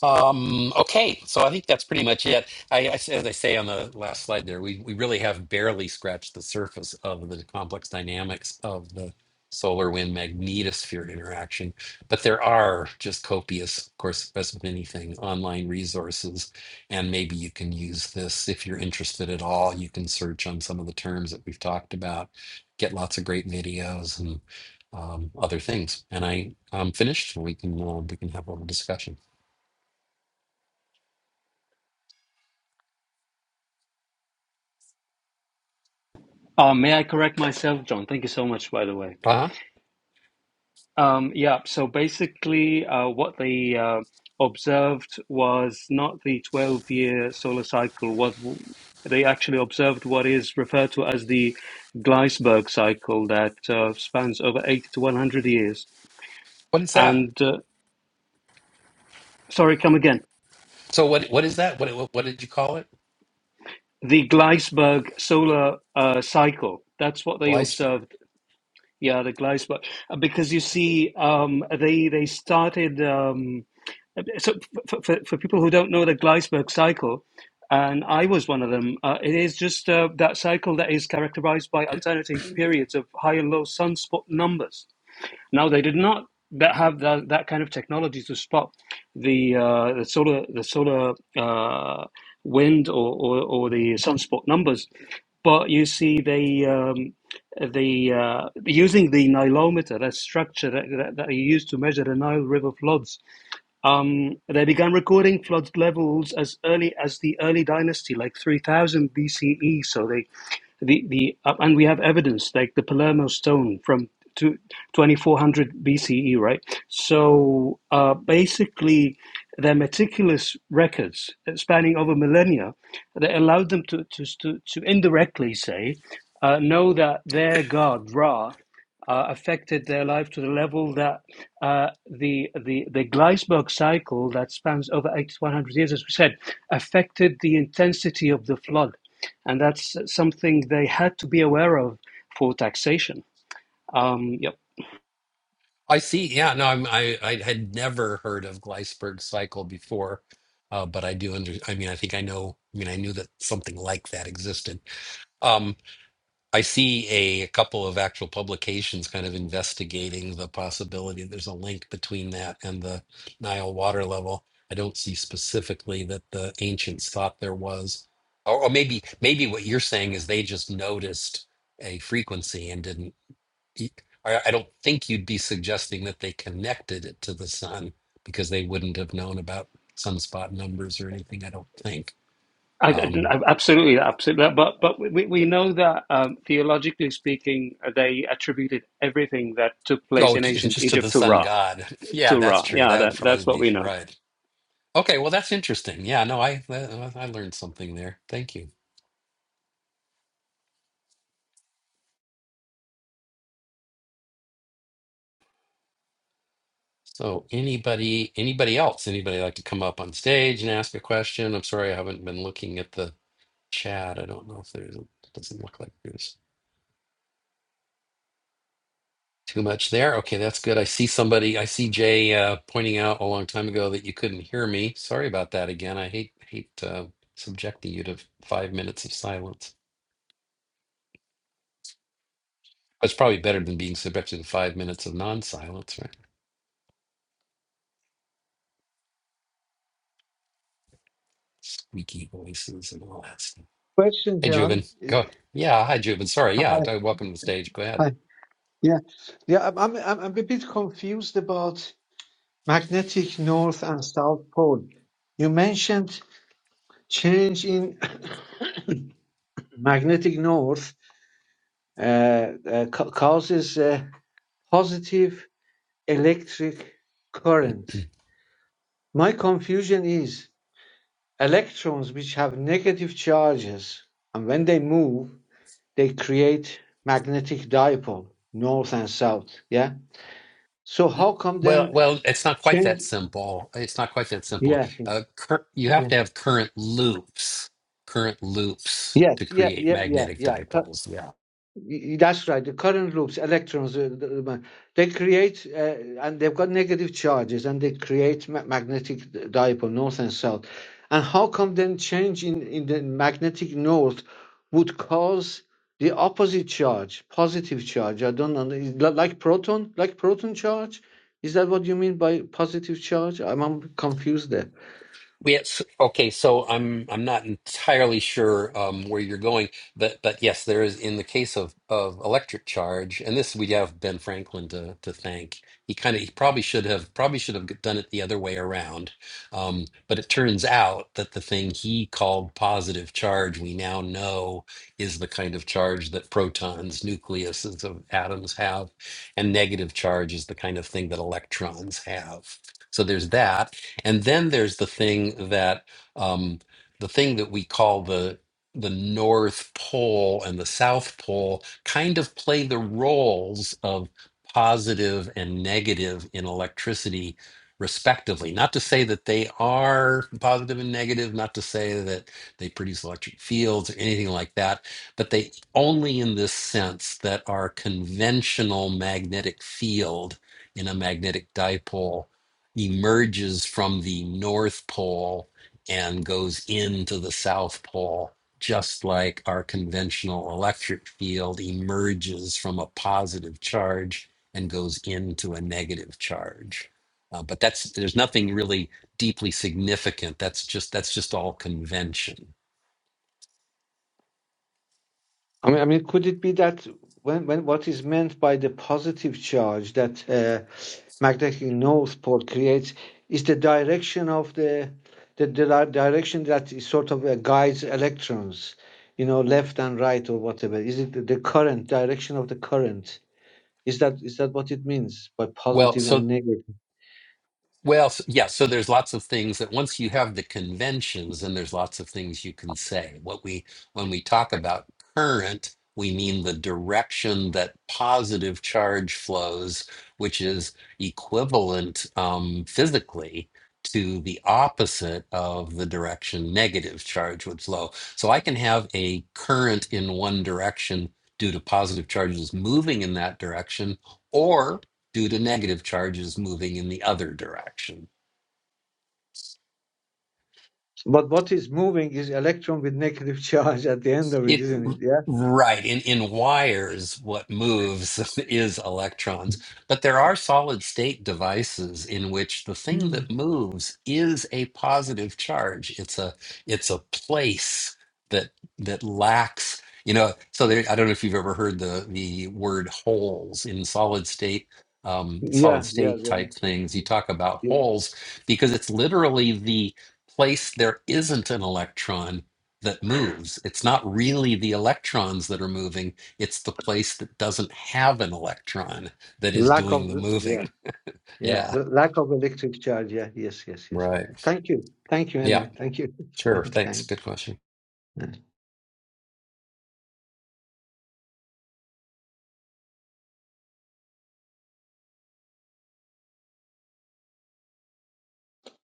Speaker 1: Um, okay, so I think that's pretty much it. I, I as I say on the last slide there, we, we really have barely scratched the surface of the complex dynamics of the solar wind magnetosphere interaction. But there are just copious, of course, as with anything, online resources. And maybe you can use this if you're interested at all. You can search on some of the terms that we've talked about, get lots of great videos and um, other things. And I, I'm finished. We can, uh, we can have a little discussion.
Speaker 8: Uh, may I correct myself, John? Thank you so much, by the way.
Speaker 1: Taha?
Speaker 8: Um, yeah, so basically, uh, what they uh, observed was not the 12 year solar cycle. What they actually observed what is referred to as the Gleisberg cycle that uh, spans over 80 to 100 years.
Speaker 1: What is that?
Speaker 8: And uh, sorry, come again.
Speaker 1: So what what is that? What what, what did you call it?
Speaker 8: The Gleisberg solar uh, cycle. That's what they
Speaker 1: Gleisberg.
Speaker 8: observed Yeah, the Gleisberg. Because you see, um, they they started. Um, so for, for, for people who don't know the Gleisberg cycle, and I was one of them, uh, it is just uh, that cycle that is characterized by alternating periods of high and low sunspot numbers. Now they did not that have that, that kind of technology to spot the uh, the solar the solar uh, wind or, or, or the sunspot numbers, but you see they um, the uh, using the nilometer that structure that, that, that you use to measure the Nile River floods. Um, they began recording flood levels as early as the early dynasty, like three thousand BCE. So they the the uh, and we have evidence like the Palermo stone from to 2400 BCE, right? So uh, basically, their meticulous records uh, spanning over millennia that allowed them to to to, to indirectly say uh, know that their god Ra. Uh, affected their life to the level that uh, the the the Gleisberg cycle that spans over 100 years, as we said, affected the intensity of the flood and that's something they had to be aware of for taxation. Um, yep.
Speaker 1: I see. Yeah, no, I'm, I I had never heard of Gleisberg cycle before, uh, but I do under. I mean, I think I know. I mean, I knew that something like that existed. Um, I see a, a couple of actual publications kind of investigating the possibility there's a link between that and the Nile water level. I don't see specifically that the ancients thought there was, or, or maybe maybe what you're saying is they just noticed a frequency and didn't. e- I I don't think you'd be suggesting that they connected it to the sun because they wouldn't have known about sunspot numbers or anything. I don't think.
Speaker 8: I,
Speaker 1: Um,
Speaker 8: I- absolutely, absolutely. But but we, we know that um, theologically speaking, they attributed everything that took place
Speaker 1: Oh,
Speaker 8: in
Speaker 1: j-
Speaker 8: ancient
Speaker 1: just to the
Speaker 8: Egypt to
Speaker 1: sun
Speaker 8: Ra.
Speaker 1: god. Yeah,
Speaker 8: To
Speaker 1: that's
Speaker 8: Ra,
Speaker 1: true.
Speaker 8: yeah,
Speaker 1: That would
Speaker 8: that,
Speaker 1: probably
Speaker 8: that's what
Speaker 1: be
Speaker 8: we know.
Speaker 1: right. Okay, well, that's interesting. Yeah, no, I I I learned something there. Thank you. So, anybody anybody else? Anybody like to come up on stage and ask a question? I'm sorry, I haven't been looking at the chat. I don't know if there's it doesn't look like there's too much there. Okay, that's good. I see somebody. I see Jay uh, pointing out a long time ago that you couldn't hear me. Sorry about that again. I hate hate uh, subjecting you to five minutes of silence. It's probably better than being subjected to five minutes of non-silence, right? Squeaky voices and all that stuff.
Speaker 10: question,
Speaker 1: Hey,
Speaker 10: John.
Speaker 1: Jubin.
Speaker 10: Is,
Speaker 1: Go. Yeah. Hi, Jubin. Sorry. Yeah.
Speaker 10: I,
Speaker 1: d- Welcome to the stage. Go ahead.
Speaker 10: I, yeah, yeah. I'm, I'm, I'm I'm a bit confused about magnetic north and south pole. You mentioned change in magnetic north uh, uh, ca- causes a positive electric current. My confusion is electrons, which have negative charges, and when they move, they create magnetic dipole, north and south. Yeah So how come
Speaker 1: Well,
Speaker 10: then
Speaker 1: well, it's not quite that
Speaker 10: change?
Speaker 1: simple. It's not quite that simple.
Speaker 10: Yeah,
Speaker 1: Uh, cur you have
Speaker 10: yeah,
Speaker 1: to have current loops, current loops
Speaker 10: yes,
Speaker 1: to
Speaker 10: yeah,
Speaker 1: create
Speaker 10: yeah, yeah,
Speaker 1: magnetic
Speaker 10: yeah. Cu-
Speaker 1: dipoles. Yeah.
Speaker 10: y- That's right. The current loops, electrons, uh, the- the- they create, uh, and they've got negative charges, and they create ma- magnetic dipole, north and south. And how come then change in in the magnetic north would cause the opposite charge, positive charge? I don't know. Is li- Like proton, like proton charge. Is that what you mean by positive charge? I'm, I'm confused there.
Speaker 1: Yes. Okay. So I'm I'm not entirely sure um, where you're going, but but yes, there is in the case of of electric charge, and this we have Ben Franklin to to thank. He kind of he probably should have probably should have done it the other way around. Um, but it turns out that the thing he called positive charge, we now know is the kind of charge that protons, nucleuses of atoms have, and negative charge is the kind of thing that electrons have. So there's that and then there's the thing that um, the thing that we call the the North Pole and the South Pole kind of play the roles of positive and negative in electricity respectively not to say that they are positive and negative not to say that they produce electric fields or anything like that but they only in this sense that our conventional magnetic field in a magnetic dipole emerges from the North Pole and goes into the South Pole, just like our conventional electric field emerges from a positive charge and goes into a negative charge. Uh, but that's there's nothing really deeply significant. That's just that's just all convention.
Speaker 10: I mean, I mean, could it be that when, when what is meant by the positive charge that uh, magnetic north pole creates is the direction of the the, the di- direction that is sort of uh, guides electrons, you know, left and right or whatever. Is it the the current direction of the current? Is that is that what it means by
Speaker 1: Well,
Speaker 10: positive
Speaker 1: so.
Speaker 10: and negative?
Speaker 1: Well, s- yeah, so there's lots of things that once you have the conventions, then there's lots of things you can say. What we, when we talk about current, we mean the direction that positive charge flows, which is equivalent um, physically to the opposite of the direction negative charge would flow. So I can have a current in one direction due to positive charges moving in that direction, due to negative charges moving in the other direction.
Speaker 10: But what is moving is electron with negative charge at the end of it,
Speaker 1: It
Speaker 10: isn't it? Yeah.
Speaker 1: right in in wires, what moves is electrons, but there are solid state devices in which the thing
Speaker 10: Mm.
Speaker 1: that moves is a positive charge. It's a it's a place that that lacks, you know. So there, I don't know if you've ever heard the the word holes in solid state. Um,
Speaker 10: Yeah.
Speaker 1: solid
Speaker 10: Yeah.
Speaker 1: state type things. You talk about
Speaker 10: yeah.
Speaker 1: holes because it's literally the place there isn't an electron that moves. It's not really the electrons that are moving, it's the place that doesn't have an electron that is
Speaker 10: Lack
Speaker 1: doing
Speaker 10: of
Speaker 1: the
Speaker 10: yeah.
Speaker 1: moving.
Speaker 10: Yeah,
Speaker 1: Yeah,
Speaker 10: the lack of electric charge. Yeah, yes, yes, yes, yeah.
Speaker 1: right.
Speaker 10: Thank you. Thank you
Speaker 1: Yeah,
Speaker 10: anyway. Thank you.
Speaker 1: sure. Thanks.
Speaker 10: Thank.
Speaker 1: Good question.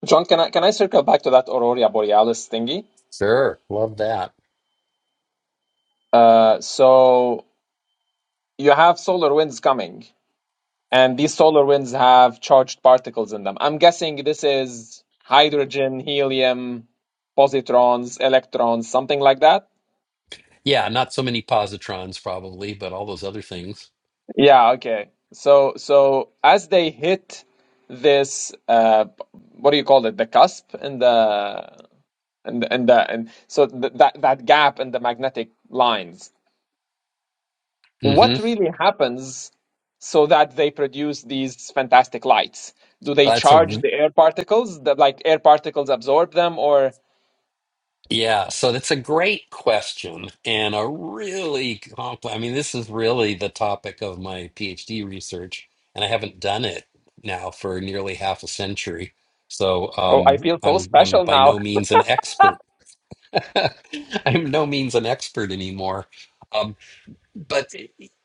Speaker 3: John, can I can I circle back to that Aurora Borealis thingy?
Speaker 1: Sure. Love that.
Speaker 3: Uh, so you have solar winds coming, and these solar winds have charged particles in them. I'm guessing this is hydrogen, helium, positrons, electrons, something like that.
Speaker 1: Yeah, not so many positrons probably, but all those other things.
Speaker 3: Yeah, okay. So so as they hit this uh what do you call it? The cusp and the and the- and the and so th that that gap in the magnetic lines.
Speaker 1: hmm
Speaker 3: What really happens so that they produce these fantastic lights? Do they
Speaker 1: That's a
Speaker 3: charge the air particles? The like air particles absorb them or
Speaker 1: Yeah, so that's a great question and a really complex. I mean, this is really the topic of my PhD research, and I haven't done it now for nearly half a century. So
Speaker 3: oh I
Speaker 1: um,
Speaker 3: feel so
Speaker 1: I'm I'm
Speaker 3: special
Speaker 1: by
Speaker 3: now.
Speaker 1: no means an expert. I'm no means an expert anymore. Um, but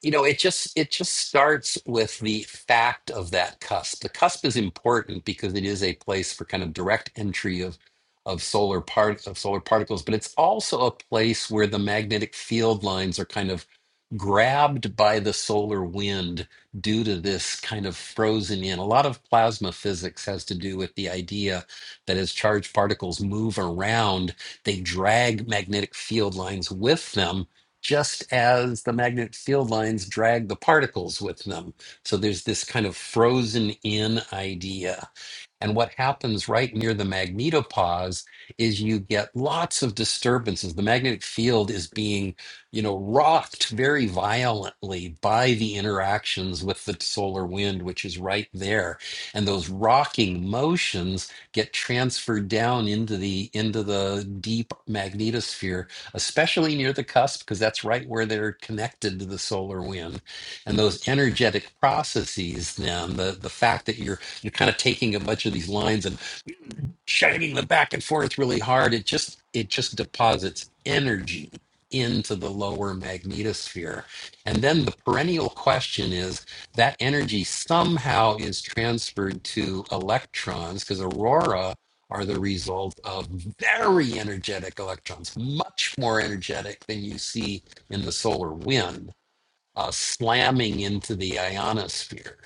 Speaker 1: you know it just it just starts with the fact of that cusp the cusp is important because it is a place for kind of direct entry of of solar part of solar particles but it's also a place where the magnetic field lines are kind of grabbed by the solar wind due to this kind of frozen in a lot of plasma physics has to do with the idea that as charged particles move around they drag magnetic field lines with them just as the magnetic field lines drag the particles with them. So there's this kind of frozen in idea and what happens right near the magnetopause is you get lots of disturbances. The magnetic field is being, you know, rocked very violently by the interactions with the solar wind, which is right there. And those rocking motions get transferred down into the into the deep magnetosphere, especially near the cusp, because that's right where they're connected to the solar wind. And those energetic processes, then the the fact that you're you're kind of taking a bunch of these lines and shining them back and forth really hard. It just it just deposits energy into the lower magnetosphere. And then the perennial question is that energy somehow is transferred to electrons because aurora are the result of very energetic electrons, much more energetic than you see in the solar wind, uh, slamming into the ionosphere.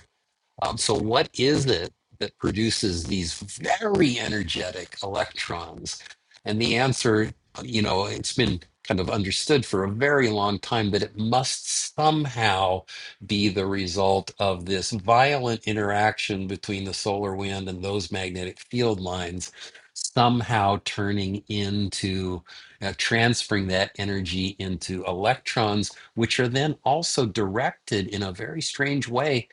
Speaker 1: Um, so, what is it that produces these very energetic electrons? And the answer, you know, it's been kind of understood for a very long time that it must somehow be the result of this violent interaction between the solar wind and those magnetic field lines, somehow turning into uh, transferring that energy into electrons, which are then also directed in a very strange way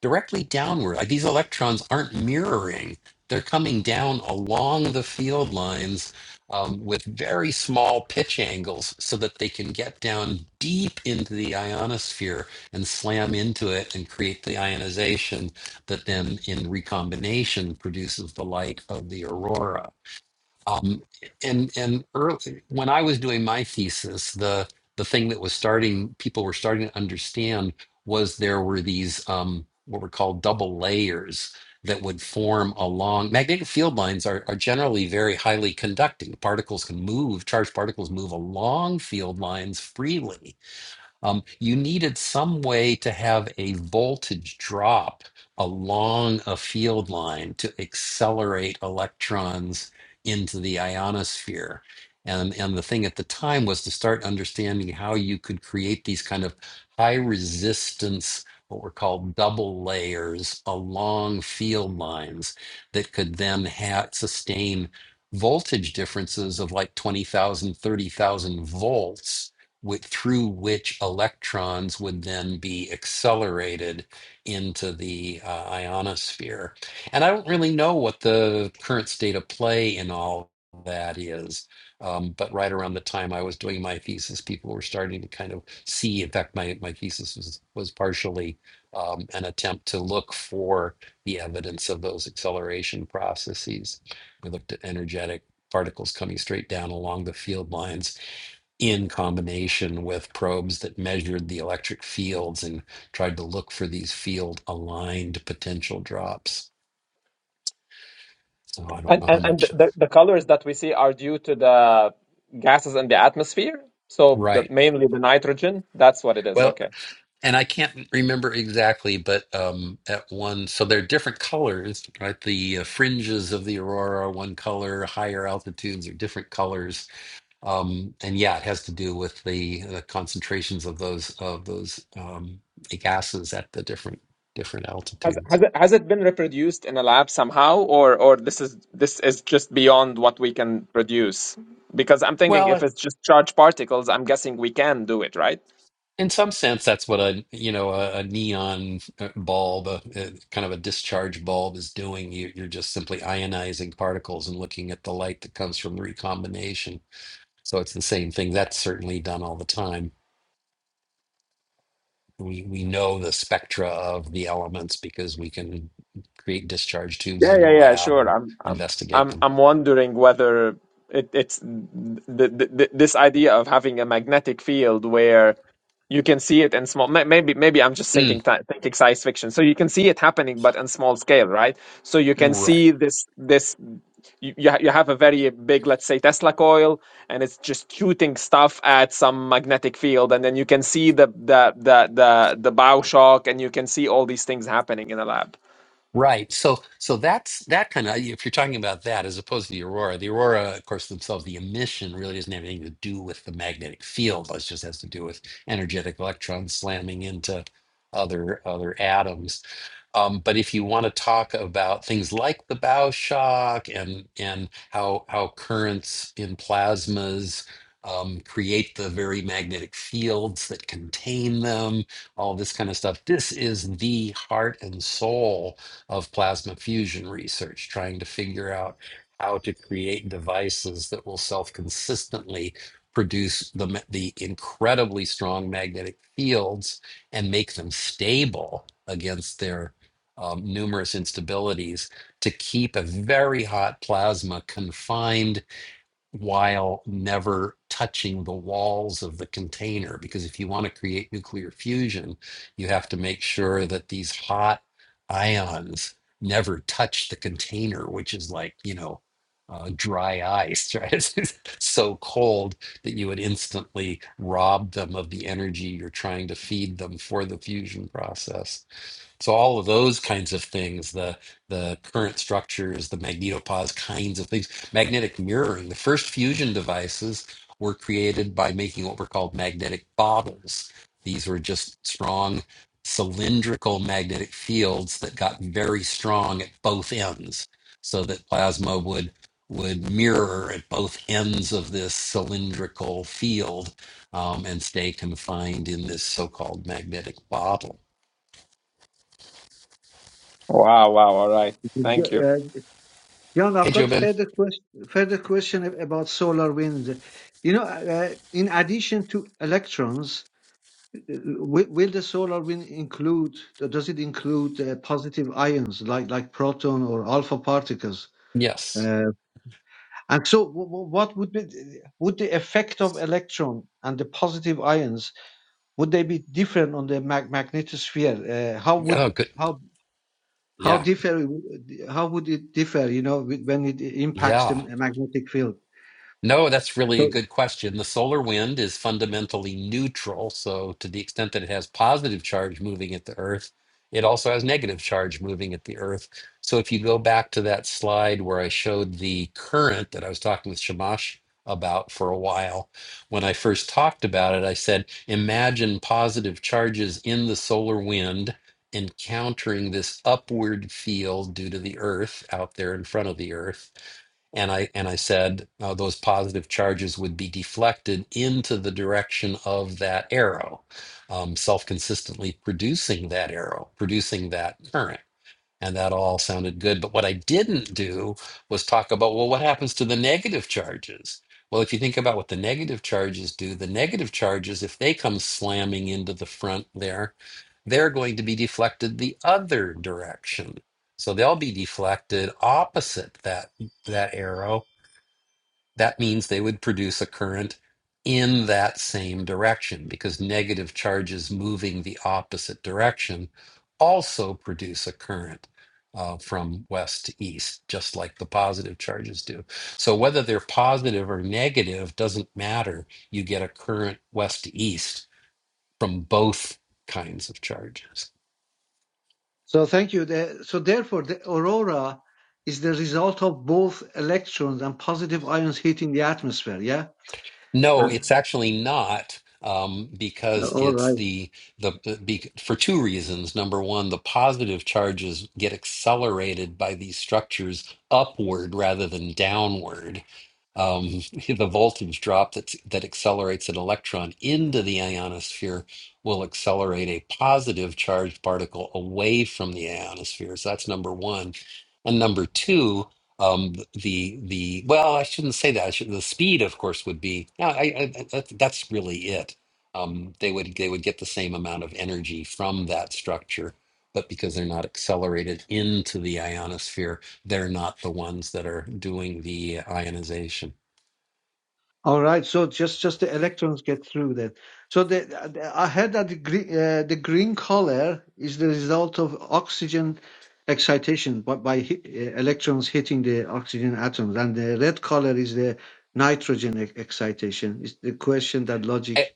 Speaker 1: directly downward. Like these electrons aren't mirroring, they're coming down along the field lines um, with very small pitch angles so that they can get down deep into the ionosphere and slam into it and create the ionization that then in recombination produces the light of the aurora. Um, and and early, when I was doing my thesis, the the thing that was starting, people were starting to understand was there were these um, what were called double layers that would form along magnetic field lines are, are generally very highly conducting. Particles can move, charged particles move along field lines freely um, you needed some way to have a voltage drop along a field line to accelerate electrons into the ionosphere. And, and the thing at the time was to start understanding how you could create these kind of high resistance, what were called double layers along field lines that could then ha- sustain voltage differences of like 20,000, 30,000 volts whi- through which electrons would then be accelerated into the uh, ionosphere. And I don't really know what the current state of play in all that is. Um, but right around the time I was doing my thesis, people were starting to kind of see. In fact, my, my thesis was, was partially um, an attempt to look for the evidence of those acceleration processes. We looked at energetic particles coming straight down along the field lines in combination with probes that measured the electric fields and tried to look for these field aligned potential drops. So I don't
Speaker 3: And
Speaker 1: know how
Speaker 3: and, and
Speaker 1: much.
Speaker 3: the, the colors that we see are due to the gases in the atmosphere. So the,
Speaker 1: Right.
Speaker 3: mainly the nitrogen. That's what it is.
Speaker 1: Well,
Speaker 3: Okay.
Speaker 1: and I can't remember exactly, but um, at one, so they're different colors, right? The uh, fringes of the aurora, are one color, higher altitudes are different colors. Um, and yeah, it has to do with the, the concentrations of those of those um, gases at the different different
Speaker 3: Has
Speaker 1: altitudes.
Speaker 3: has it, has it been reproduced in a lab somehow, or or this is this is just beyond what we can produce? Because I'm thinking if
Speaker 1: Well,
Speaker 3: it's just charged particles, I'm guessing we can do it, right?
Speaker 1: in some sense, that's what a you know a, a neon uh, bulb, a, a kind of a discharge bulb, is doing. You, you're just simply ionizing particles and looking at the light that comes from the recombination. So it's the same thing. That's certainly done all the time. We we know the spectra of the elements because we can create discharge tubes
Speaker 3: Yeah,
Speaker 1: in the
Speaker 3: yeah, yeah,
Speaker 1: lab
Speaker 3: sure.
Speaker 1: and
Speaker 3: I'm, I'm,
Speaker 1: investigate
Speaker 3: I'm,
Speaker 1: them.
Speaker 3: I'm wondering whether it, it's the, the, the, this idea of having a magnetic field where you can see it in small. may- Maybe, maybe I'm just thinking
Speaker 1: Mm,
Speaker 3: thi- thinking science fiction. So you can see it happening, but in small scale, right? So you can
Speaker 1: right.
Speaker 3: see this this. You you ha- you have a very big, let's say, Tesla coil, and it's just shooting stuff at some magnetic field, and then you can see the the the the the bow shock, and you can see all these things happening in a lab.
Speaker 1: Right. So so that's that kind of if you're talking about that as opposed to the aurora, the aurora, of course, themselves, the emission really doesn't have anything to do with the magnetic field. It just has to do with energetic electrons slamming into other other atoms. Um, but if you want to talk about things like the bow shock and and how how currents in plasmas um, create the very magnetic fields that contain them, all this kind of stuff, this is the heart and soul of plasma fusion research, trying to figure out how to create devices that will self consistently produce the, the incredibly strong magnetic fields and make them stable against their um, numerous instabilities to keep a very hot plasma confined while never touching the walls of the container. Because if you want to create nuclear fusion, you have to make sure that these hot ions never touch the container, which is like, you know, uh, dry ice, right? It's so cold that you would instantly rob them of the energy you're trying to feed them for the fusion process. So all of those kinds of things, the the current structures, the magnetopause kinds of things, magnetic mirroring. The first fusion devices were created by making what were called magnetic bottles. These were just strong cylindrical magnetic fields that got very strong at both ends, so that plasma would would mirror at both ends of this cylindrical field um, and stay confined in this so-called magnetic bottle.
Speaker 3: Wow, wow. All right. Thank you.
Speaker 10: Uh, John,
Speaker 1: Hey,
Speaker 10: I've got
Speaker 1: Jobin.
Speaker 10: further question, further question ab- about solar wind. You know, uh, in addition to electrons, will, will the solar wind include, does it include uh, positive ions like, like proton or alpha particles?
Speaker 1: Yes.
Speaker 10: Uh, and so w- w- what would be, would the effect of electron and the positive ions would they be different on the mag- magnetosphere? Uh, how would
Speaker 1: Oh, Good.
Speaker 10: how how
Speaker 1: Yeah.
Speaker 10: differ how would it differ? You know, with- when it impacts the
Speaker 1: Yeah.
Speaker 10: magnetic field.
Speaker 1: No, that's really a
Speaker 10: So,
Speaker 1: good question. The solar wind is fundamentally neutral. So, to the extent that it has positive charge moving at the Earth, it also has negative charge moving at the Earth. So, if you go back to that slide where I showed the current that I was talking with Shamash about for a while, when I first talked about it, I said, imagine positive charges in the solar wind encountering this upward field due to the Earth out there in front of the Earth and I and I said uh, those positive charges would be deflected into the direction of that arrow, um, self consistently producing that arrow, producing that current and that all sounded good. But what I didn't do was talk about, well, what happens to the negative charges? Well, if you think about what the negative charges do, the negative charges, if they come slamming into the front there, they're going to be deflected the other direction. So they'll be deflected opposite that that arrow that means they would produce a current in that same direction because negative charges moving the opposite direction also produce a current uh, from west to east, just like the positive charges do. So, whether they're positive or negative doesn't matter. You get a current west to east from both kinds of charges.
Speaker 10: so thank you. The- so therefore, the aurora is the result of both electrons and positive ions hitting the atmosphere. Yeah.
Speaker 1: No,
Speaker 10: Uh,
Speaker 1: it's actually not um, because
Speaker 10: All right.
Speaker 1: it's the the the- be, for two reasons. Number one, the positive charges get accelerated by these structures upward rather than downward. Um, the voltage drop that that accelerates an electron into the ionosphere will accelerate a positive charged particle away from the ionosphere. So that's number one. And number two, um the the well i shouldn't say that I should, the speed of course would be no i, I that, that's really it um they would they would get the same amount of energy from that structure but because they're not accelerated into the ionosphere they're not the ones that are doing the ionization
Speaker 10: All right, so just just the electrons get through then. So the, the- I heard that the green, uh, the green color is the result of oxygen excitation by, by hi- uh, electrons hitting the oxygen atoms, and the red color is the nitrogen e- excitation. It's the question that logic
Speaker 1: I,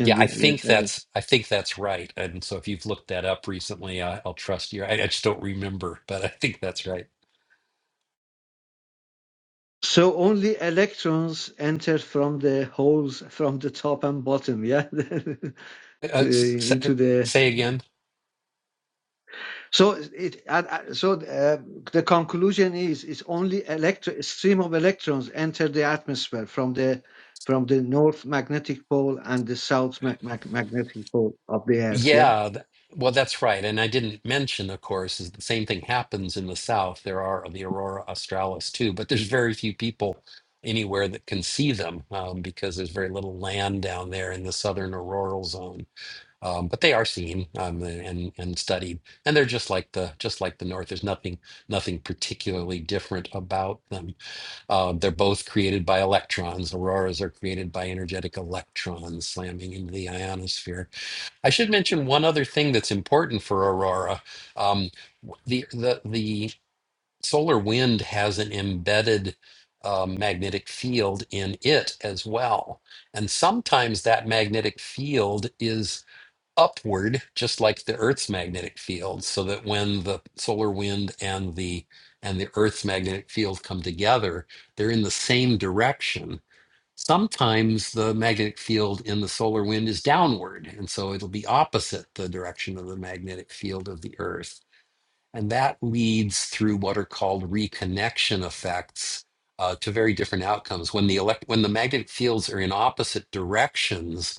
Speaker 1: yeah i
Speaker 10: yeah, yeah,
Speaker 1: think
Speaker 10: earlier.
Speaker 1: that's i think that's right and so if you've looked that up recently I, i'll trust you I, I just don't remember but i think that's right
Speaker 10: So only electrons enter from the holes from the top and bottom, yeah, to,
Speaker 1: uh, s- s-
Speaker 10: into the
Speaker 1: say again
Speaker 10: So it uh, so uh, the conclusion is it's only electro a stream of electrons enter the atmosphere from the from the north magnetic pole and the south mag- mag- magnetic pole of the Earth. Yeah.
Speaker 1: Yeah, th- well, that's right. And I didn't mention, of course, is the same thing happens in the South. There are the aurora australis too, but there's very few people anywhere that can see them um, because there's very little land down there in the southern auroral zone. Um, but they are seen um, and and studied, and they're just like the just like the North. There's nothing nothing particularly different about them. Uh, they're both created by electrons. Auroras are created by energetic electrons slamming into the ionosphere I should mention one other thing that's important for Aurora. Um, the the the solar wind has an embedded uh, magnetic field in it as well, and sometimes that magnetic field is upward, just like the Earth's magnetic field, so that when the solar wind and the and the Earth's magnetic field come together, they're in the same direction sometimes the magnetic field in the solar wind is downward and so it'll be opposite the direction of the magnetic field of the earth and that leads through what are called reconnection effects uh, to very different outcomes. When the elect- when the magnetic fields are in opposite directions,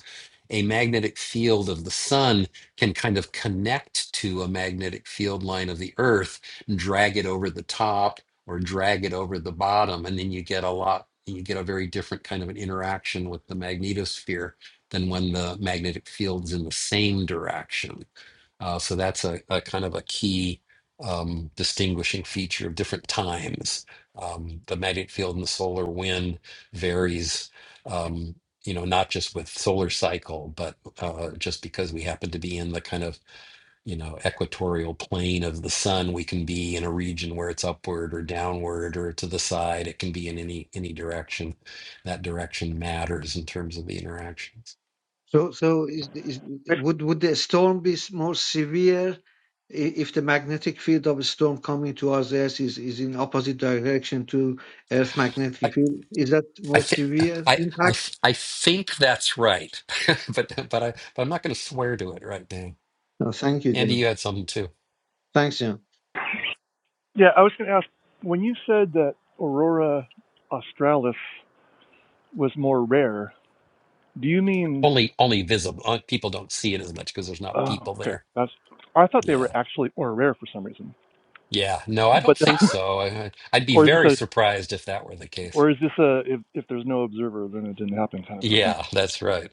Speaker 1: a magnetic field of the sun can kind of connect to a magnetic field line of the earth and drag it over the top or drag it over the bottom. And then you get a lot, you get a very different kind of an interaction with the magnetosphere than when the magnetic field's in the same direction. Uh, so that's a, a kind of a key um, distinguishing feature of different times. Um, the magnetic field in the solar wind varies, um, you know, not just with solar cycle, but uh, just because we happen to be in the kind of, you know, equatorial plane of the sun, we can be in a region where it's upward or downward or to the side. It can be in any any direction. That direction matters in terms of the interactions.
Speaker 10: So so is, is would would the storm be s- more severe i- if the magnetic field of a storm coming towards the Earth is, is in opposite direction to Earth
Speaker 1: I,
Speaker 10: magnetic field? Is that
Speaker 1: I
Speaker 10: more
Speaker 1: think
Speaker 10: severe
Speaker 1: I I
Speaker 10: impact?
Speaker 1: I think that's right, but but I but I'm not going to swear to it right now.
Speaker 10: No, thank you,
Speaker 1: Andy,
Speaker 10: John.
Speaker 1: you had something too.
Speaker 10: Thanks, John.
Speaker 9: Yeah, I was going to ask when you said that Aurora australis was more rare, do you mean?
Speaker 1: Only only visible. uh, People don't see it as much because there's not people
Speaker 9: Oh, okay.
Speaker 1: there.
Speaker 9: That's. I thought they were
Speaker 1: Yeah,
Speaker 9: actually more rare for some reason.
Speaker 1: yeah. No, I
Speaker 9: But
Speaker 1: don't think so. I, I- I'd be
Speaker 9: or is this
Speaker 1: very
Speaker 9: a
Speaker 1: surprised if that were the case.
Speaker 9: or is this a if if there's no observer then it didn't happen kind of a thing?
Speaker 1: Yeah, that's right.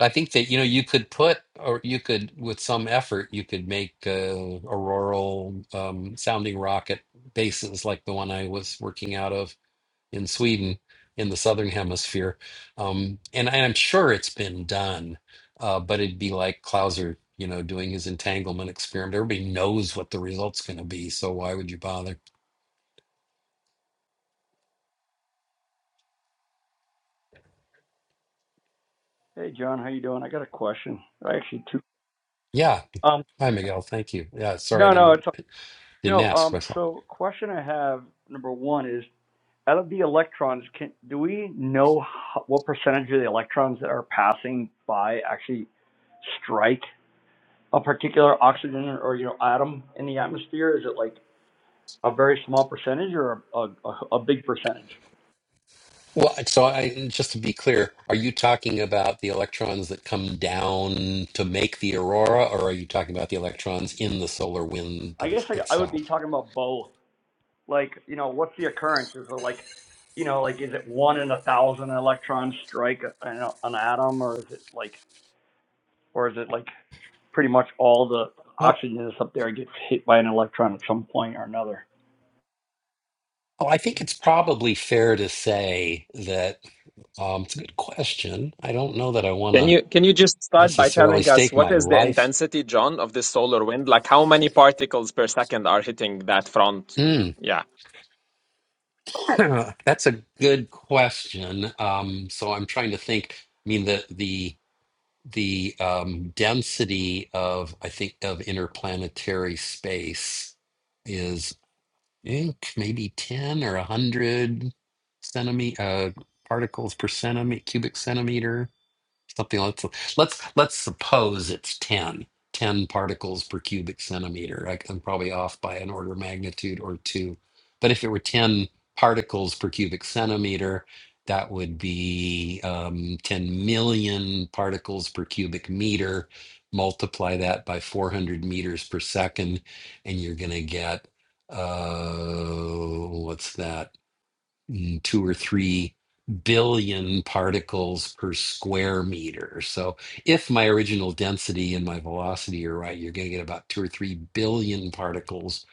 Speaker 1: I think that you know you could put or you could with some effort you could make uh, auroral um, sounding rocket bases like the one I was working out of in Sweden, in the southern hemisphere. Um, and, I'm sure it's been done, uh, but it'd be like Clauser, you know, doing his entanglement experiment. Everybody knows what the result's going to be, so why would you bother?
Speaker 11: Hey, John, how you doing? I got a question. I Actually, two.
Speaker 1: Yeah.
Speaker 11: Um,
Speaker 1: Hi, Miguel. Thank you. Yeah, sorry I
Speaker 11: no, no,
Speaker 1: didn't
Speaker 11: it's
Speaker 1: didn't
Speaker 11: no.
Speaker 1: ask
Speaker 11: Um,
Speaker 1: myself.
Speaker 11: so question I have number one is out of the electrons, can do we know how, what percentage of the electrons that are passing by actually strike a particular oxygen or, or, you know atom in the atmosphere? Is it like a very small percentage or a a, a big percentage?
Speaker 1: Well, so I just to be clear, are you talking about the electrons that come down to make the aurora, or are you talking about the electrons in the solar wind
Speaker 11: I
Speaker 1: them-
Speaker 11: guess I, I would be
Speaker 1: itself?
Speaker 11: talking about both. Like, you know, what's the occurrence? Is it like, you know, like is it one in a thousand electrons strike an, an atom, or is it like, or is it like pretty much all the
Speaker 1: Well,
Speaker 11: oxygen that's up there gets hit by an electron at some point or another?
Speaker 1: Oh, I think it's probably fair to say that um, it's a good question. I don't know that I want
Speaker 3: Can
Speaker 1: to
Speaker 3: you can you just start by
Speaker 1: necessarily
Speaker 3: telling us
Speaker 1: stake
Speaker 3: what
Speaker 1: my
Speaker 3: is the
Speaker 1: life.
Speaker 3: intensity, John, of this solar wind? Like how many particles per second are hitting that front?
Speaker 1: Hmm.
Speaker 3: Yeah.
Speaker 1: That's a good question. Um, so I'm trying to think. I mean, the the the um, density of I think of interplanetary space is I think maybe ten or a hundred centimeter uh, particles per centimeter cubic centimeter. something like that. let's let's suppose it's 10 10 particles per cubic centimeter I, i'm probably off by an order of magnitude or two but if it were 10 particles per cubic centimeter that would be um, 10 million particles per cubic meter multiply that by 400 meters per second and you're going to get uh, what's that mm, two or three billion particles per square meter. So if my original density and my velocity are right, you're going to get about two or three billion particles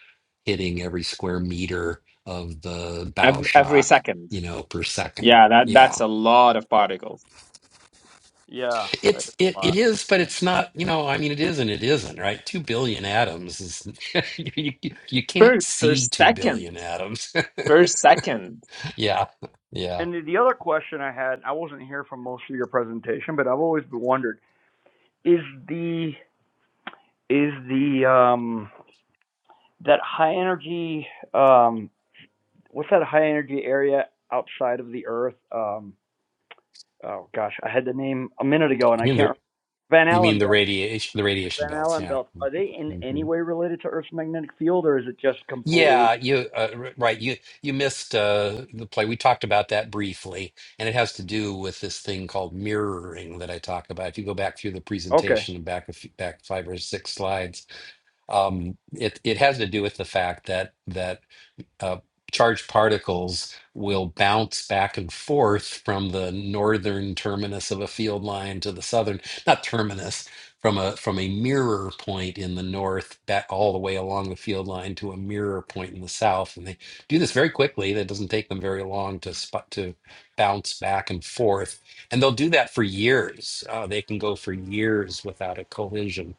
Speaker 1: hitting every square meter of the bow
Speaker 3: Ev- Every
Speaker 1: shock,
Speaker 3: second.
Speaker 1: you know, per second.
Speaker 3: Yeah, that
Speaker 1: Yeah.
Speaker 3: that's a lot of particles
Speaker 11: Yeah, that's
Speaker 1: It's it
Speaker 11: a
Speaker 1: it
Speaker 11: lot.
Speaker 1: is, but it's not, you know, I mean it is and it isn't, right? Two billion atoms is you you you can't
Speaker 3: per per
Speaker 1: see two billion
Speaker 3: second.
Speaker 1: atoms.
Speaker 3: Per second.
Speaker 1: yeah. Yeah.
Speaker 11: And the the other question I had, I wasn't here for most of your presentation, but I've always wondered is the is the um that high energy um what's that high energy area outside of the Earth? Um, oh gosh, I had the name a minute ago and
Speaker 1: I
Speaker 11: I
Speaker 1: mean,
Speaker 11: can't.
Speaker 1: there
Speaker 11: remember. Van
Speaker 1: You mean
Speaker 11: Allen
Speaker 1: the
Speaker 11: belt.
Speaker 1: radiation, the
Speaker 11: The
Speaker 1: radiation
Speaker 11: Van
Speaker 1: belts?
Speaker 11: Allen
Speaker 1: Yeah.
Speaker 11: belt. Are they in any
Speaker 1: hmm
Speaker 11: way related to Earth's magnetic field, or is it just completely?
Speaker 1: Yeah, you uh, r- right. You you missed uh, the play. We talked about that briefly, and it has to do with this thing called mirroring that I talk about. If you go back through the
Speaker 11: Okay,
Speaker 1: presentation and back a few, back five or six slides, um, it it has to do with the fact that that uh, charged particles will bounce back and forth from the northern terminus of a field line to the southern, not terminus, from a from a mirror point in the north back all the way along the field line to a mirror point in the south, and they do this very quickly. That doesn't take them very long to spot to bounce back and forth, and they'll do that for years. Uh, they can go for years without a collision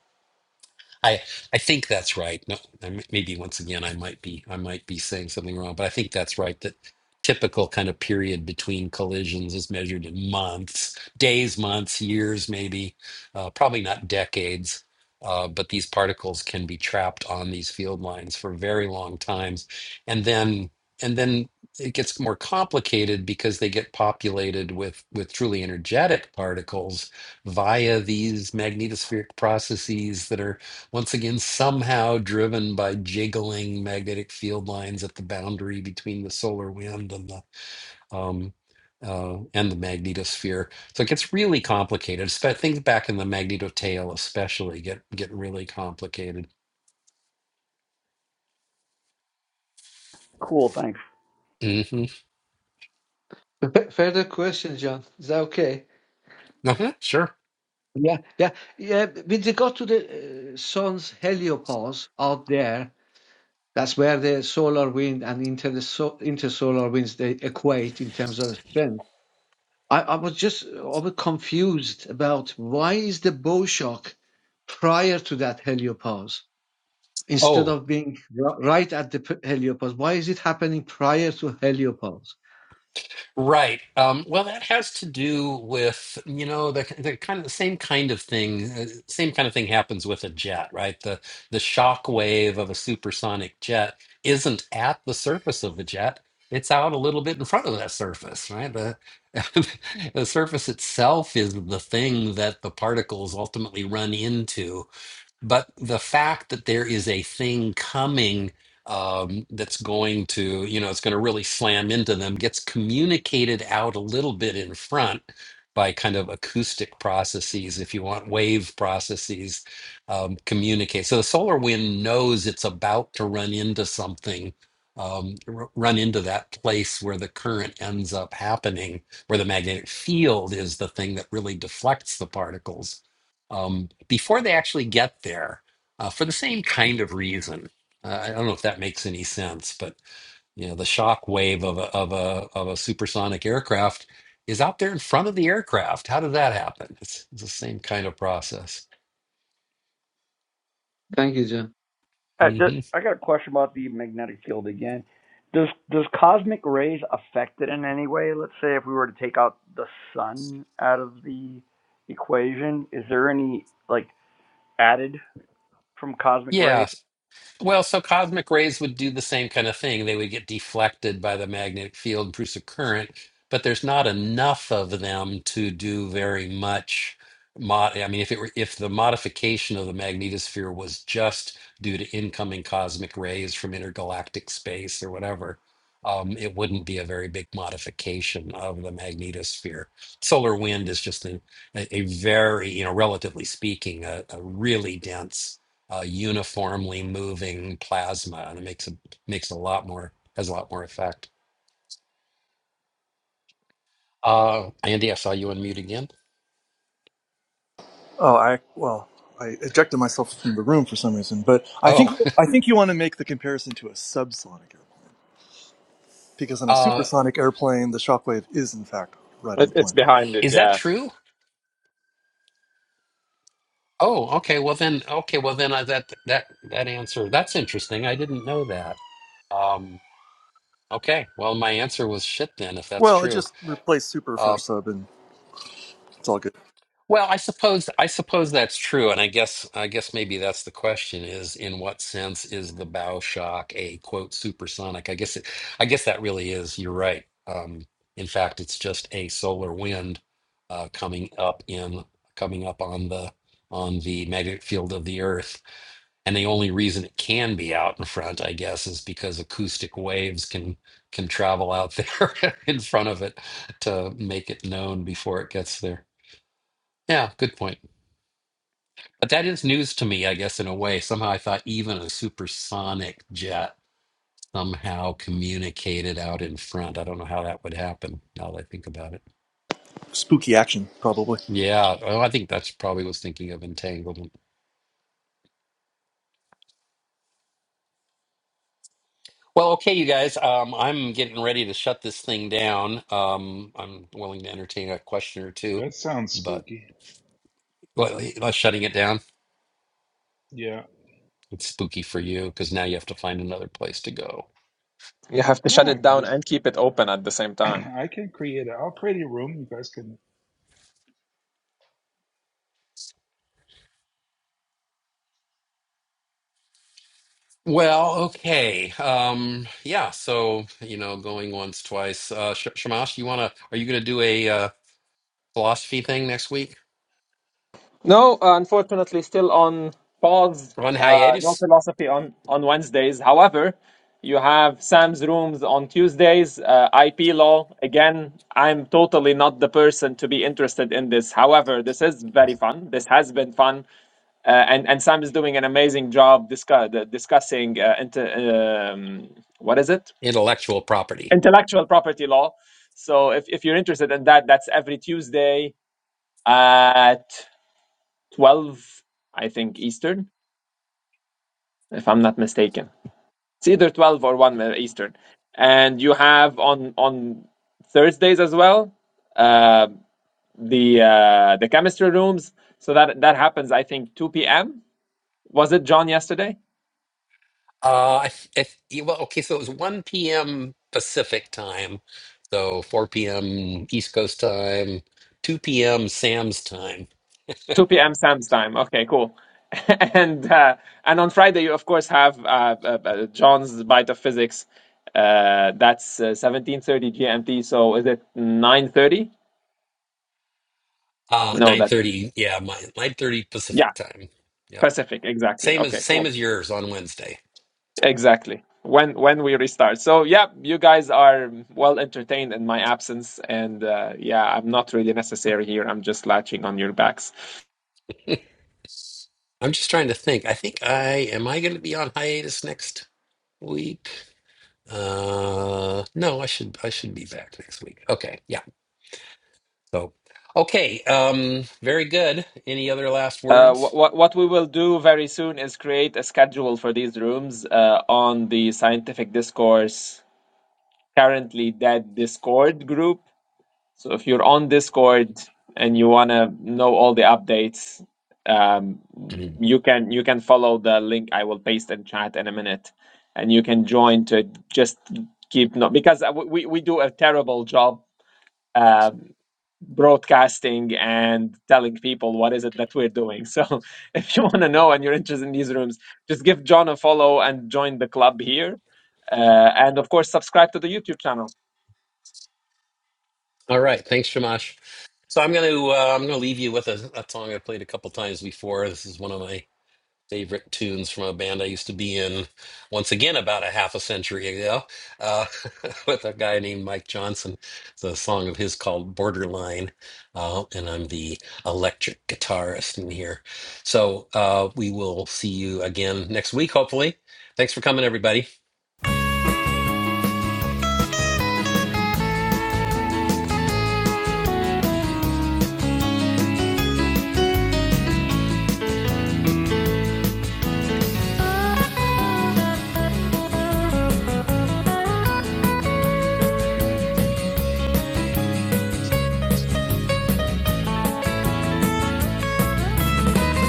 Speaker 1: I I think that's right. No, I- m- maybe once again, I might be I might be saying something wrong, but I think that's right. That typical kind of period between collisions is measured in months, days, months, years, maybe, uh, probably not decades. Uh, but these particles can be trapped on these field lines for very long times, and then and then it gets more complicated because they get populated with with truly energetic particles via these magnetospheric processes that are once again somehow driven by jiggling magnetic field lines at the boundary between the solar wind and the um, uh, and the magnetosphere. So it gets really complicated. So things back in the magnetotail especially get get really complicated.
Speaker 11: cool. Thanks.
Speaker 1: hmm
Speaker 10: F- further question, John. Is that okay?
Speaker 1: Uh-huh, sure.
Speaker 10: Yeah, yeah, yeah. With regard to the uh, sun's heliopause out there, that's where the solar wind and inter the so, intersolar winds they equate in terms of strength. I, I was just uh, I was confused about why is the bow shock prior to that heliopause instead
Speaker 1: Oh.
Speaker 10: of being r- right at the p- heliopause? Why is it happening prior to heliopause?
Speaker 1: Right. Um, well, that has to do with, you know, the, the kind of the same kind of thing, uh, same kind of thing happens with a jet, right? The the shock wave of a supersonic jet isn't at the surface of the jet. It's out a little bit in front of that surface, right? The the surface itself is the thing that the particles ultimately run into. But the fact that there is a thing coming um, that's going to, you know, it's going to really slam into them gets communicated out a little bit in front by kind of acoustic processes, if you want, wave processes um, communicate. So the solar wind knows it's about to run into something. Um, r- run into that place where the current ends up happening, where the magnetic field is the thing that really deflects the particles um, before they actually get there uh, for the same kind of reason. Uh, I don't know if that makes any sense, but you know, the shock wave of a, of a of a supersonic aircraft is out there in front of the aircraft. How did that happen? It's, it's the same kind of process.
Speaker 10: Thank you, John.
Speaker 11: I,
Speaker 1: hmm
Speaker 11: I got a question about the magnetic field again. Does does cosmic rays affect it in any way? Let's say if we were to take out the sun out of the equation, is there any like added from cosmic rays?
Speaker 1: Yeah. Well, so cosmic rays would do the same kind of thing. They would get deflected by the magnetic field, and produce a current, but there's not enough of them to do very much. Mod, I mean, if it were, if the modification of the magnetosphere was just due to incoming cosmic rays from intergalactic space or whatever, um, it wouldn't be a very big modification of the magnetosphere. Solar wind is just a, a a very, you know, relatively speaking, a, a really dense uh, uniformly moving plasma, and it makes a makes a lot more has a lot more effect. Uh, Andy, I saw you unmute again.
Speaker 9: Well, I well, I ejected myself from the room for some reason, but I think
Speaker 1: Oh,
Speaker 9: I think you want to make the comparison. because in a
Speaker 1: uh,
Speaker 9: supersonic airplane, the shockwave is in fact right on
Speaker 3: It,
Speaker 9: the
Speaker 3: it's
Speaker 9: plane.
Speaker 3: behind it,
Speaker 1: is that
Speaker 3: yeah.
Speaker 1: true? Oh, okay. Well then, okay. Well then, I, that that that answer that's interesting. I didn't know that. Um, okay. Well, my answer was shit then, if that's
Speaker 9: Well, it
Speaker 1: true.
Speaker 9: just replaced super for
Speaker 1: Um,
Speaker 9: sub, and it's all good.
Speaker 1: Well, I suppose I suppose that's true, and I guess I guess maybe that's the question: is in what sense is the bow shock a quote supersonic? I guess it, I guess that really is. You're right. Um, in fact, it's just a solar wind uh, coming up in coming up on the on the magnetic field of the Earth, and the only reason it can be out in front, I guess, is because acoustic waves can can travel out there in front of it to make it known before it gets there. Yeah, good point. But that is news to me, I guess, in a way. Somehow I thought even a supersonic jet somehow communicated out in front. I don't know how that would happen now that I think about it.
Speaker 9: Spooky action, probably.
Speaker 1: Yeah, well, I think that's probably was thinking of entanglement. Well, okay, you guys, um, I'm getting ready to shut this thing down. Um, I'm willing to entertain a question or two,
Speaker 4: That sounds
Speaker 1: but
Speaker 4: spooky.
Speaker 1: well, let's shutting it down.
Speaker 4: Yeah.
Speaker 1: It's spooky for you because now you have to find another place to go.
Speaker 3: You have to shut
Speaker 4: No, I
Speaker 3: it
Speaker 4: can
Speaker 3: down
Speaker 4: just
Speaker 3: and keep it open at the same time.
Speaker 4: I can create. i I'll create a room. You guys can.
Speaker 1: Well, okay. Um, yeah, so, you know, going once, twice. Uh, Sh Shamash, you wanna, are you gonna do a uh, philosophy thing next week?
Speaker 3: No, uh, unfortunately, still on pause.
Speaker 1: On
Speaker 3: Uh, no
Speaker 1: hiatus?
Speaker 3: philosophy on on Wednesdays. However, you have Sam's rooms on Tuesdays. Uh, IP law again. I'm totally not the person to be interested in this. However, this is very fun. This has been fun, uh, and and Sam is doing an amazing job discuss, discussing uh, inter, um, what is it?
Speaker 1: Intellectual property.
Speaker 3: Intellectual property law. So if if you're interested in that, that's every Tuesday at 12, I think, Eastern, if I'm not mistaken. It's either 12 or 1 uh, Eastern. And you have on on Thursdays as well uh, the uh, the chemistry rooms. So that that happens, I think, 2 p.m. Was it John yesterday?
Speaker 1: Uh, I th if, well, okay, so it was 1 p.m. Pacific time, so 4 p.m. East Coast time, 2 p.m. Sam's time,
Speaker 3: 2 p.m. Sam's time. Okay, cool. and uh, and on Friday, you of course have uh, uh, uh, John's bite of physics. Uh, that's uh, 17:30 GMT. So is it 9:30?
Speaker 1: uh,
Speaker 3: No, that
Speaker 1: 9:30, yeah, my 9:30
Speaker 3: yeah.
Speaker 1: Pacific time. Yep.
Speaker 3: Pacific, exactly.
Speaker 1: Same as
Speaker 3: Okay,
Speaker 1: same
Speaker 3: cool.
Speaker 1: as yours on Wednesday.
Speaker 3: Exactly. When when we restart. So yeah, you guys are well entertained in my absence, and uh, yeah, I'm not really necessary here. I'm just latching on your backs.
Speaker 1: I'm just trying to think. I think I am I going to be on hiatus next week? Uh no, I should I should be back next week. Okay. Yeah. So okay, um very good. Any other last
Speaker 3: Uh, what
Speaker 1: words?
Speaker 3: what what we will do very soon is create a schedule for these rooms uh, on the scientific discourse currently dead Discord group. So if you're on Discord and you want to know all the updates, um,
Speaker 1: Mm.
Speaker 3: you can you can follow the link I will paste in chat in a minute, and you can join to just keep no because uh, we we do a terrible job um, broadcasting and telling people what is it that we're doing. So if you want to know and you're interested in these rooms, just give John a follow and join the club here, uh, and of course subscribe to the YouTube channel.
Speaker 1: All right, thanks Shamash. So I'm going to uh, I'm going to leave you with a, a song I played a couple times before. This is one of my favorite tunes from a band I used to be in once again about a half a century ago uh, with a guy named Mike Johnson. It's a song of his called Borderline. Uh, and I'm the electric guitarist in here. So uh, we will see you again next week, hopefully. Thanks for coming, everybody.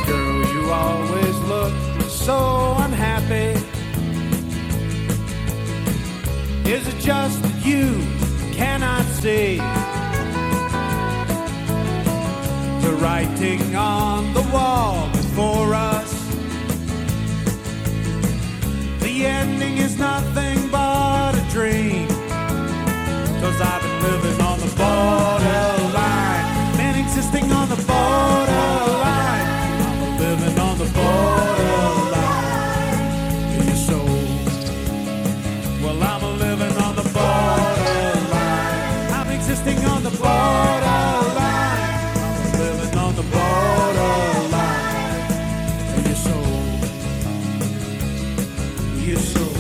Speaker 1: Girl, you always look so unhappy. Is it just that you cannot see the writing on the wall before us? The ending is nothing but a dream, i I've been living on the borderline. Been existing on the borderline. I'm living on the borderline. In your soul. Well, I'm living on the borderline. I'm existing on the borderline. I'm living on the borderline. In your soul. Your soul.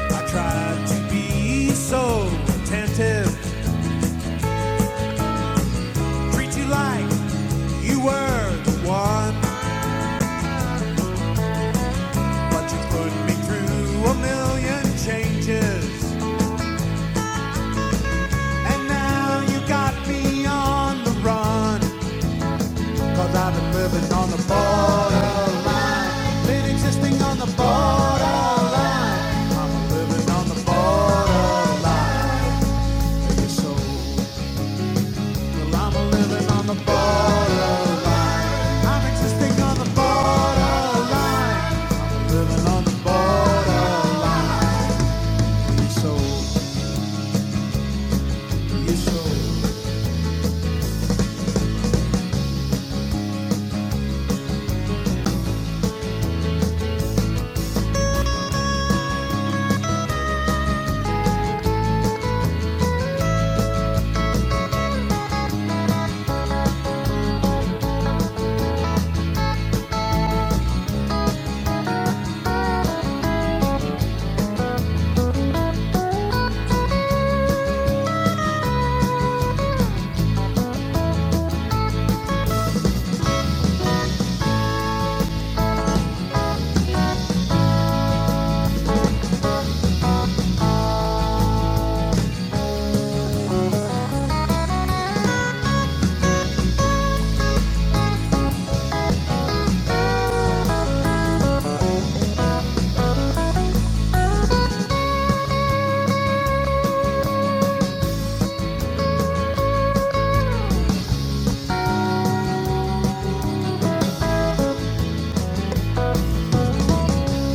Speaker 1: I try to be so attentive. Treat you like you were the one, but you put me through a million changes. And now you got me on the run. i I've been living on the borderline, been existing on the borderline. I'm living on the borderline. You're so Well, I'm living on the borderline. I'm existing on the borderline. I'm living on the borderline. So, yes, so.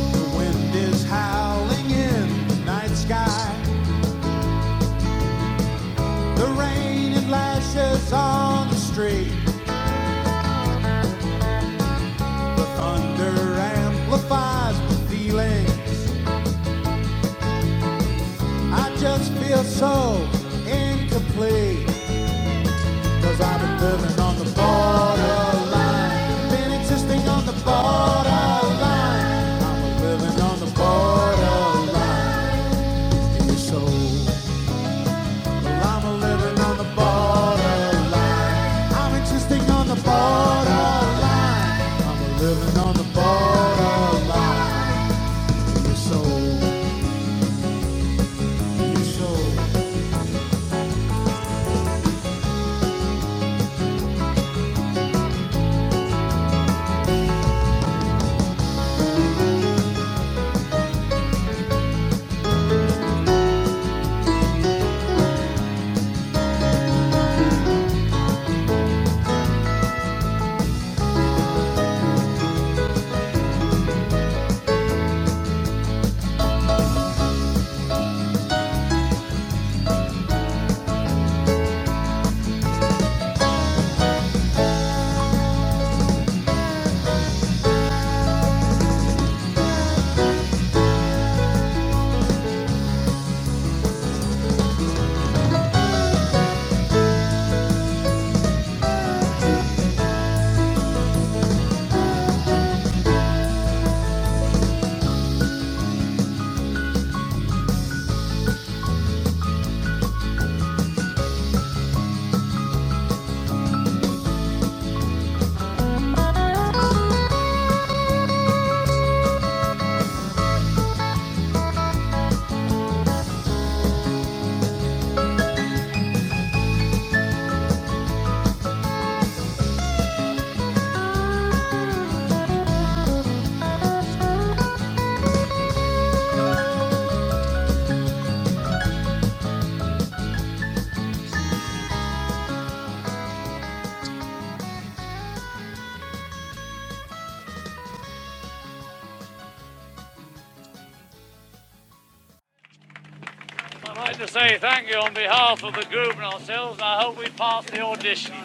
Speaker 1: The wind is howling in the night sky. The rain it lashes on the street. The thunder amplifies my feelings. I just feel so incomplete. Cause I've been living on the borderline. Been existing on the borderline. I'm a living on the borderline. In your soul. Well, I'm a living on the borderline. I'm existing on the borderline. I'm a living on the borderline. In your soul. In your soul. I'd like to say thank you on behalf of the group and ourselves, and I hope we pass the audition.